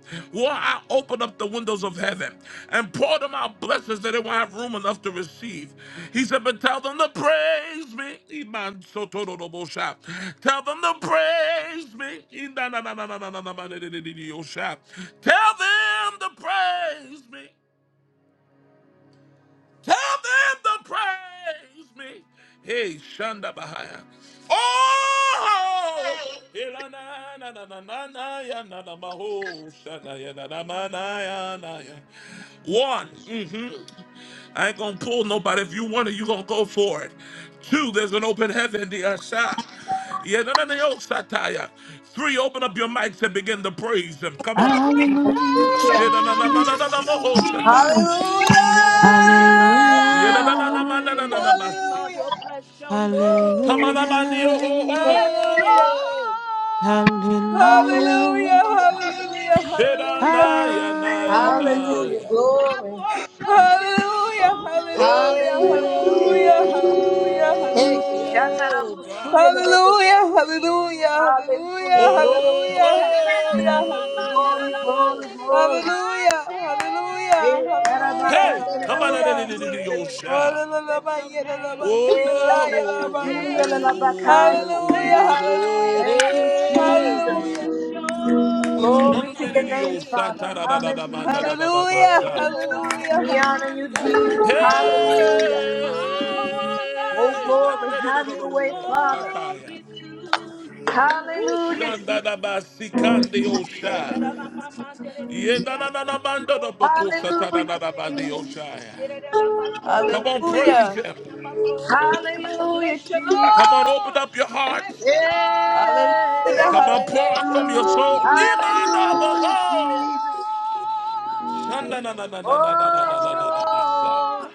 Speaker 1: Tell them to praise me. Hey, Shanda Bahaya. Oh! Ilana na na na na na ya na na maho shana ya na na ma na ya na ya. One, mhm. I ain't gonna pull nobody. If you want it, you gonna go for it. Two, there's an open heaven, the Asha. Yeah, no, no, no, yo, Sataya. Three, open up your mics and begin to praise him. Come
Speaker 7: I
Speaker 1: on.
Speaker 7: will
Speaker 3: Hallelujah.
Speaker 1: Shit,
Speaker 4: Hallelujah.
Speaker 1: na na na na na na na,
Speaker 7: bless
Speaker 1: maho
Speaker 7: your
Speaker 1: shataya.
Speaker 4: Glory
Speaker 2: Hallelujah.
Speaker 4: to
Speaker 7: name.
Speaker 4: your
Speaker 7: I
Speaker 4: name,
Speaker 7: will bless
Speaker 4: God.
Speaker 7: your
Speaker 3: Hallelujah.
Speaker 4: Hallelujah.
Speaker 7: name.
Speaker 1: Yedadadadamadadadadabasi.
Speaker 7: I
Speaker 2: Hallelujah.
Speaker 7: will bless your
Speaker 2: Woo.
Speaker 7: name.
Speaker 1: Tamanamani, oh, oh,
Speaker 3: Hallelujah.
Speaker 7: Yes,
Speaker 1: oh,
Speaker 2: Hallelujah.
Speaker 1: oh.
Speaker 7: Lord, I will
Speaker 4: Hallelujah.
Speaker 3: Hallelujah.
Speaker 2: Hallelujah.
Speaker 7: worship
Speaker 2: Hallelujah. Hallelujah.
Speaker 1: Shedanaya,
Speaker 2: Hallelujah.
Speaker 1: naya,
Speaker 3: Hallelujah.
Speaker 1: naya.
Speaker 4: Hallelujah.
Speaker 2: Hallelujah.
Speaker 7: I
Speaker 4: Glory.
Speaker 7: worship you.
Speaker 2: Hallelujah, hallelujah,
Speaker 7: Oh,
Speaker 4: Hallelujah.
Speaker 2: hallelujah, hallelujah,
Speaker 4: Hey,
Speaker 2: hallelujah.
Speaker 4: shout
Speaker 1: Oh,
Speaker 7: I
Speaker 1: God.
Speaker 4: out
Speaker 2: Hallelujah,
Speaker 7: worship you.
Speaker 2: hallelujah,
Speaker 1: Oh,
Speaker 2: hallelujah,
Speaker 4: Hallelujah. Glory.
Speaker 1: oh,
Speaker 2: hallelujah, hallelujah, hallelujah.
Speaker 4: Glory, glory,
Speaker 1: oh.
Speaker 4: glory.
Speaker 2: Hallelujah, hallelujah,
Speaker 4: Hey,
Speaker 2: hallelujah,
Speaker 1: hey,
Speaker 4: yarabakande de la
Speaker 1: come on,
Speaker 2: hallelujah.
Speaker 4: bokuya le
Speaker 1: your
Speaker 4: la bokuya.
Speaker 1: shout.
Speaker 7: Bless your
Speaker 2: Hallelujah,
Speaker 4: Hey,
Speaker 7: name,
Speaker 1: Oh,
Speaker 7: bless your
Speaker 1: oh, oh,
Speaker 2: hallelujah,
Speaker 4: shakarabakunda le
Speaker 1: oh,
Speaker 4: la
Speaker 7: name,
Speaker 4: bakaya.
Speaker 1: oh,
Speaker 2: hallelujah,
Speaker 1: oh, oh.
Speaker 4: Thank you, Jesus.
Speaker 2: hallelujah,
Speaker 7: bless your
Speaker 4: Glory to
Speaker 1: Sunday,
Speaker 4: your name,
Speaker 1: your
Speaker 4: Father.
Speaker 1: Saturday, da
Speaker 7: name.
Speaker 1: da da
Speaker 2: hallelujah,
Speaker 1: da da da
Speaker 4: Hallelujah.
Speaker 1: da da
Speaker 2: hallelujah,
Speaker 1: da
Speaker 7: Oh, our
Speaker 2: hallelujah,
Speaker 4: We honor you,
Speaker 2: hallelujah,
Speaker 4: Jesus.
Speaker 7: honor,
Speaker 1: Hey!
Speaker 4: Hallelujah.
Speaker 7: our
Speaker 4: Oh, glory.
Speaker 7: wonders,
Speaker 4: Have your
Speaker 7: sing
Speaker 4: way, Father.
Speaker 1: Yandadadadadadadadadosataya.
Speaker 7: glory to you.
Speaker 4: Hallelujah, Jesus.
Speaker 1: Ushandadabasikandiyosha.
Speaker 4: Hallelujah, Jesus.
Speaker 1: Yedanananamandadabokosatadadadabandiyosha. Come on, praise him.
Speaker 4: Hallelujah,
Speaker 7: Bless your
Speaker 4: Jesus.
Speaker 1: Come on, open
Speaker 7: Lord.
Speaker 1: up your hearts.
Speaker 7: Bless your Lord.
Speaker 2: hallelujah,
Speaker 4: Hey.
Speaker 1: Come on, pour
Speaker 2: hallelujah.
Speaker 7: Bless
Speaker 1: out
Speaker 7: your
Speaker 1: from
Speaker 7: Lord.
Speaker 1: your soul.
Speaker 4: Hallelujah,
Speaker 1: Imanabaho.
Speaker 4: Jesus.
Speaker 7: Bless your
Speaker 1: Shandanananananananananananamasa.
Speaker 4: Oh,
Speaker 7: Lord.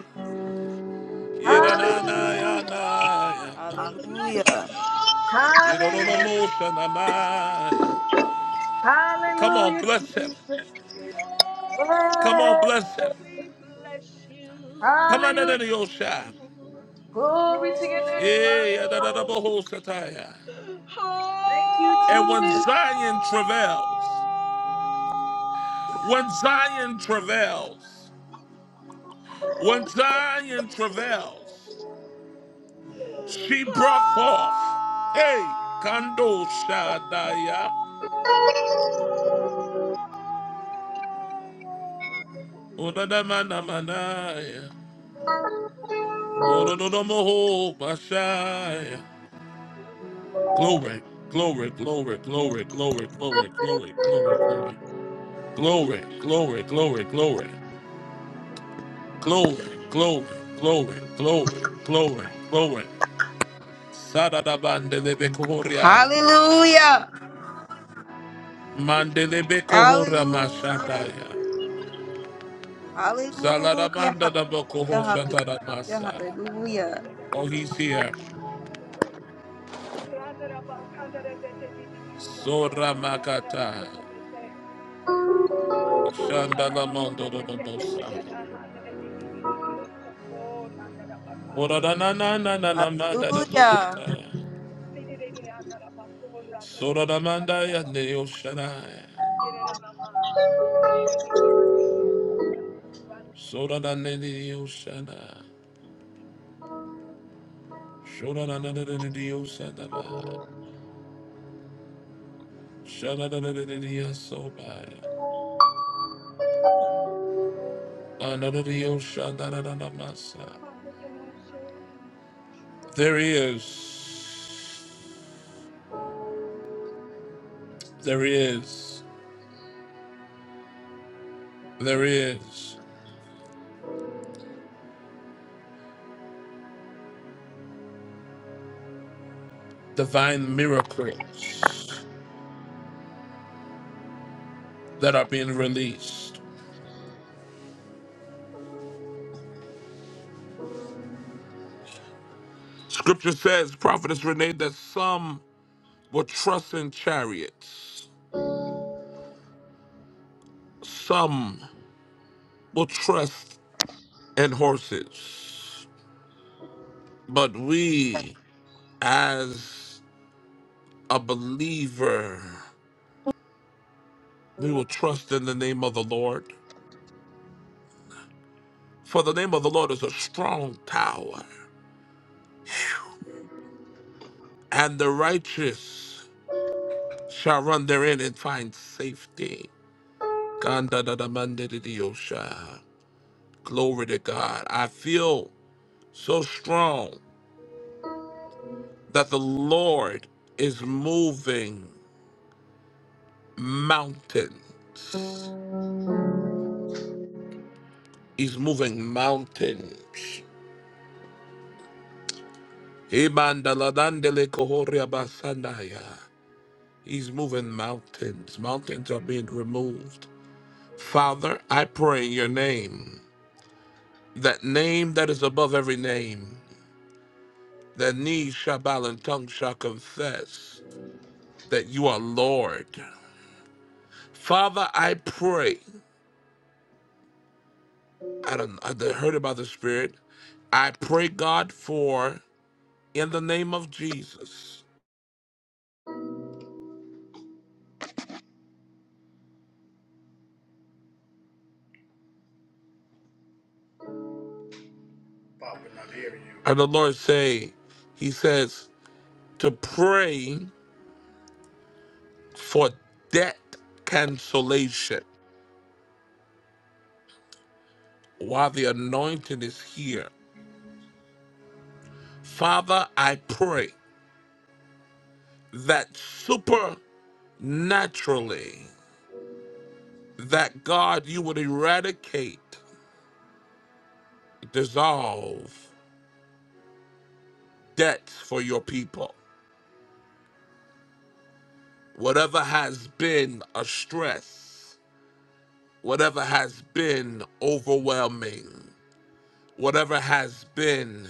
Speaker 7: Oh, bless
Speaker 4: hallelujah,
Speaker 7: your
Speaker 1: Yedananayanaya.
Speaker 7: Lord.
Speaker 2: Hallelujah!
Speaker 7: Bless
Speaker 2: Hallelujah!
Speaker 7: your Lord.
Speaker 4: hallelujah,
Speaker 7: Hallelujah.
Speaker 1: Yedodonomoshanamaya. Come on,
Speaker 4: hallelujah,
Speaker 1: bless him.
Speaker 4: Jesus.
Speaker 1: Come on,
Speaker 4: Hey,
Speaker 1: bless
Speaker 7: Oh,
Speaker 1: him.
Speaker 7: we bless you.
Speaker 1: Come on,
Speaker 4: hallelujah.
Speaker 1: Yosha.
Speaker 4: Glory to your name,
Speaker 1: yeah,
Speaker 4: Father.
Speaker 1: yeah, da da da,
Speaker 7: Oh,
Speaker 1: Eh, sataya.
Speaker 4: Thank you,
Speaker 1: And when
Speaker 4: Jesus.
Speaker 1: Zion travails, when Zion travails, when Zion
Speaker 7: oh.
Speaker 1: travails, she brought forth. Hey, Kando Shadaya. Odadamanamanaia. Odododomoho Bashaya. Glory, glory, glory, glory, glory, glory, glory, glory, glory. Glory, glory, glory, glory. Glory, glory, glory, glory, glory, glory. Sadadabandele kohoria.
Speaker 2: Hallelujah!
Speaker 1: Mandelebe kohora mashandaya.
Speaker 2: Hallelujah!
Speaker 1: Zaladabanda da bokoho
Speaker 2: Hallelujah!
Speaker 1: shatadamasa.
Speaker 2: Hallelujah!
Speaker 1: Oh, he's here.
Speaker 7: Randa raba kanda da da da da da da so
Speaker 1: Sora
Speaker 7: raba
Speaker 1: makata.
Speaker 7: kanda da Handara
Speaker 1: Shandala mondo
Speaker 7: Ramakura
Speaker 1: do
Speaker 7: de
Speaker 1: bosa.
Speaker 7: Tekatera, Handara de Didio Sopor, Handara Baka,
Speaker 1: Ora da na na na na na manda da
Speaker 2: Hallelujah!
Speaker 1: bosa.
Speaker 7: Sidiri Handara Bakura, the
Speaker 1: Sora da
Speaker 7: Devi
Speaker 1: mandaya
Speaker 7: Kataraba,
Speaker 1: ne oshana.
Speaker 7: Dirama, Sidiri.
Speaker 1: Sora da ne ne oshana. Sora da na na na ne oshana. Shadadadadadadiyasobaya.
Speaker 7: Can I share?
Speaker 1: There is, there is, there is divine miracles that are being released. Scripture says, Prophetess Renee, that some will trust in chariots, some will trust in horses, but we, as a believer, we will trust in the name of the Lord. For the name of the Lord is a strong tower, and the righteous shall run therein and find safety. Gandadadamandididiyosha. Glory to God. I feel so strong that the Lord is moving mountains. He's moving mountains. Ibandaladandele He's moving mountains. Mountains are being removed. Father, I pray in your name. that name that is above every name, that knee shall bow and tongue shall confess that you are Lord. Father, I pray. I don't I heard about the Spirit. I pray God for in the name of Jesus.
Speaker 6: I'm not hearing you.
Speaker 1: And the Lord say, He says to pray for debt cancellation while the anointing is here. Father, I pray that supernaturally that God, you would eradicate, dissolve debts for your people. Whatever has been a stress, whatever has been overwhelming, whatever has been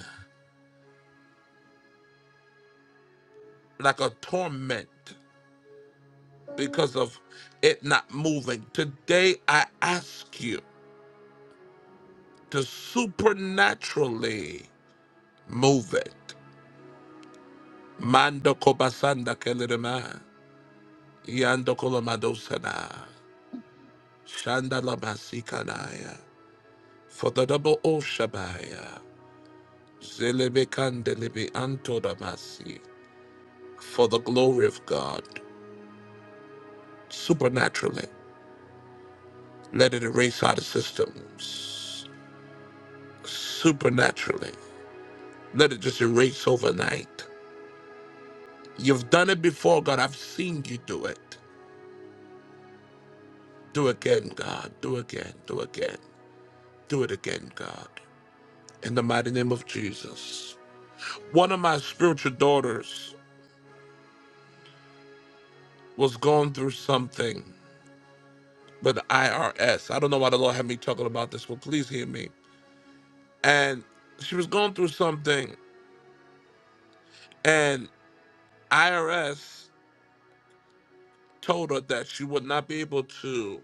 Speaker 1: like a torment because of it not moving, today I ask you to supernaturally move it. Mando kobasanda kelirima, yando kolomadosana. Shandalabasikalaya. For the double O Shabaya. Zelebekandelebi Antodabasi. For the glory of God. Supernaturally. Let it erase out of systems. Supernaturally. Let it just erase overnight. You've done it before, God. I've seen you do it. Do again, God. Do again. Do again. Do it again, God. In the mighty name of Jesus. One of my spiritual daughters was going through something but the IRS. I don't know why the Lord had me talking about this, but please hear me. And she was going through something, and IRS told her that she would not be able to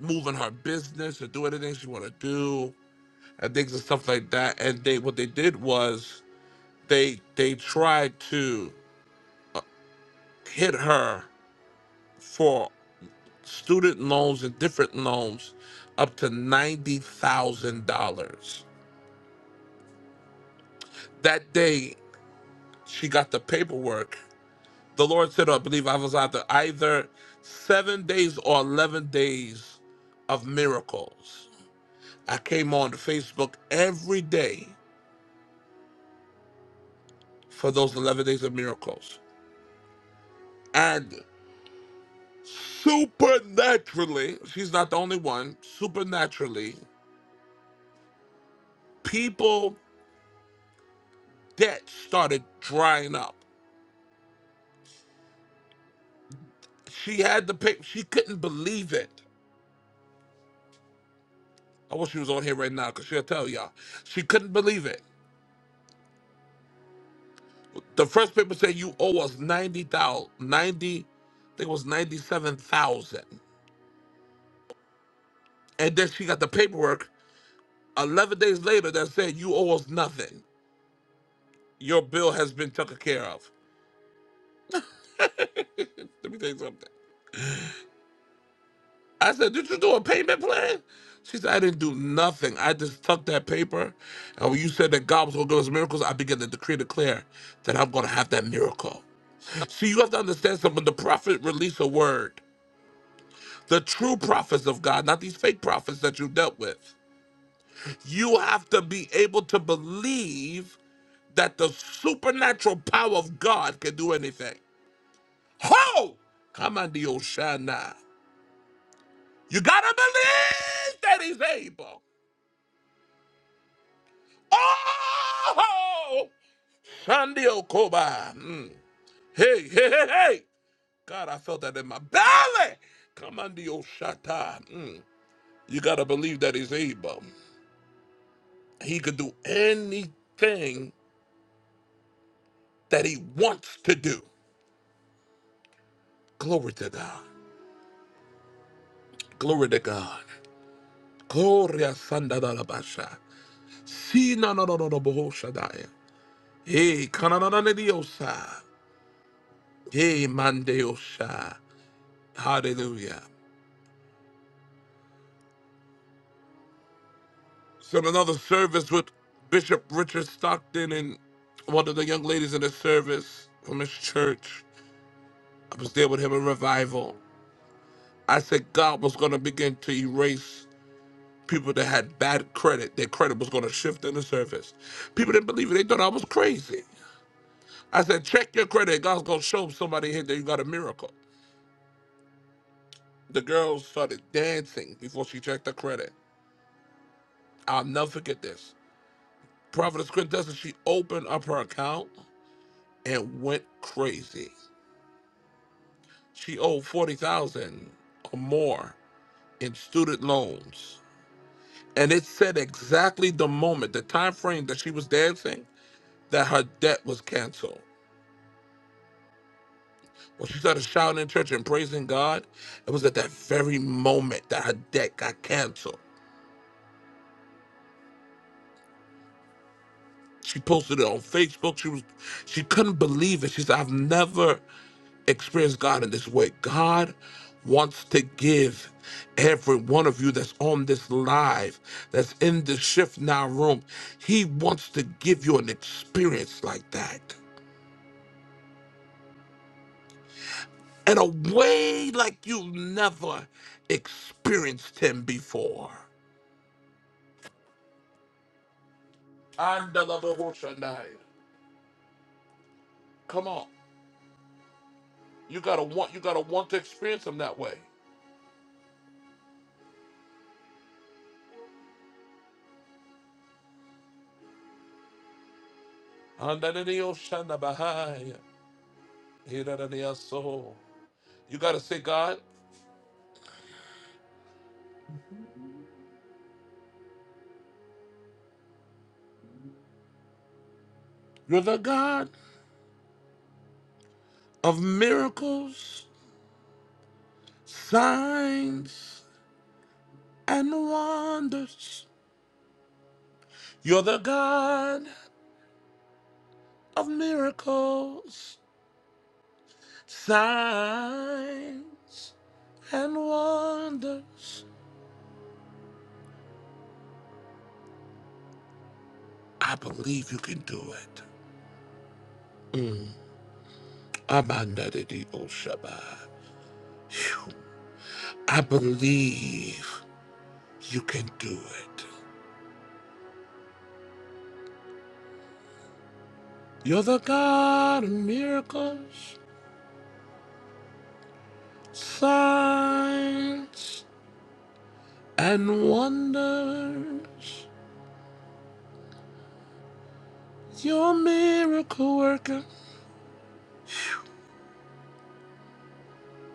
Speaker 1: move in her business or do anything she wanted to do, and things and stuff like that. And they what they did was they they tried to hit her for student loans and different loans up to ninety thousand dollars. That day she got the paperwork the Lord said, I believe I was out there, either seven days or 11 days of miracles. I came on Facebook every day for those 11 days of miracles. And supernaturally, she's not the only one, supernaturally, people debt started drying up. She had the paper. she couldn't believe it. I wish she was on here right now because she'll tell y'all. She couldn't believe it. The first paper said you owe us 90,000, 90. I think it was 97,000. And then she got the paperwork 11 days later that said you owe us nothing. Your bill has been taken care of. Let me tell you something. I said, did you do a payment plan? She said, I didn't do nothing. I just took that paper. And when you said that God was going to give us miracles, I began to decree and declare that I'm going to have that miracle. See, you have to understand something. The prophet released a word. The true prophets of God, not these fake prophets that you dealt with. you have to be able to believe that the supernatural power of God can do anything. Ho! Come on, the Oshana. You gotta believe that he's able. Oh! Shandi Okoba. Mm. Hey, hey, hey, hey! God, I felt that in my belly. Come on, the Oshata. Mm. You gotta believe that he's able. He could do anything that he wants to do. Glory to God. Glory to God. Gloria sanda da la basha. Si na na na na na boho shadaya. Hey, kananana ne diosa. Hey, mandeosha. Hallelujah. So in another service with Bishop Richard Stockton and one of the young ladies in the service from his church. I was there with him in revival. I said God was going to begin to erase people that had bad credit. Their credit was going to shift in the service. People didn't believe it. They thought I was crazy. I said, check your credit. God's gonna show somebody here that you got a miracle. The girl started dancing before she checked her credit. I'll never forget this. Prophetess Quintessa, she opened up her account and went crazy. She owed forty thousand dollars or more in student loans. And it said exactly the moment, the time frame that she was dancing, that her debt was canceled. When she started shouting in church and praising God, it was at that very moment that her debt got canceled. She posted it on Facebook. She was she couldn't believe it. She said, I've never experienced God in this way. God wants to give every one of you that's on this live, that's in the shift now room. He wants to give you an experience like that. In a way like you've never experienced him before. And Come on. You gotta want you gotta want to experience him that way. And Hirarariaso. You got to say, God, you're the God of miracles, signs, and wonders. You're the God of miracles, signs, and wonders. I believe you can do it. Mm. Abandadidi Oshaba. I believe you can do it. You're the God of miracles. signs and wonders. You're a miracle worker.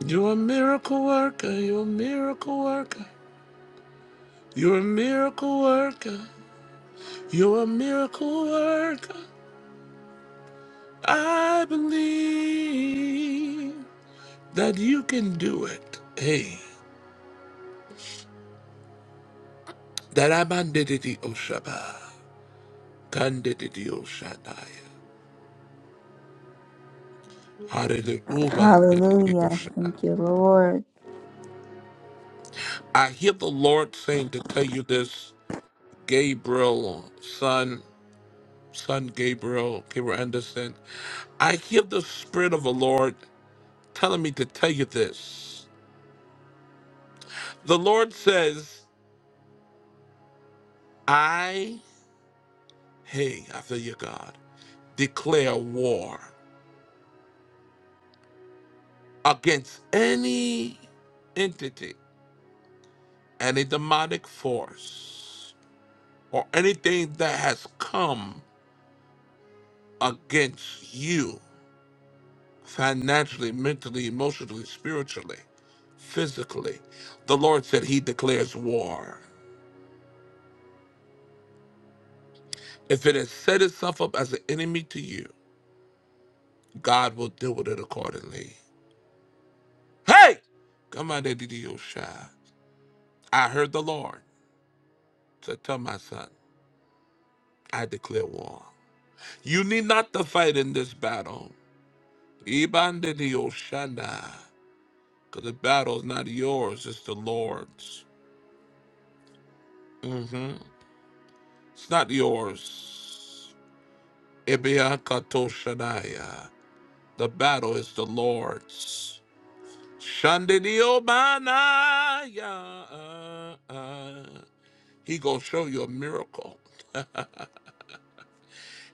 Speaker 1: You're a miracle worker. You're a miracle worker. You're a miracle worker. You're a miracle worker. I believe that you can do it. Hey, that I'm Andididi Oshaba. Kandididi Oshadaya. Hallelujah. Ubandididi
Speaker 2: Hallelujah.
Speaker 1: Oshadaya.
Speaker 2: Thank you, Lord.
Speaker 1: I hear the Lord saying to tell you this Gabriel, son, son Gabriel, Gabriel Anderson. I hear the Spirit of the Lord telling me to tell you this. The Lord says, I, hey, I feel you, God, declare war against any entity, any demonic force, or anything that has come against you financially, mentally, emotionally, spiritually. physically. The Lord said he declares war. If it has set itself up as an enemy to you, God will deal with it accordingly. Hey! Come on, Shai. I heard the Lord. So tell my son, I declare war. You need not to fight in this battle. Iban Shanda. Because the battle is not yours, it's the Lord's. hmm It's not yours. Ibiakatoshadaya. The battle is the Lord's. Shandidio Manaya. He gonna show you a miracle.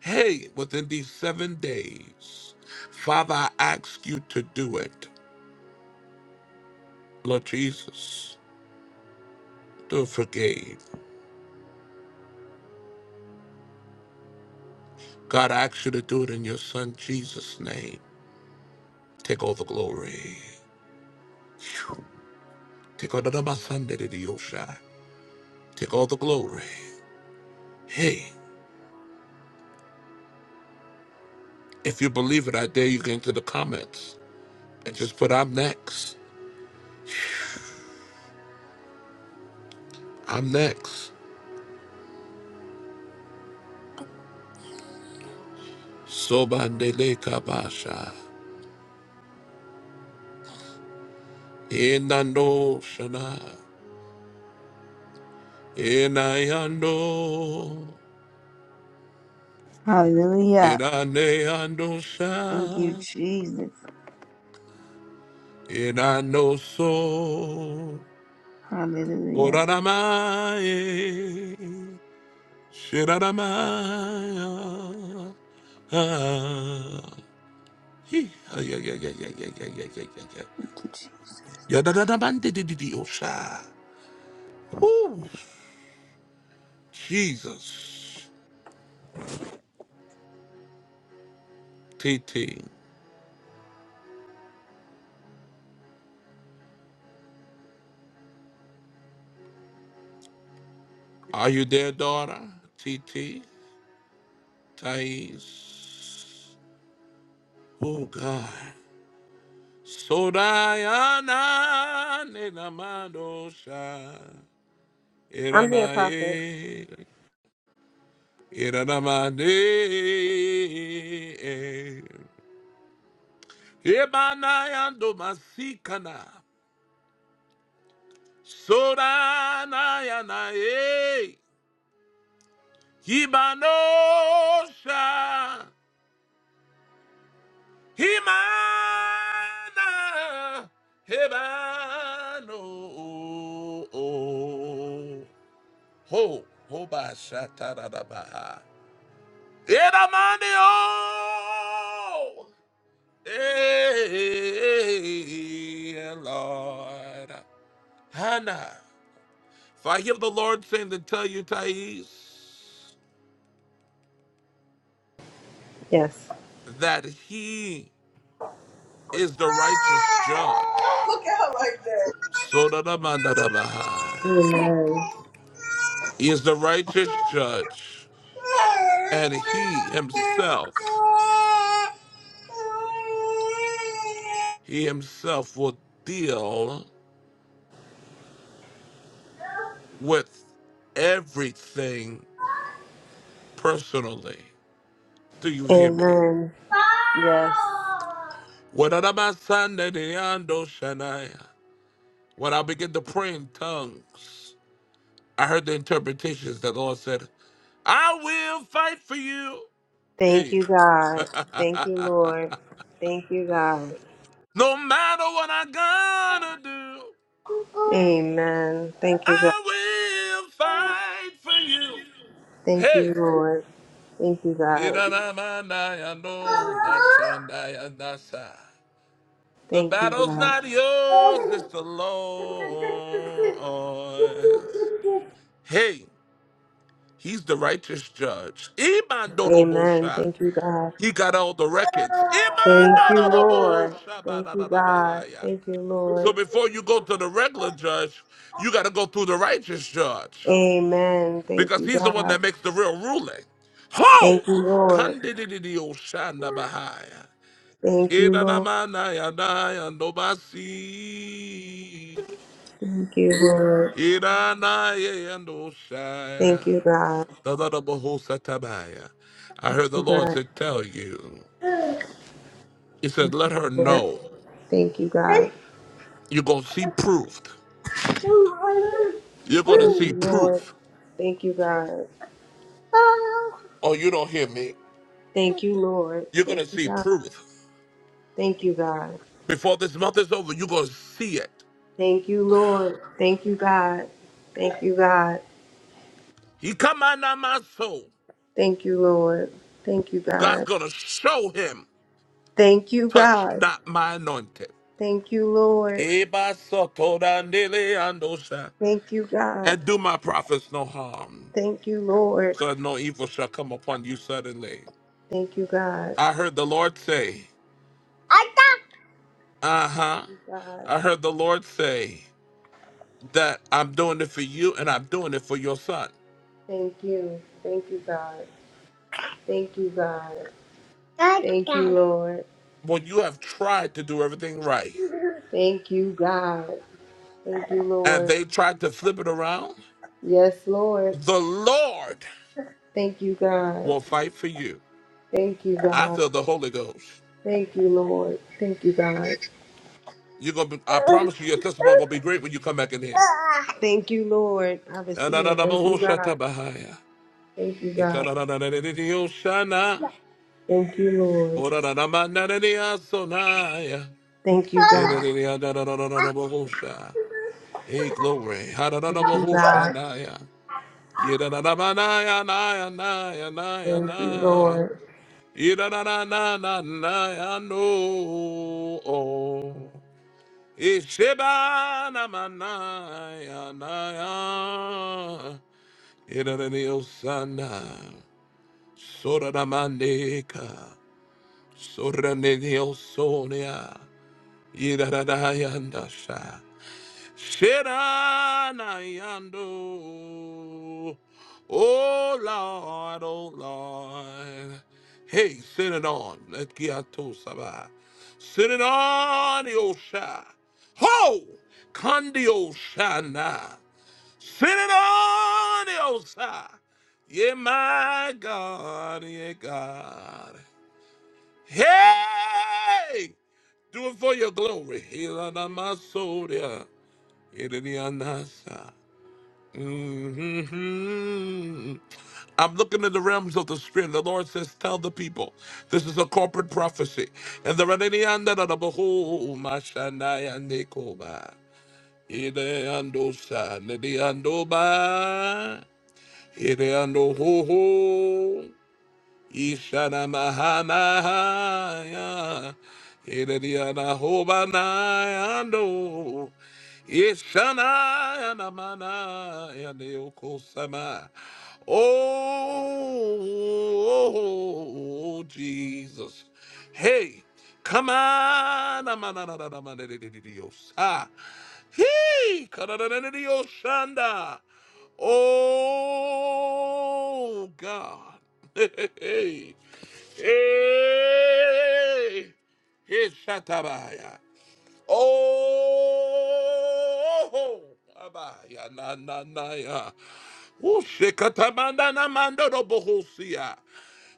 Speaker 1: Hey, within these seven days, Father, I ask you to do it. Lord Jesus, do it for Gabe. God, I ask you to do it in your son Jesus' name. Take all the glory. Phew. Take all the my son did it, is your shine. Take all the glory. Hey, if you believe it, I dare you get into the comments and just put I'm next. I'm next. Sobandele kabasha. Inando shana. Inayando.
Speaker 2: Hallelujah.
Speaker 1: Inaneando
Speaker 2: Thank you,
Speaker 1: sha.
Speaker 2: Jesus.
Speaker 1: Inano so.
Speaker 2: Hallelujah.
Speaker 1: Oranamae. Shiranamaya. Ah. Hee. Ah, yeah, yeah, yeah, yeah, yeah, yeah, yeah, yeah, yeah.
Speaker 2: Thank you, Jesus.
Speaker 1: Yadadadabandididididosha. Ooh, Jesus. TT. Are you there, daughter? T T Thais. Oh, God. Sodayana nenamadosha.
Speaker 11: I'm here, Prophet.
Speaker 1: Iranaye. Iranamade. Ebanayando masikana. Sodanayanaye. Ibanosha. Himana Hebano Ho Hoba Shatarabaha Edamanio Hey Lord Hannah For I hear the Lord saying to tell you Thais
Speaker 11: Yes.
Speaker 1: that he is the righteous judge.
Speaker 6: Look at her like
Speaker 1: So da da man da da man ba.
Speaker 11: Amen.
Speaker 1: He is the righteous judge, and he himself,
Speaker 6: that.
Speaker 1: he himself will deal with everything personally. Do you hear me?
Speaker 11: Amen. Yes.
Speaker 1: When I no begin to pray in tongues, I heard the interpretations that the Lord said, I will fight for you.
Speaker 11: Thank
Speaker 1: Hey.
Speaker 11: you, God. Thank you,
Speaker 1: no
Speaker 11: Lord. Thank you, God.
Speaker 1: matter what I gotta do,
Speaker 11: Amen. Thank you, God.
Speaker 1: I will fight for you.
Speaker 11: Thank you,
Speaker 1: Hey,
Speaker 11: Lord. Thank you,
Speaker 1: The
Speaker 11: God. Thank you,
Speaker 1: battle's
Speaker 11: God.
Speaker 1: not yours, it's the Lord's. Hey, he's the righteous judge.
Speaker 11: Amen.
Speaker 1: Imandorobosha.
Speaker 11: Thank you, God.
Speaker 1: He got all the records.
Speaker 11: Thank you, Lord. Thank you, God.
Speaker 1: Imandoroboshabadadabahaya.
Speaker 11: Thank you,
Speaker 1: So
Speaker 11: Lord.
Speaker 1: before you go to the regular judge, you got to go through the righteous judge
Speaker 11: Amen. Thank
Speaker 1: because
Speaker 11: you,
Speaker 1: he's the one
Speaker 11: God.
Speaker 1: that makes the real ruling. Ho!
Speaker 11: Thank you, Lord.
Speaker 1: Kandididioshanda Bahaya.
Speaker 11: Thank you, Lord.
Speaker 1: Iranamana yadai and obasi.
Speaker 11: Thank you, Lord.
Speaker 1: Iranaye and osaya.
Speaker 11: Thank you, God.
Speaker 1: The Lord of hosts satabaya. I heard
Speaker 11: Thank
Speaker 1: the
Speaker 11: you,
Speaker 1: Lord said, tell you.
Speaker 11: God.
Speaker 1: He said, let her
Speaker 11: Lord.
Speaker 1: know.
Speaker 11: Thank you, God.
Speaker 1: You're going to see proof.
Speaker 11: Thank you,
Speaker 1: You're going to see
Speaker 11: Lord.
Speaker 1: proof.
Speaker 11: Thank you, God.
Speaker 1: Oh, you don't hear me.
Speaker 11: Thank you, Lord.
Speaker 1: You're going
Speaker 11: Thank
Speaker 1: to
Speaker 11: you,
Speaker 1: see
Speaker 11: God.
Speaker 1: proof.
Speaker 11: Thank you, God.
Speaker 1: Before this month is over, you're going to see it.
Speaker 11: Thank you, Lord. Thank you, God. Thank you, God.
Speaker 1: He come on my soul.
Speaker 11: Thank you, Lord. Thank you,
Speaker 1: God's
Speaker 11: God.
Speaker 1: going to show him.
Speaker 11: Thank you,
Speaker 1: Touch
Speaker 11: God.
Speaker 1: not my anointed.
Speaker 11: Thank you, Lord.
Speaker 1: Eba sotorandele andosha.
Speaker 11: Thank you, God.
Speaker 1: And do my prophets no harm,
Speaker 11: Thank you, Lord.
Speaker 1: so that no evil shall come upon you suddenly.
Speaker 11: Thank you, God.
Speaker 1: I heard the Lord say, uh huh.
Speaker 11: God.
Speaker 1: I heard the Lord say that I'm doing it for you and I'm doing it for your son.
Speaker 11: Thank you. Thank you, God. Thank you, God. Thank you, Lord.
Speaker 1: When you have tried to do everything right
Speaker 11: Thank you, God. Thank you,
Speaker 1: and
Speaker 11: Lord.
Speaker 1: they tried to flip it around,
Speaker 11: Yes, Lord.
Speaker 1: the Lord
Speaker 11: Thank you, God.
Speaker 1: will fight for you.
Speaker 11: Thank you,
Speaker 1: I
Speaker 11: God.
Speaker 1: feel the Holy Ghost.
Speaker 11: Thank you, Lord. Thank you, God.
Speaker 1: You're gonna be, I promise you your testimony gonna be great when you come back in here.
Speaker 11: Thank you, Lord. I receive. it. Thank you, God.
Speaker 1: Da-da-da-da-mo-ho-shata-bahaya.
Speaker 11: Thank you, God.
Speaker 1: Ikararararararioshana.
Speaker 11: Thank you, Lord.
Speaker 1: Orararamanarariasonaya.
Speaker 11: Thank you, God.
Speaker 1: Iririadararararabahosha. Hey, glory.
Speaker 11: Thank you, God.
Speaker 1: Harararabahoshanaya. Irararamanaya, naya, naya, naya,
Speaker 11: Thank you,
Speaker 1: naya.
Speaker 11: Lord.
Speaker 1: Irarararananaya, no. Oh. Ishebanamanaya, naya. Irarariosana. Soraramaneka. Soranedeosonia, Yidadayandasha, Shiranayando. Oh Lord, oh Lord. Hey, send it on. Let Giato Sabah. Send it on, Yosha. Ho! Kandio Shana. Send it on, Yosha. Yeah, my God, yeah, God. Hey! Do it for your glory. Ilanamasoria, Ilinianasa. Mhm. I'm looking in the realms of the spirit. The Lord says, Tell the people, this is a corporate prophecy. And the Radinianda da da Bahu, Mashanaya Nikoba, Ideandosa, Nidiandoba, Ideando Ho ho. hey, hey, hey, shatabaya. Oh, abaya, na, na, na, ya. Ushekatamanda na mando no bohosia.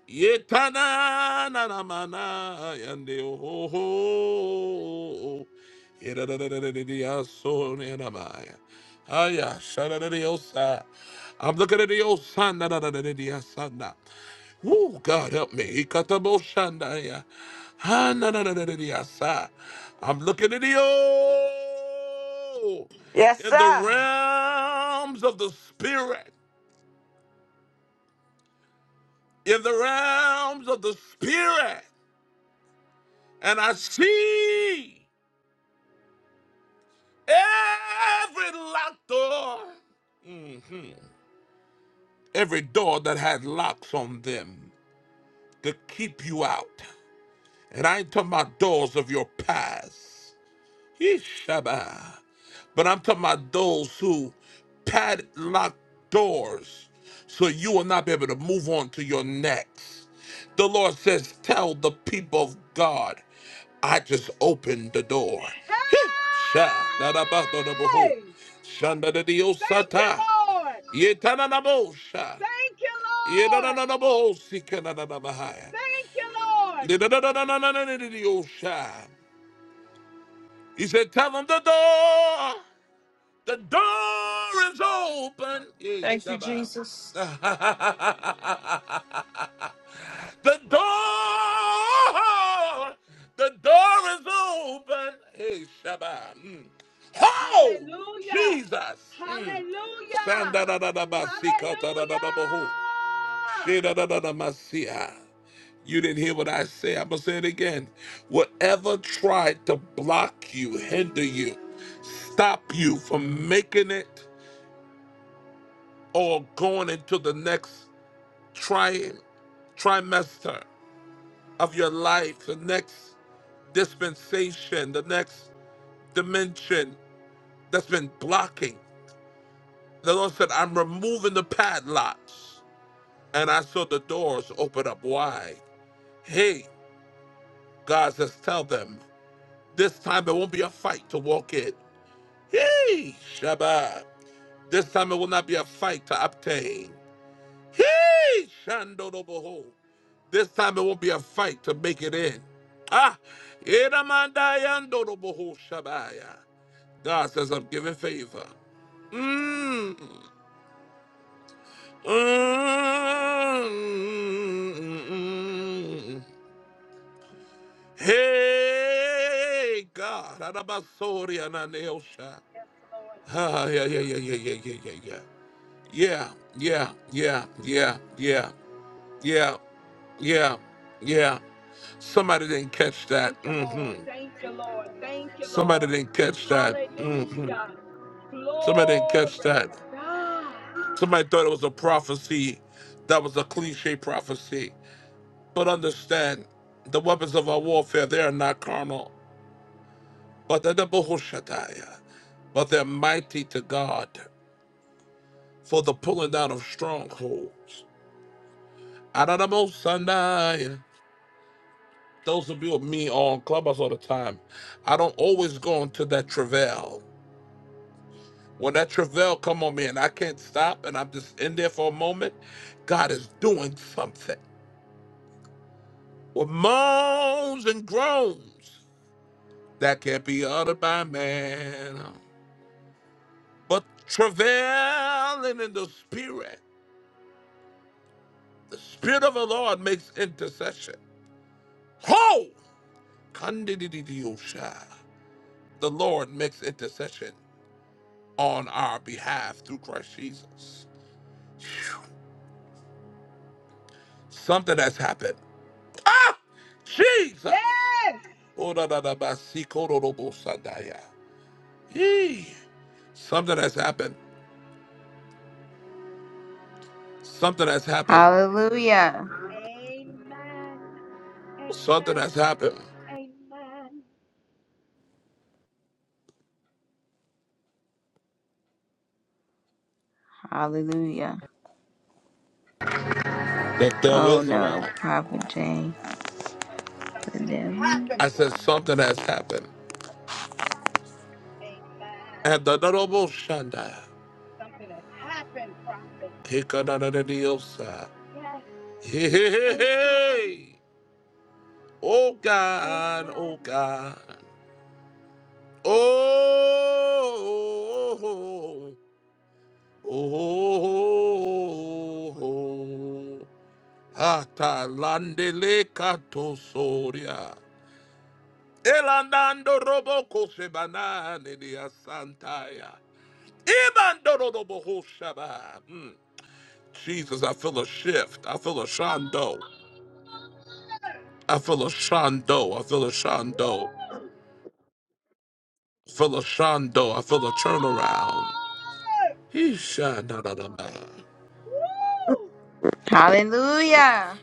Speaker 1: Yetana na na mana yande ho ho. Yedadadadadadiaso na maya. Aya, shadadadadiosa. I'm looking at the old son. Na, na, na, na, na, na, na, na. Woo, God help me. Ikataboshandaya. Ah, na, na, na, na, na, na, sa. I'm looking at the old
Speaker 3: Yes,
Speaker 1: in the
Speaker 3: sir.
Speaker 1: realms of the spirit, in the realms of the spirit, and I see every locked door, Mhm. every door that had locks on them to keep you out. And I ain't talking about doors of your past. Ishaba. But I'm talking about those who padlock doors so you will not be able to move on to your next. The Lord says, Tell the people of God, I just opened the door. He sha da da ba da da ba ho.
Speaker 7: Hey!
Speaker 1: Shanda da di o sa
Speaker 7: Thank you, Lord!
Speaker 1: Ye ta na na bo sha.
Speaker 7: Thank you,
Speaker 1: Ye da da
Speaker 7: Lord!
Speaker 1: da da bo si ka na na na ba ha ya.
Speaker 7: Thank you, Lord!
Speaker 1: Ye da da da da na na na na di o sha. He said, Tell them the door. The door is open. Hey,
Speaker 3: Thank you,
Speaker 1: Shabbat.
Speaker 3: Jesus.
Speaker 1: the door, the door is open. Hey, Shabbat. Mm. Oh,
Speaker 7: Hallelujah!
Speaker 1: Jesus. Mm.
Speaker 7: Hallelujah!
Speaker 1: Sanda da da da ba si ka ta da da da ba ho.
Speaker 7: Hallelujah!
Speaker 1: She da da da da ma si ha. You didn't hear what I said. I'm going to say it again. Whatever tried to block you, hinder you, stop you from making it or going into the next tri- trimester of your life, the next dispensation, the next dimension that's been blocking. The Lord said, I'm removing the padlocks. And I saw the doors open up wide. Hey, God says, tell them this time it won't be a fight to walk in. Hey, Shabbat. This time it will not be a fight to obtain. Hey, Shandodoboho. This time it won't be a fight to make it in. Ah, Edamandayandodoboho Shabaya. God says, I'm giving favor. Mm. Mm. Hey, God. Adabasori ananeosha.
Speaker 7: Yes, Lord. Thank
Speaker 1: Ah,
Speaker 7: you,
Speaker 1: yeah,
Speaker 7: Father.
Speaker 1: yeah, yeah, yeah, yeah, yeah, yeah. Yeah, yeah, yeah, yeah, yeah, yeah, yeah, yeah. Somebody didn't catch that.
Speaker 7: Thank you,
Speaker 1: hmm
Speaker 7: Lord. Thank you, Lord. Thank you,
Speaker 1: Somebody
Speaker 7: Lord.
Speaker 1: didn't catch that. hmm
Speaker 7: Hallelujah.
Speaker 1: Somebody didn't catch
Speaker 7: Glory
Speaker 1: that.
Speaker 7: to God.
Speaker 1: Somebody thought it was a prophecy that was a cliche prophecy. But understand, the weapons of our warfare, they are not carnal, but they're the Bohoshataya. But they're mighty to God for the pulling down of strongholds. Adonai Those of you with me on Clubhouse all the time, I don't always go into that travail. When that travail come on me and I can't stop and I'm just in there for a moment, God is doing something. With moans and groans that can't be uttered by man. But travailing in the spirit, the spirit of the Lord makes intercession. Ho! Kandidididiosha. The Lord makes intercession on our behalf through Christ Jesus. Something has happened. Ah, Jesus.
Speaker 7: Yes.
Speaker 1: Oradadabasikorodobosadaya. Yee. Something has happened. Something has happened.
Speaker 2: Hallelujah.
Speaker 7: Amen.
Speaker 1: Something has
Speaker 7: Amen.
Speaker 1: happened.
Speaker 7: Amen.
Speaker 2: Hallelujah.
Speaker 1: The devil
Speaker 2: Oh
Speaker 1: is
Speaker 2: no,
Speaker 1: alive.
Speaker 2: Prophet Jane,
Speaker 7: Something has
Speaker 2: the devil.
Speaker 7: happened.
Speaker 1: I said something has happened.
Speaker 7: Amen. Amen.
Speaker 1: And the double Shanda.
Speaker 7: Something has happened, prophet.
Speaker 1: Hikadadadadiosa.
Speaker 7: Yes.
Speaker 1: Hey, hey, hey,
Speaker 7: Amen.
Speaker 1: hey. Oh God, oh
Speaker 7: Amen.
Speaker 1: God. Oh, oh, oh, oh. oh. Oh, hata landele kato soria. Elandando roboko sebanane dia santaya. Ibandoro robo hoshaba. Mm. Jesus, I feel a shift. I feel a shando. I feel a shando. I feel a shando. I feel a shando. I feel a turnaround.
Speaker 7: Lord!
Speaker 1: He shanadadada.
Speaker 7: Woo!
Speaker 2: Hallelujah.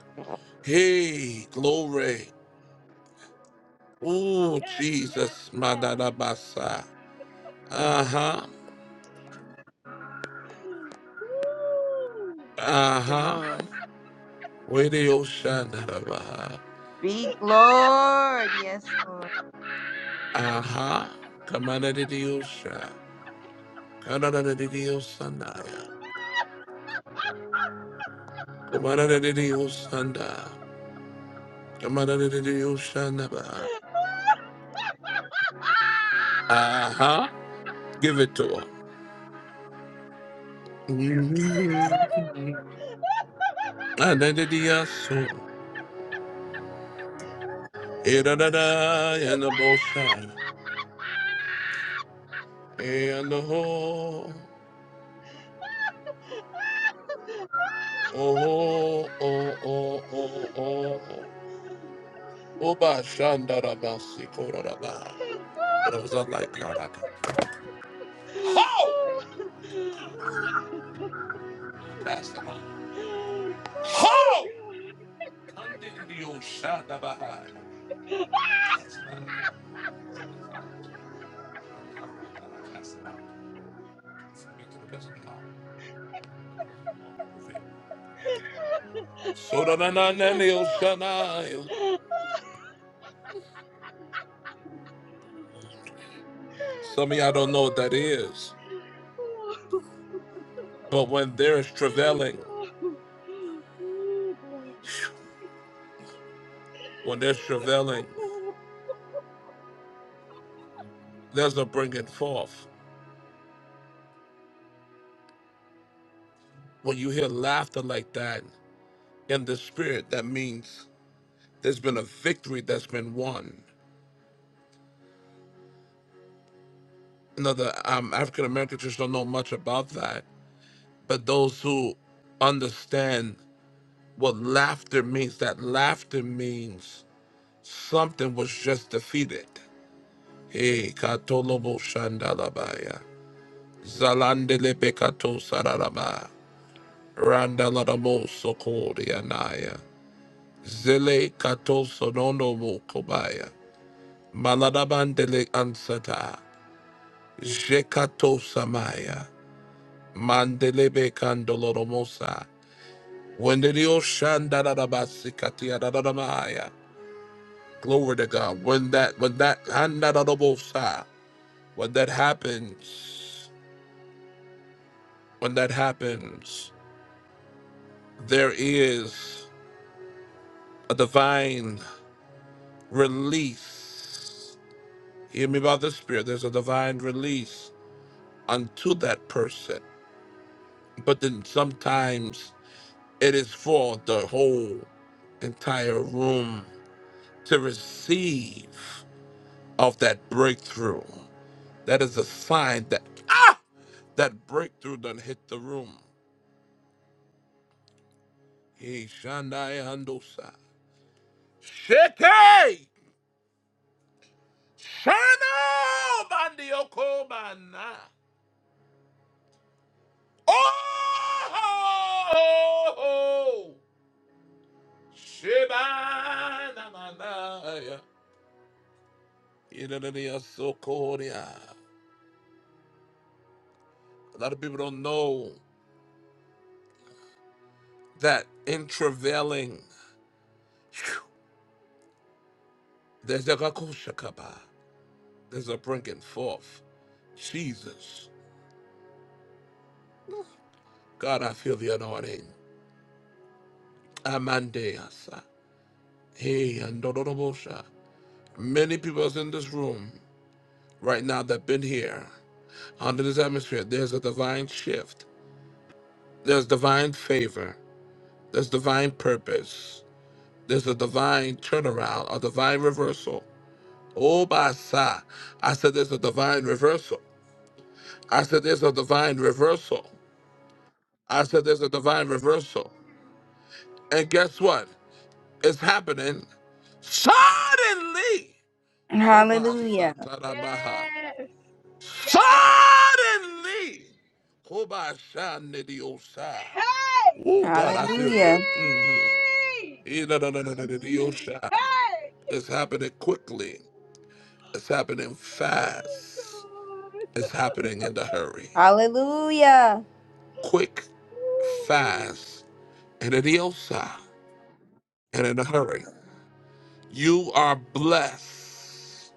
Speaker 1: Hey, glory. Oh,
Speaker 7: Yes, yes,
Speaker 1: Jesus,
Speaker 7: yes.
Speaker 1: Madarabasa. Uh huh.
Speaker 7: Woo!
Speaker 1: Uh
Speaker 2: Your
Speaker 1: huh.
Speaker 2: Lord.
Speaker 1: Where the ocean, Darabaha.
Speaker 2: Speak, Lord. Yes, Lord.
Speaker 1: Uh huh. Come on, the ocean. Come on, the ocean. Come on, the ocean. Come on, the ocean. Uh huh. Give it to her. Mhm. And then the ocean. And the ocean. And the whole. Oh, oh, oh, oh, oh. Oba Shanda, Shandarabasi Kororaba. But I was not like God. I can. Ho! That's the line. Ho! Kandidio Shandabahai. Bahai. That's not it. So da na na na na, Shanai. Some of y'all don't know what that is. But when there's travailing,
Speaker 7: Ooh, glory.
Speaker 1: when there's travailing,
Speaker 7: Ooh.
Speaker 1: there's a bringing forth. When you hear laughter like that, in the spirit, that means there's been a victory that's been won. You the um, African American church don't know much about that, but those who understand what laughter means, that laughter means something was just defeated. Hey, katolobo shandalabaya, zalandele pekato sararaba, randaladabo sokorianaya, zele kato sonono mokobaya, maladabandele ansata. Jekato Samaya. Mandelebe Kandoloromosa. When the Dio Shandarabasikatia Dadamaya. Glory to God. When that when that Handarabosa. When that happens, when that happens, there is a divine release. Hear me by the Spirit. There's a divine release unto that person. But then sometimes it is for the whole entire room to receive of that breakthrough. That is a sign that ah, that breakthrough done hit the room. He shandai andosa. Shete! Shana bandioko bana. Oh! Shebana manaya. Idaniya sokoria. A lot of people don't know that in travailing, there's a gakushakaba. There's a bringing forth. Jesus. God, I feel the anointing. Amandeasa. Hey, andorobosha. Many people's in this room right now that have been here under this atmosphere. There's a divine shift. There's divine favor. There's divine purpose. There's a divine turnaround, a divine reversal. Oh, basa. I said there's a divine reversal. I said there's a divine reversal. I said there's a divine reversal. And guess what? is happening, suddenly, Koba
Speaker 2: Hallelujah.
Speaker 1: Satarabaha,
Speaker 7: Yes. Yes.
Speaker 1: suddenly, Koba Shanidiosa.
Speaker 7: Hey,
Speaker 1: Oh, God, I feel
Speaker 7: Stephanie!
Speaker 1: you.
Speaker 2: Hallelujah.
Speaker 1: Mm-hmm. Idadadadadadadiosa.
Speaker 7: Hey!
Speaker 1: It's happening quickly, it's happening
Speaker 7: Oh,
Speaker 1: fast,
Speaker 7: God.
Speaker 1: it's happening in the hurry.
Speaker 2: Hallelujah.
Speaker 1: Quick,
Speaker 7: Ooh.
Speaker 1: fast, and in the osa, and in a hurry. You are blessed.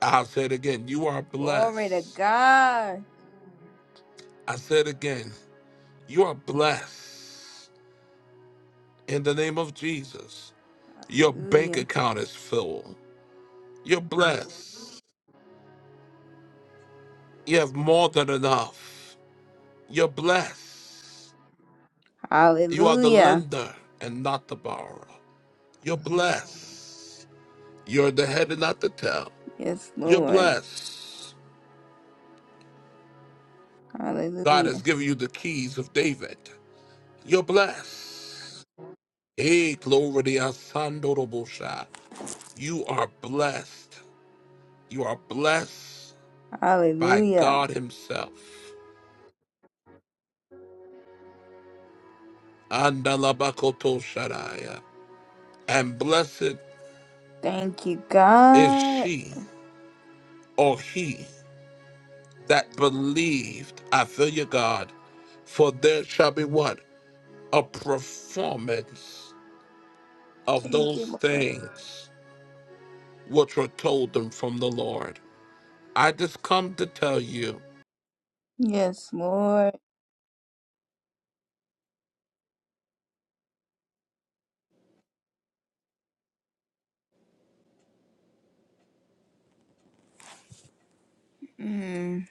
Speaker 1: I'll say it again. You are
Speaker 2: Glory to
Speaker 1: blessed.
Speaker 2: God.
Speaker 1: I said again, you are blessed in the name of Jesus. Your bank
Speaker 2: Hallelujah.
Speaker 1: account is full. You're blessed. You have more than enough. You're blessed. You are the
Speaker 2: Hallelujah.
Speaker 1: lender and not the borrower. You're blessed. You're the head and not the tail.
Speaker 2: Yes,
Speaker 1: You're
Speaker 2: Lord.
Speaker 1: blessed. God
Speaker 2: Hallelujah.
Speaker 1: has given you the keys of David. You're blessed. Hey, glory to your son, Dorobosha. You are blessed. You are blessed. by
Speaker 2: Hallelujah.
Speaker 1: God Himself. Andalabakoto Shadaya. And blessed
Speaker 2: Thank you,
Speaker 1: is
Speaker 2: God.
Speaker 1: she or he that believed. I feel you, God. For there shall be what? A performance of
Speaker 2: Thank
Speaker 1: those
Speaker 2: you, Lord.
Speaker 1: things which were told them from the Lord. I just come to tell you,
Speaker 2: Yes, Lord. Mm,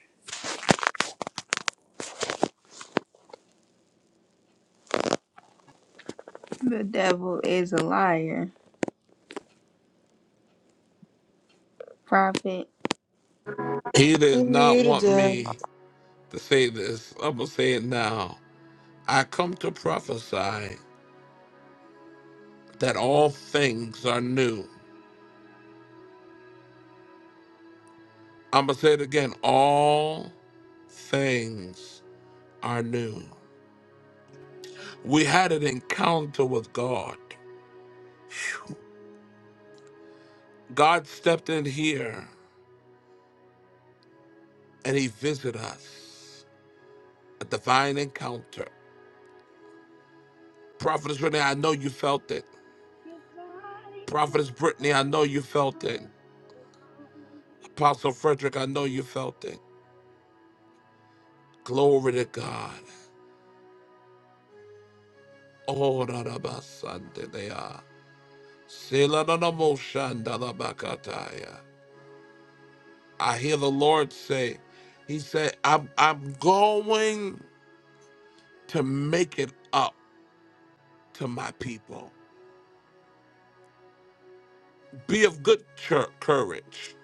Speaker 2: the devil is a liar. Prophet.
Speaker 1: He
Speaker 3: We
Speaker 1: did not
Speaker 3: muted
Speaker 1: want
Speaker 3: it.
Speaker 1: me to say this. I'm going to say it now. I come to prophesy that all things are new. I'm going to say it again. All things are new. We
Speaker 7: Amen.
Speaker 1: had an encounter with God. God stepped in here and he visited us. A divine encounter. Prophetess Renee, I know you felt it.
Speaker 7: Divine,
Speaker 1: Prophetess Brittany, I know
Speaker 7: divine,
Speaker 1: you felt it.
Speaker 7: divine, divine.
Speaker 1: Apostle Frederick, I know you felt it. Glory to God. Oh, da da ba san de de ah. Se la da da mo shan da la ba ka ta ya. I hear the Lord say, He said, I'm, I'm going to make it up to my people. Be of good chur- courage.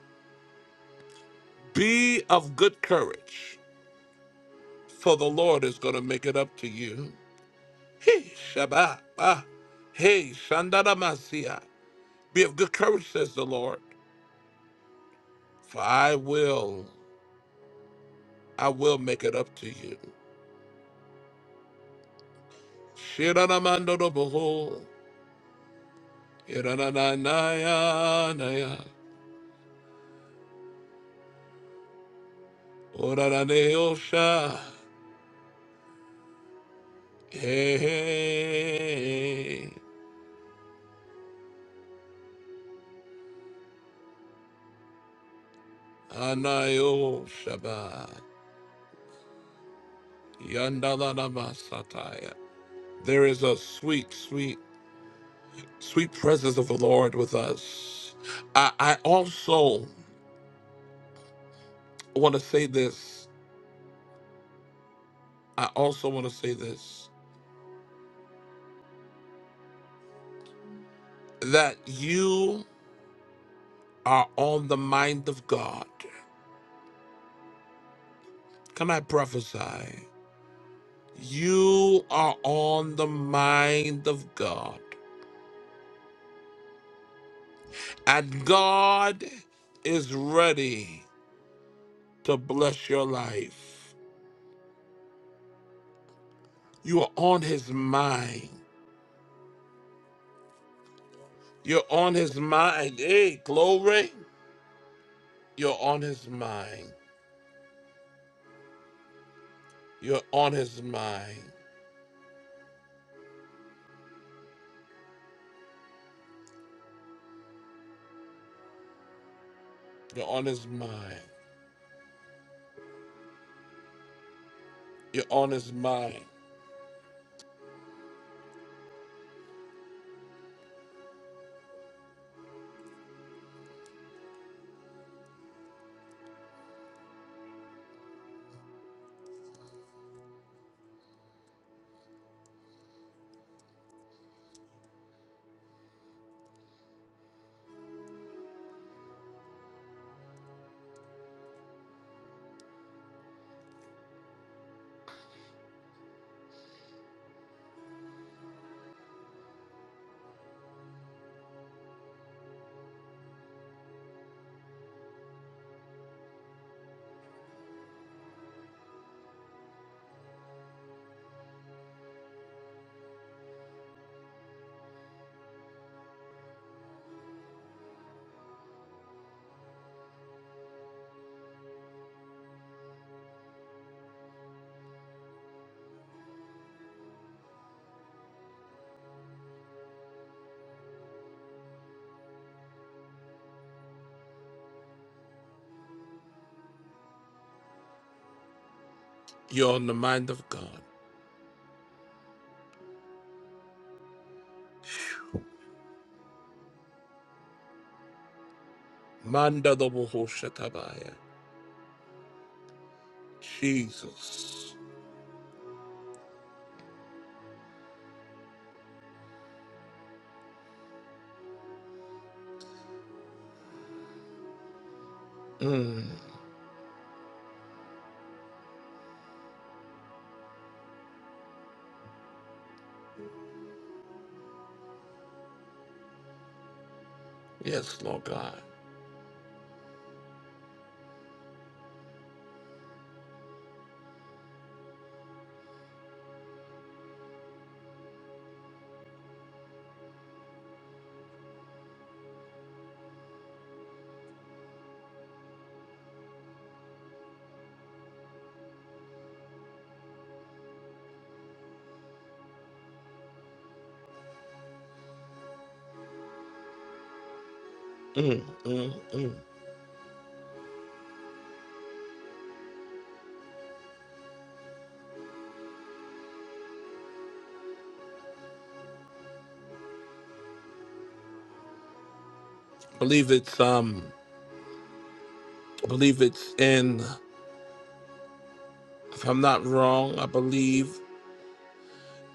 Speaker 1: Be of good courage, for the Lord is going to make it up to you. Hey, Shabbat. ah. Hey, Shandaramasia. Be of good courage, says the Lord, for I will, I will make it up to you. Shiranamandoroboho, iranananaya, naya. Oraraneosha. Hey. Anayo Shaba. Yandalanama Sataya. There is a sweet, sweet, sweet presence of the Lord with us. I, I also want to say this. I also want to say this. That you are on the mind of God. Can I prophesy? You are on the mind of God. And God is ready to bless your life. You are on his mind. You're on his mind. Hey, glory. You're on his mind. You're on his mind. You're on his mind. You're on his mind. You're on the mind of God. Manda dobo ho shatabaya. Jesus. Mm, yes, Lord God. Mm, mm, mm. Believe it's um. Believe it's in. If I'm not wrong, I believe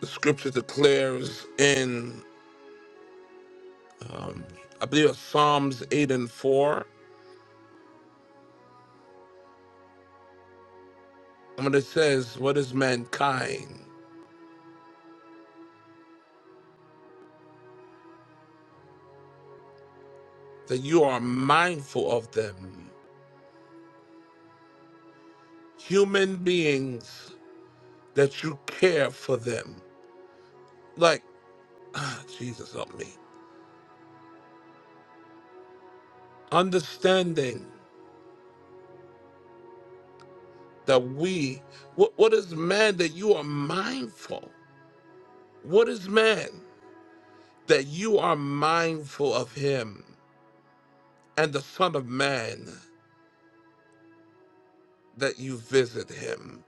Speaker 1: the scripture declares in, um, I believe it's Psalms 8 and 4, and when it says, What is mankind? That you are mindful of them. Human beings, that you care for them. Like, ah, Jesus, help me. Understanding that we, what, what is man that you are mindful? What is man that you are mindful of him? and the Son of Man that you visit him.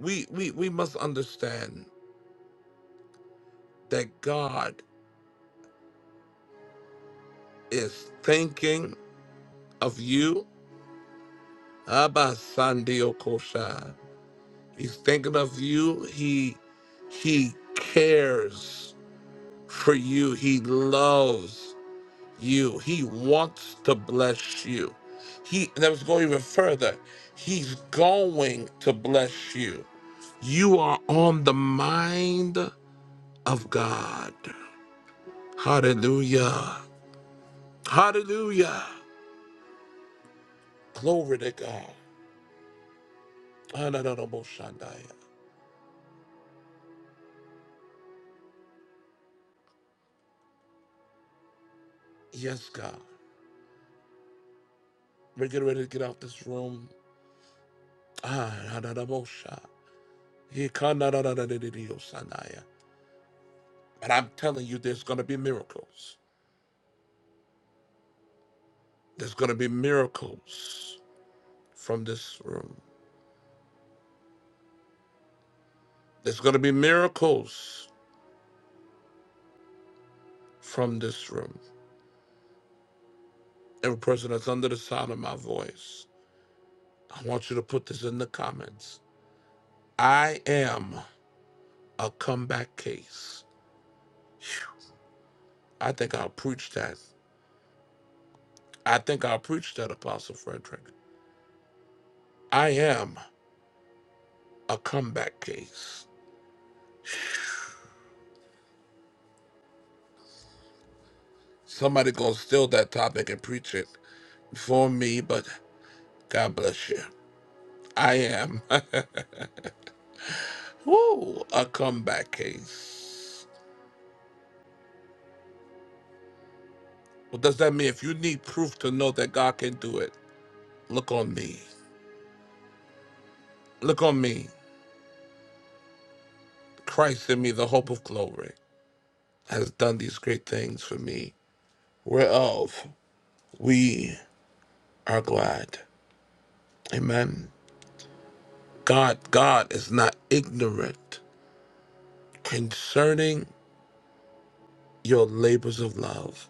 Speaker 1: We, we, we must understand that God is thinking of you. Abba Sandio Kosha. He's thinking of you. He he cares for you. He loves you. He wants to bless you. He and let's go even further. He's going to bless you. You are on the mind of God. Hallelujah. Hallelujah. Glory to God. Honorable Shandaya. Yes, God. We're getting ready to get out this room. Ah, honorable Sha- He can- na- Shandaya. But I'm telling you, there's going to be miracles. There's going to be miracles from this room. There's going to be miracles from this room. Every person that's under the sound of my voice, I want you to put this in the comments. I am. a comeback case. I think I'll preach that. I think I'll preach that, Apostle Frederick. I am a comeback case. Somebody gonna steal that topic and preach it for me, but God bless you. I am woo, a comeback case. What does that mean? If you need proof to know that God can do it, look on me. Look on me. Christ in me, the hope of glory, has done these great things for me, whereof we are glad. Amen. God, God is not ignorant concerning your labors of love.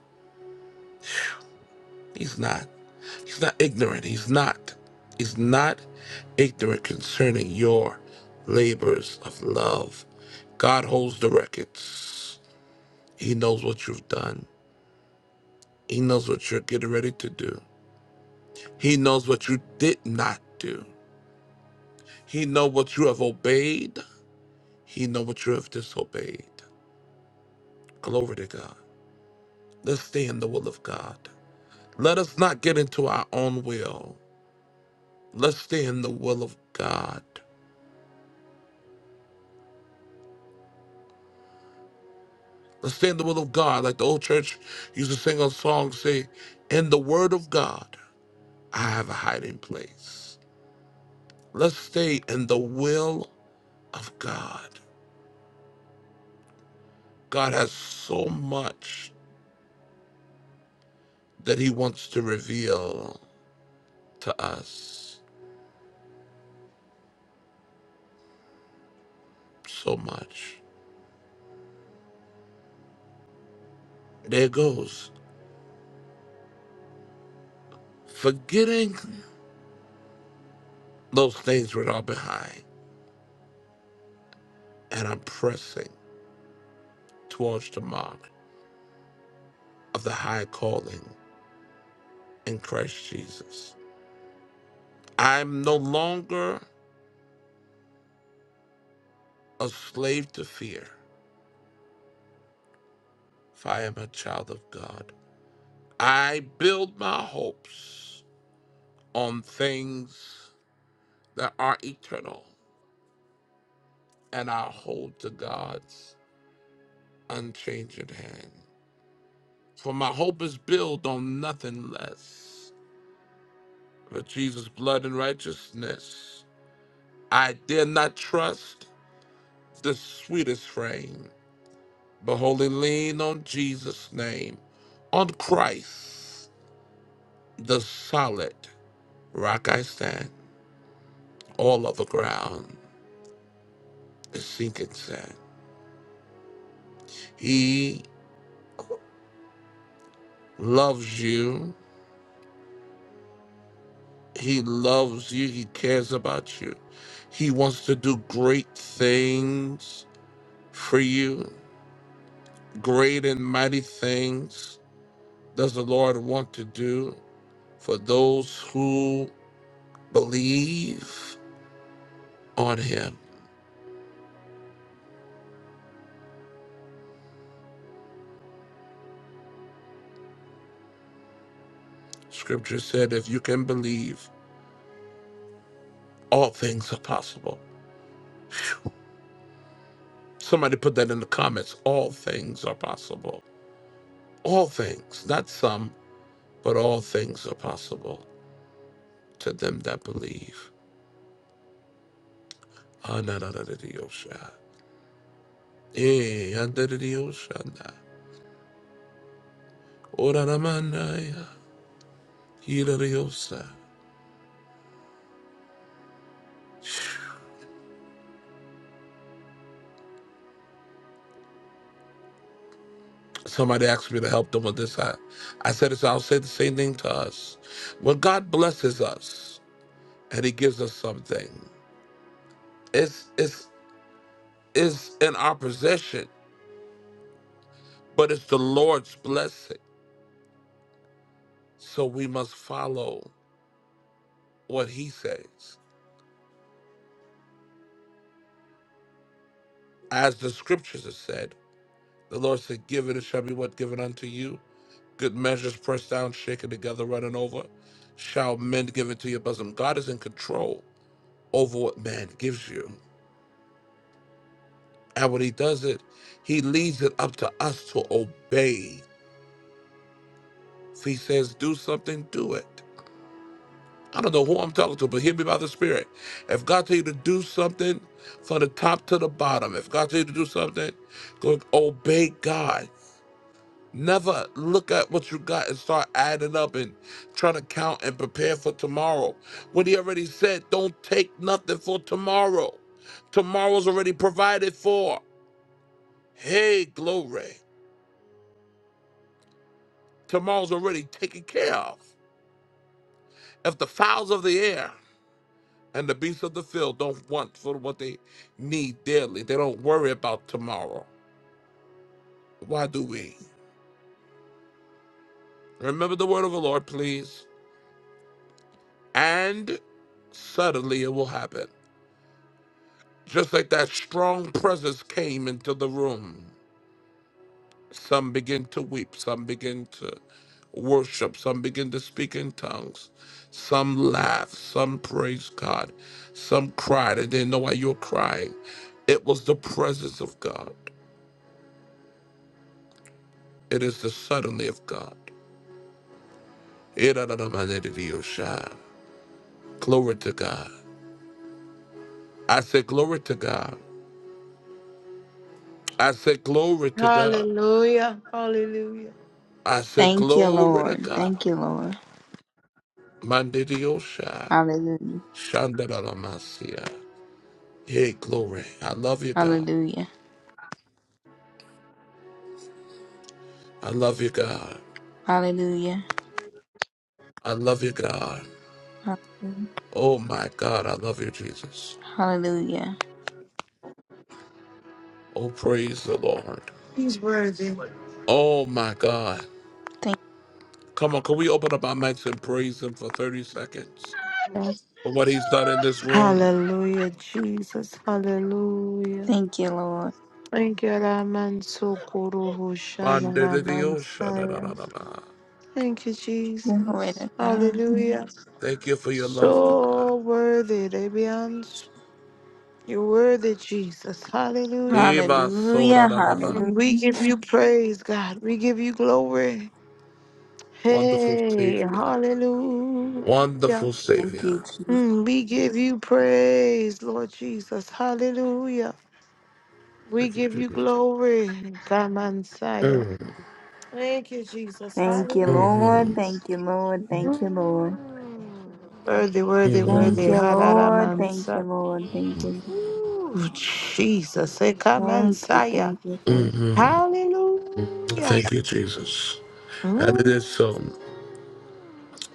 Speaker 1: He's not. He's not ignorant. He's not. He's not ignorant concerning your labors of love. God holds the records. He knows what you've done. He knows what you're getting ready to do. He knows what you did not do. He knows what you have obeyed. He knows what you have disobeyed. Glory to God. Let's stay in the will of God. Let us not get into our own will. Let's stay in the will of God. Let's stay in the will of God. Like the old church used to sing a song, say, In the word of God, I have a hiding place. Let's stay in the will of God. God has so much that he wants to reveal to us. So much. There it goes. Forgetting those things which are behind and I'm pressing towards the mark. of the high calling in Christ Jesus. I'm no longer a slave to fear, for I am a child of God. I build my hopes on things that are eternal, and I hold to God's unchanging hand. For my hope is built on nothing less but Jesus' blood and righteousness. I dare not trust the sweetest frame, but wholly lean on Jesus' name, on Christ, the solid rock I stand. All other ground is sinking sand. He loves you. He loves you. He cares about you. He wants to do great things for you, great and mighty things does the Lord want to do for those who believe on Him. Scripture said, if you can believe, all things are possible. Somebody put that in the comments. All things are possible. All things, not some, but all things are possible to them that believe. Eh, Somebody asked me to help them with this. I, I said, it's, I'll say the same thing to us. When God blesses us and He gives us something, it's it's is in our possession, but it's the Lord's blessing. So we must follow what he says. As the scriptures have said, the Lord said, Give it, it shall be what given unto you. Good measures pressed down, shaken together, running over. Shall men give it to your bosom? God is in control over what man gives you. And when he does it, he leaves it up to us to obey. If he says do something, do it. I don't know who I'm talking to, but hear me by the Spirit. If God tell you to do something from the top to the bottom, if God tell you to do something, go obey God. Never look at what you got and start adding up and trying to count and prepare for tomorrow. What he already said, don't take nothing for tomorrow. Tomorrow's already provided for. Hey, glory. Tomorrow's already taken care of. If the fowls of the air And the beasts of the field don't want for what they need daily. They don't worry about tomorrow. Why do we? Remember the word of the Lord, please. And suddenly it will happen. Just like that strong presence came into the room. Some begin to weep, some begin to worship, some begin to speak in tongues, some laugh, some praise God, some cried and didn't know why you were crying. It was the presence of God. It is the suddenly of God. Iranamanedidiyosha. Glory to God. I say glory to God. I say glory to God.
Speaker 3: Hallelujah. Hallelujah.
Speaker 1: I say
Speaker 2: Thank you,
Speaker 1: glory to
Speaker 2: Lord.
Speaker 1: God.
Speaker 2: Thank you, Lord.
Speaker 1: Mandidiosha.
Speaker 2: Hallelujah.
Speaker 1: Shandaramasia. Hey, glory. I love you, God.
Speaker 2: Hallelujah.
Speaker 1: I love you, God.
Speaker 2: Hallelujah.
Speaker 1: I love you, God.
Speaker 2: Hallelujah.
Speaker 1: Oh my God, I love you, Jesus.
Speaker 2: Hallelujah.
Speaker 1: Oh, praise the Lord.
Speaker 3: He's worthy.
Speaker 1: Oh my God.
Speaker 2: Thank,
Speaker 1: Come on, can we open up our mics and praise him for 30 seconds? for what he's done in
Speaker 7: Ah,
Speaker 1: this room.
Speaker 3: Hallelujah, Jesus. Hallelujah.
Speaker 2: thank you, Lord.
Speaker 3: Thank you, Raman Sokoroho Shamanaman Saya.
Speaker 1: Bandididioshadadadadaba.
Speaker 3: Thank you,
Speaker 2: Glory
Speaker 3: Jesus.
Speaker 2: to God.
Speaker 3: Hallelujah.
Speaker 1: Thank you for your love, God.
Speaker 3: So worthy, Debians. You're worthy, Jesus. Hallelujah.
Speaker 2: Hallelujah.
Speaker 1: Ibasodadadaba.
Speaker 2: Hallelujah.
Speaker 3: Mm, We give you praise, God. We give you glory.
Speaker 1: Wonderful
Speaker 3: Hey,
Speaker 1: Savior.
Speaker 3: hallelujah.
Speaker 1: Wonderful
Speaker 2: Thank you,
Speaker 1: Savior.
Speaker 2: Jesus.
Speaker 3: Mm, We give you praise, Lord Jesus. Hallelujah. We
Speaker 1: Thank you,
Speaker 3: give you
Speaker 1: Jesus.
Speaker 3: glory, Kamansaya.
Speaker 1: Mm,
Speaker 3: Thank you, Jesus.
Speaker 2: Thank you, Lord.
Speaker 1: mhm,
Speaker 3: Hallelujah.
Speaker 2: Thank you, Lord. Thank you, Lord.
Speaker 3: Mm. Worthy, worthy,
Speaker 2: Thank
Speaker 3: worthy.
Speaker 2: you,
Speaker 1: mhm,
Speaker 2: Lord. Thank you,
Speaker 3: Hadaramansa.
Speaker 2: Lord. Thank you, Lord.
Speaker 3: Ooh, Jesus.
Speaker 2: Thank you,
Speaker 3: Ekamansaya.
Speaker 2: thank you, thank
Speaker 1: mhm.
Speaker 3: Hallelujah.
Speaker 1: Thank you, Jesus. And it
Speaker 3: Mm.
Speaker 1: is so.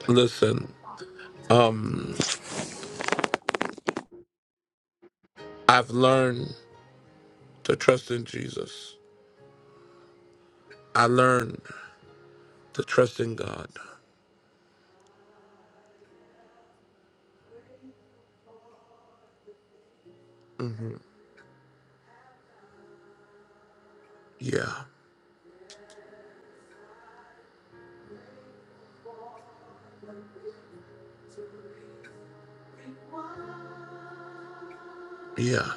Speaker 1: Listen, um, I've learned to trust in Jesus. I learned to trust in God. Yeah. Yeah.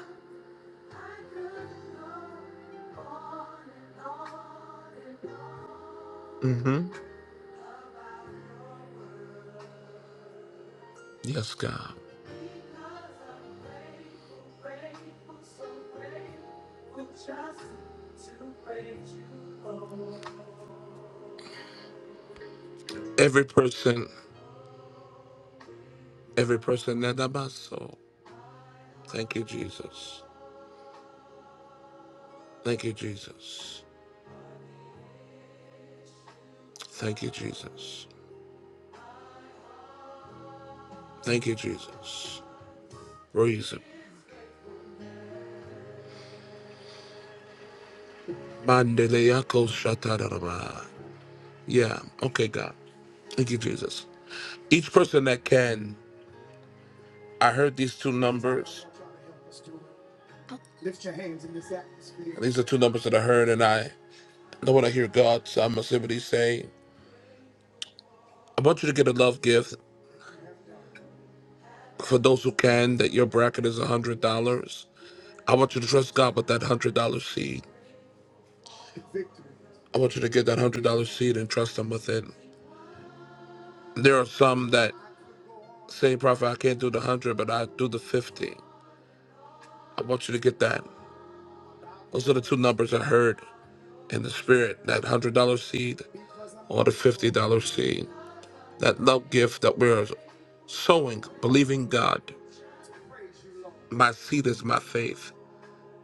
Speaker 1: Mm-hmm. Yes, God. Every person, every person that I'm so. Thank you, Jesus. Thank you, Jesus. Thank you, Jesus. Thank you, Jesus. Reason. Mandeleyako shatarama. Yeah. Okay, God. Thank you, Jesus. Each person that can, I heard these two numbers. These are two numbers that I heard, and I know when I hear God, so I'm simply saying, I want you to get a love gift for those who can. That your bracket is a hundred dollars. I want you to trust God with that hundred dollar seed. I want you to get that hundred dollar seed and trust Him with it. There are some that say, Prophet, I can't do the hundred, but I do the fifty. I want you to get that. Those are the two numbers I heard in the spirit: that hundred dollar seed or the fifty dollar seed. That love gift that we're sowing, believing God. My seed is my faith.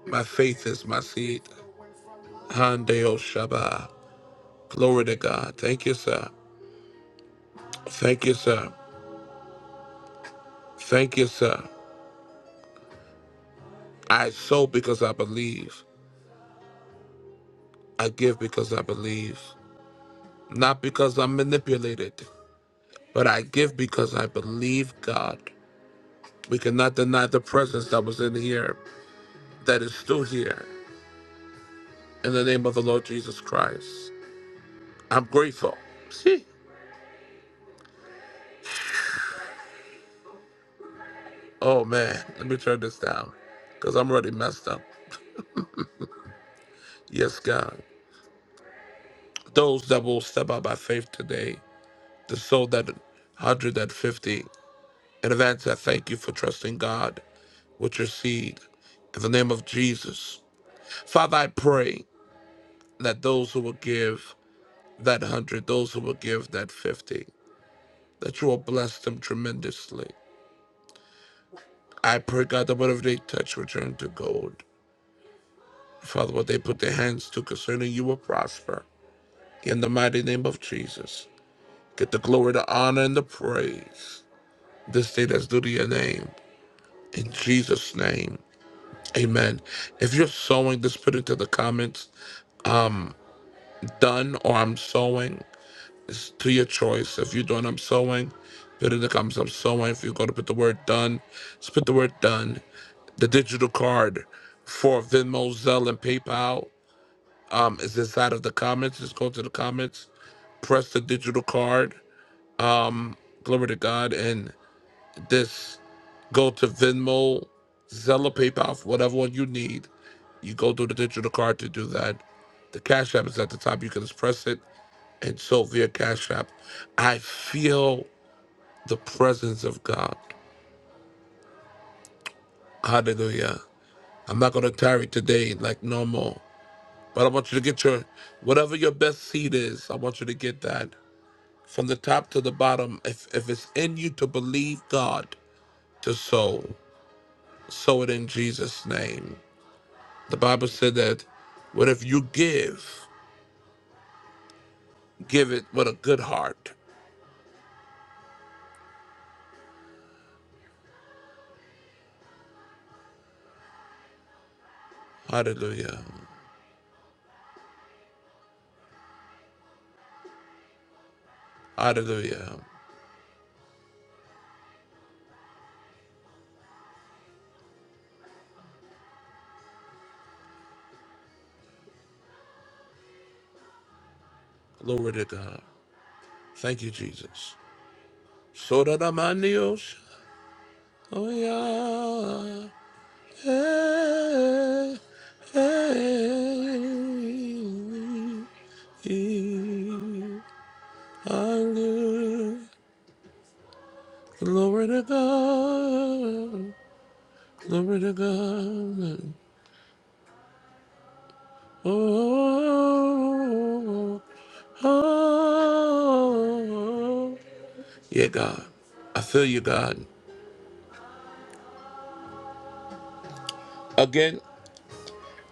Speaker 1: My faith is my seed. Handeo Shabbat. Glory to God. Thank you, sir. Thank you, sir. Thank you, sir. I sow because I believe. I give because I believe. Not because I'm manipulated, but I give because I believe God. We cannot deny the presence that was in here, that is still here, in the name of the Lord Jesus Christ. I'm grateful. See? Oh man, let me turn this down because I'm already messed up. Yes, God. Those that will step out by faith today, to sow that 150 in advance, I thank you for trusting God with your seed in the name of Jesus. Father, I pray that those who will give that hundred, those who will give that fifty, that you will bless them tremendously. I pray, God, that whatever they touch will turn to gold. Father, what they put their hands to concerning you will prosper. In the mighty name of Jesus, get the glory, the honor, and the praise. This day that's due to your name. In Jesus' name, amen. If you're sowing, just put into the comments, done, or I'm sowing. It's to your choice. If you're doing I'm sewing, put in the comments I'm sewing. If you're going to put the word done, just put the word done. The digital card for Venmo, Zelle, and PayPal um, is inside of the comments. Just go to the comments, press the digital card. Um, glory to God. And this, go to Venmo, Zelle, or PayPal, whatever one you need. You go to the digital card to do that. The Cash App is at the top. You can just press it and so via Cash App. I feel the presence of God. Hallelujah. I'm not going to tarry today like normal, but I want you to get your, whatever your best seed is, I want you to get that from the top to the bottom. If, if it's in you to believe God to sow, sow it in Jesus' name. The Bible said that, what if you give, give it with a good heart. Hallelujah. Hallelujah. Glory to God. Thank you, Jesus. So that I'm on the ocean. Oh, yeah. Hallelujah. Glory to God. Glory to God. Oh, oh. oh. Yeah, God. I feel you, God. Again,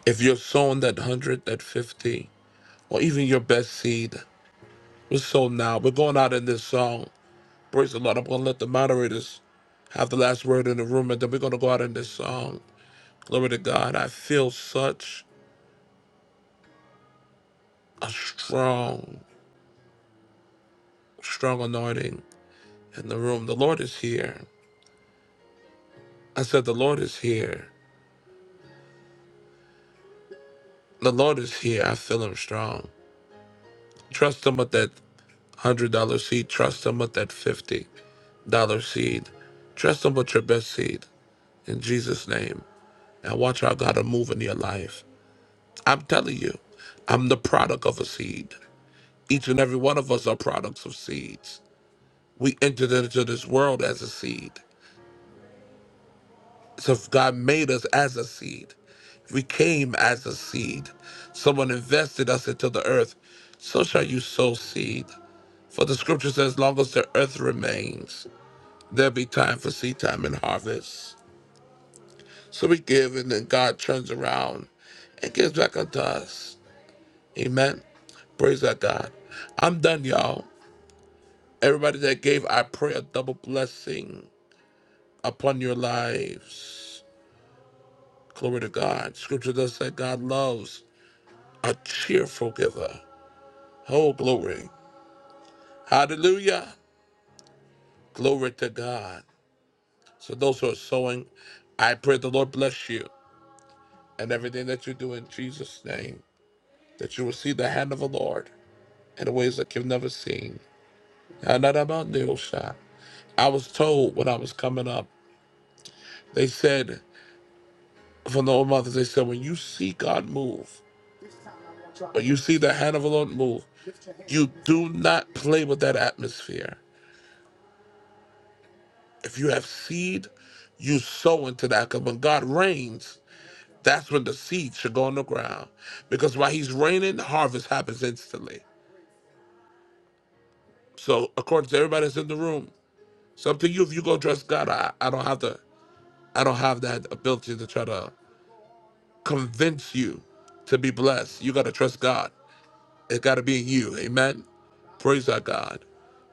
Speaker 1: if you're sowing that 100, that 50, or even your best seed, we're sowing now. We're going out in this song. Praise the Lord. I'm going to let the moderators have the last word in the room, and then we're going to go out in this song. Glory to God. I feel such a strong, strong anointing in the room. The Lord is here. I said, The Lord is here. The Lord is here. I feel him strong. Trust him with that $100 seed. Trust him with that $50 seed. Trust him with your best seed in Jesus' name. And watch how God will move in your life. I'm telling you, I'm the product of a seed. Each and every one of us are products of seeds. We entered into this world as a seed. So if God made us as a seed. We came as a seed. Someone invested us into the earth. So shall you sow seed. For the scripture says, as long as the earth remains, there'll be time for seed time and harvest. So we give, and then God turns around and gives back unto us. Amen. Praise our God. I'm done, y'all. Everybody that gave, I pray a double blessing upon your lives. Glory to God. Scripture does say God loves a cheerful giver. Oh, glory. Hallelujah. Glory to God. So, those who are sowing, I pray the Lord bless you and everything that you do in Jesus' name, that you will see the hand of the Lord in ways that you've never seen. Anadabandeosha. I was told when I was coming up, they said, from the old mothers, they said, when you see God move, When you see the hand of the Lord move, you do not play with that atmosphere. If you have seed, you sow into that. Because when God rains. that's when the seed should go on the ground. Because while He's raining, harvest happens instantly. So, according to everybody that's in the room, something you if you go dress God, I, I don't have to. I don't have that ability to try to convince you to be blessed. You got to trust God. It's got to be in you. Amen. Praise our God.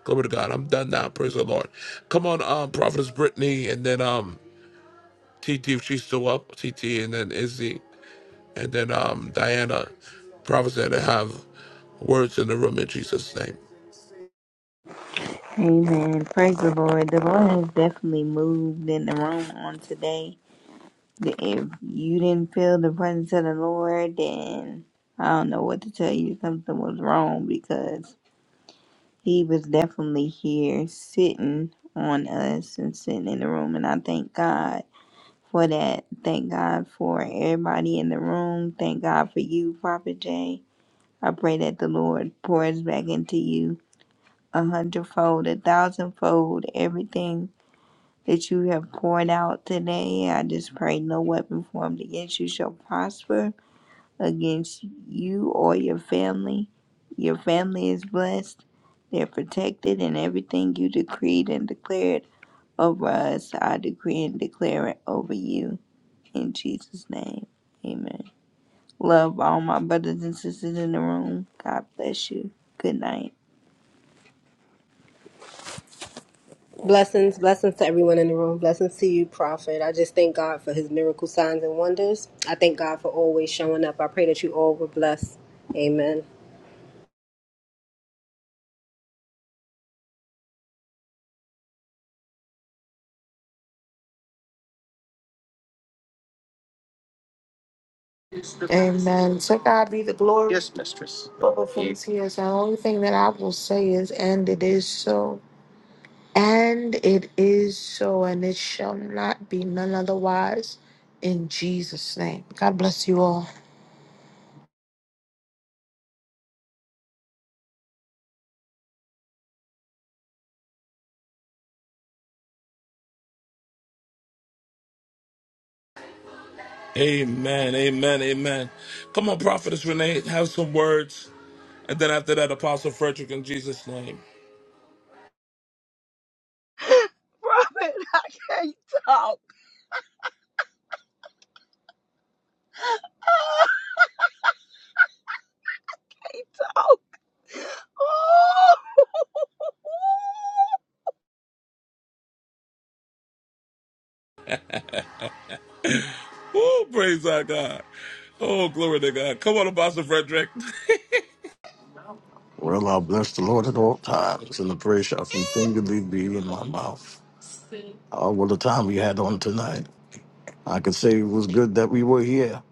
Speaker 1: Glory to God. I'm done now. Praise the Lord. Come on, um, Prophetess Brittany, and then um, TT if she's still up. TT, and then Izzy, and then um, Diana. Prophets that have words in the room in Jesus' name.
Speaker 2: you. Amen. Praise the Lord. The Lord has definitely moved in the room on today. If you didn't feel the presence of the Lord, then I don't know what to tell you. Something was wrong because He was definitely here sitting on us and sitting in the room. And I thank God for that. Thank God for everybody in the room. Thank God for you, Prophet Jay. I pray that the Lord pours back into you a hundredfold, a thousandfold, everything that you have poured out today. I just pray no weapon formed against you shall prosper against you or your family. Your family is blessed, they're protected, and everything you decreed and declared over us, I decree and declare it over you. In Jesus' name, amen. Love all my brothers and sisters in the room. God bless you. Good night.
Speaker 11: Blessings, blessings to everyone in the room. Blessings to you, Prophet. I just thank God for his miracle signs and wonders. I thank God for always showing up. I pray that you all were blessed. Amen.
Speaker 3: Amen. To God be the glory. Yes. For the things he has. The only thing that I will say is, and it is so. And it is so, and it shall not be none otherwise in Jesus' name. God bless you all.
Speaker 1: Amen. Amen. Amen. Come on, Prophetess Renee, have some words, and then after that, Apostle Frederick in Jesus' name.
Speaker 7: Robin, I can't talk. I can't talk. Oh. Oh.
Speaker 1: Oh, praise our God. Oh, glory to God. Come on, Apostle Frederick.
Speaker 3: Well, I bless the Lord at all times, and the praise shall continually be in my mouth. Oh, what a time we had on tonight. I can say it was good that we were here.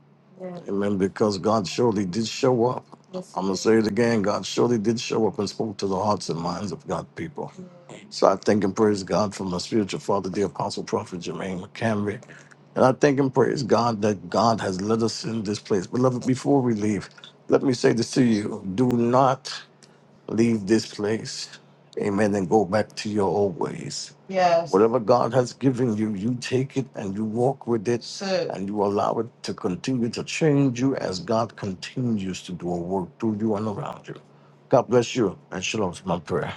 Speaker 3: Amen, because God surely did show up. I'm going to say it again. God surely did show up and spoke to the hearts and minds of God's people. So I thank and praise God for my spiritual father, the Apostle Prophet Jermaine McCamery. And I thank and praise God that God has led us in this place. Beloved, before we leave, let me say this to you. Do not leave this place, amen, and go back to your old ways. Yes. Whatever God has given you, you take it and you walk with it That's it. and you allow it to continue to change you as God continues to do a work through you and around you. God bless you and shalom is my prayer.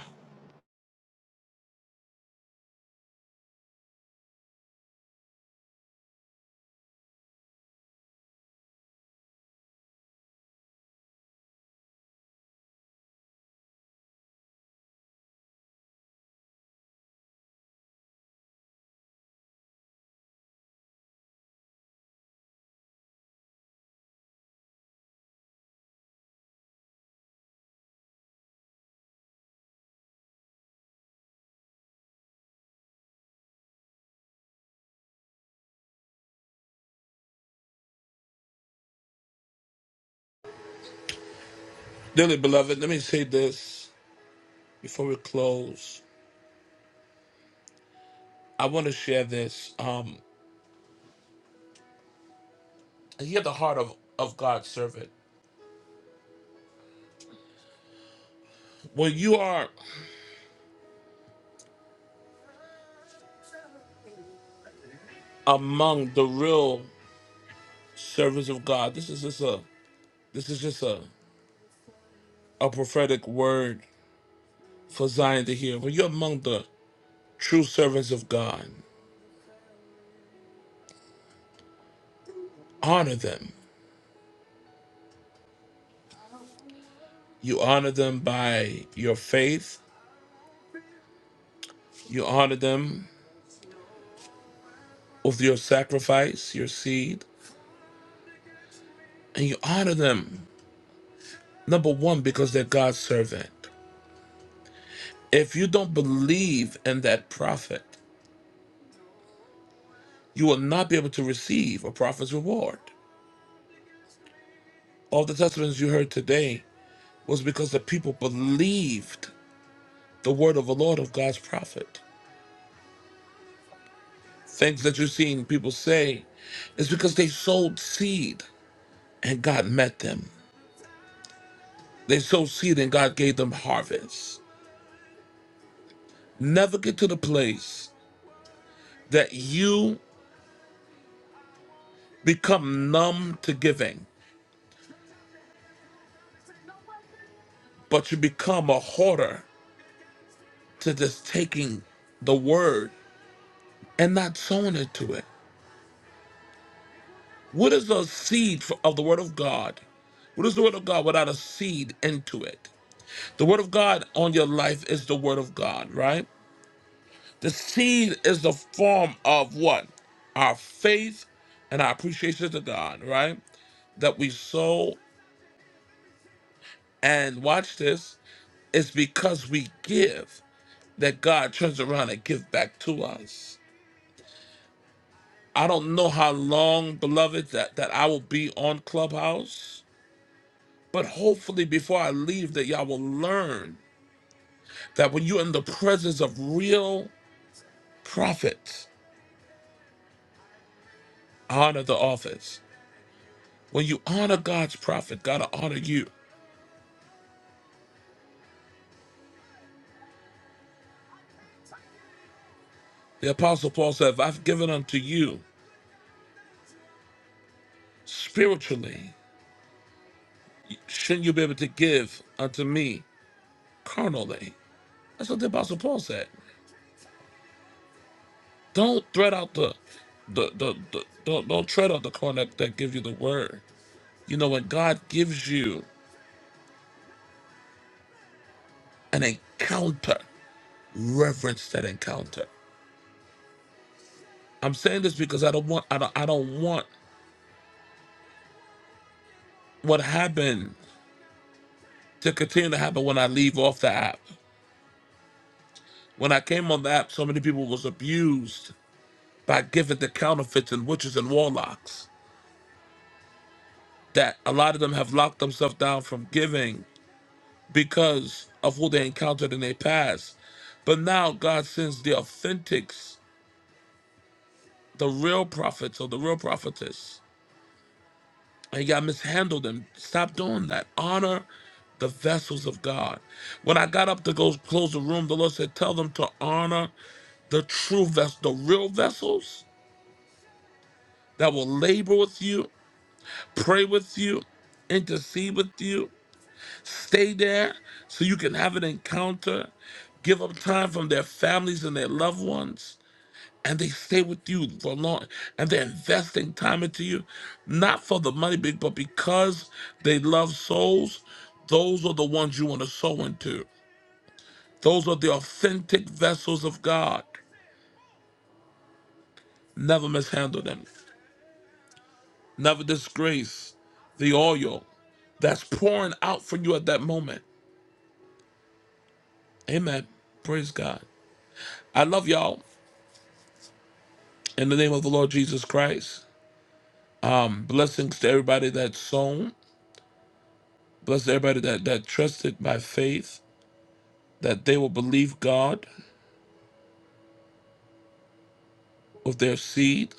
Speaker 1: Dearly beloved, let me say this. before we close, I want to share this. Um, hear the heart of, of God's servant. When you are among the real servants of God, this is just a this is just a, a prophetic word for Zion to hear. When you're among the true servants of God, honor them. You honor them by your faith. You honor them with your sacrifice, your seed, and you honor them. Number one, because they're God's servant. If you don't believe in that prophet, you will not be able to receive a prophet's reward. All the testimonies you heard today was because the people believed the word of the Lord of God's prophet. Things that you've seen people say is because they sowed seed and God met them. They sowed seed and God gave them harvest. Never get to the place that you become numb to giving, but you become a hoarder to just taking the word and not sown into it. What is a seed for- of the Word of God? What is the Word of God without a seed into it? The Word of God on your life is the Word of God, right? The seed is the form of what? Our faith and our appreciation to God, right? That we sow and watch this. It's because we give that God turns around and give back to us. I don't know how long, beloved, that, that I will be on Clubhouse But hopefully, before I leave, that y'all will learn that when you're in the presence of real prophets, honor the office. When you honor God's prophet, God will honor you. The Apostle Paul said, If I've given unto you spiritually, shouldn't you be able to give unto me carnally? That's what the Apostle Paul said. Don't thread out the, the, the, the don't, don't tread out the corn that, that gives you the word. You know, when God gives you an encounter, reverence that encounter. I'm saying this because I don't want I don't I don't want what happened to continue to happen when I leave off the app. When I came on the app, so many people was abused by giving to counterfeits and witches and warlocks that a lot of them have locked themselves down from giving because of who they encountered in their past. But now God sends the authentics, the real prophets or the real prophetess and y'all mishandled them. Stop doing that. Honor the vessels of God. When I got up to go close the room, the Lord said, Tell them to honor the true vessels, the real vessels that will labor with you, pray with you, intercede with you, stay there so you can have an encounter, give up time from their families and their loved ones and they stay with you for long and they're investing time into you not for the money big but because they love souls those are the ones you want to sow into those are the authentic vessels of god never mishandle them never disgrace the oil that's pouring out for you at that moment amen praise god i love y'all in the name of the lord jesus christ blessings to everybody that's sown bless everybody that that trusted by faith that they will believe God of their seed,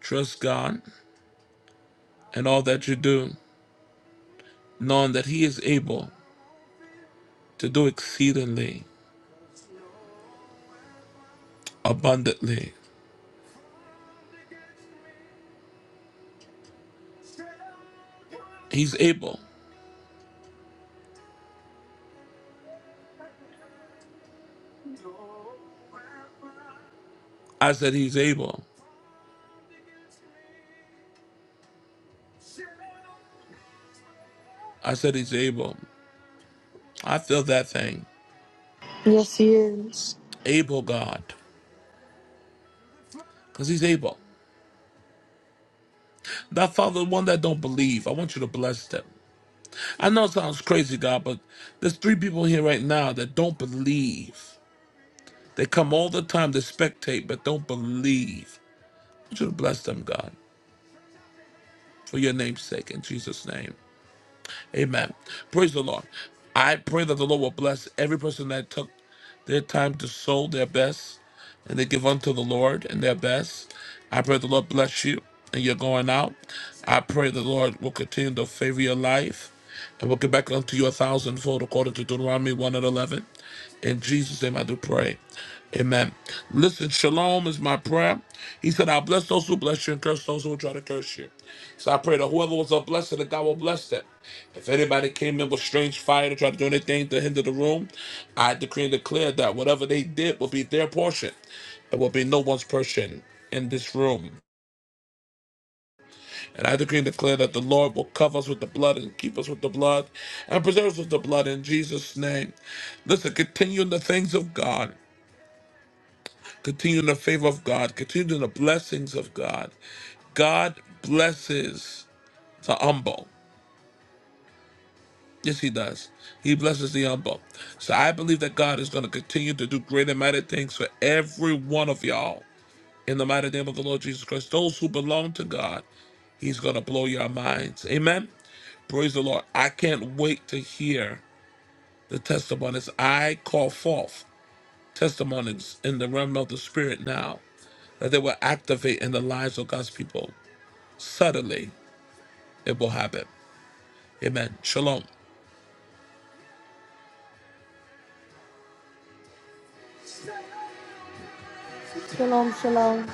Speaker 1: trust God, and all that you do, knowing that He is able to do exceedingly abundantly. He's able. I said He's able. I said He's able. I feel that thing.
Speaker 3: Yes, he is.
Speaker 1: Able God. Because He's able. That Father, the one that don't believe, I want you to bless them. I know it sounds crazy, God, but there's three people here right now that don't believe. They come all the time to spectate, but don't believe. I want you to bless them, God, for your name's sake, in Jesus' name. Amen. Praise the Lord. I pray that the Lord will bless every person that took their time to sow their best and they give unto the Lord and their best. I pray the Lord bless you and you're going out. I pray the Lord will continue to favor your life and will give back unto you a thousandfold according to Deuteronomy 1 and 11. In Jesus' name I do pray. Amen. Listen, shalom is my prayer. He said, I'll bless those who bless you and curse those who will try to curse you. So I pray that whoever was a blessing, that God will bless them. If anybody came in with strange fire to try to do anything to hinder the room, I decree and declare that whatever they did will be their portion. There will be no one's portion in this room. And I decree and declare that the Lord will cover us with the blood and keep us with the blood and preserve us with the blood in Jesus' name. Listen, continue in the things of God. Continue in the favor of God. Continue in the blessings of God. God blesses the humble. Yes, He does. He blesses the humble. So I believe that God is going to continue to do great and mighty things for every one of y'all. In the mighty name of the Lord Jesus Christ, those who belong to God, He's going to blow your minds. Amen. Praise the Lord. I can't wait to hear the testimonies. I call forth testimonies in the realm of the Spirit now. that they will activate in the lives of God's people. Suddenly, it will happen. Amen. Shalom.
Speaker 3: Shalom, shalom.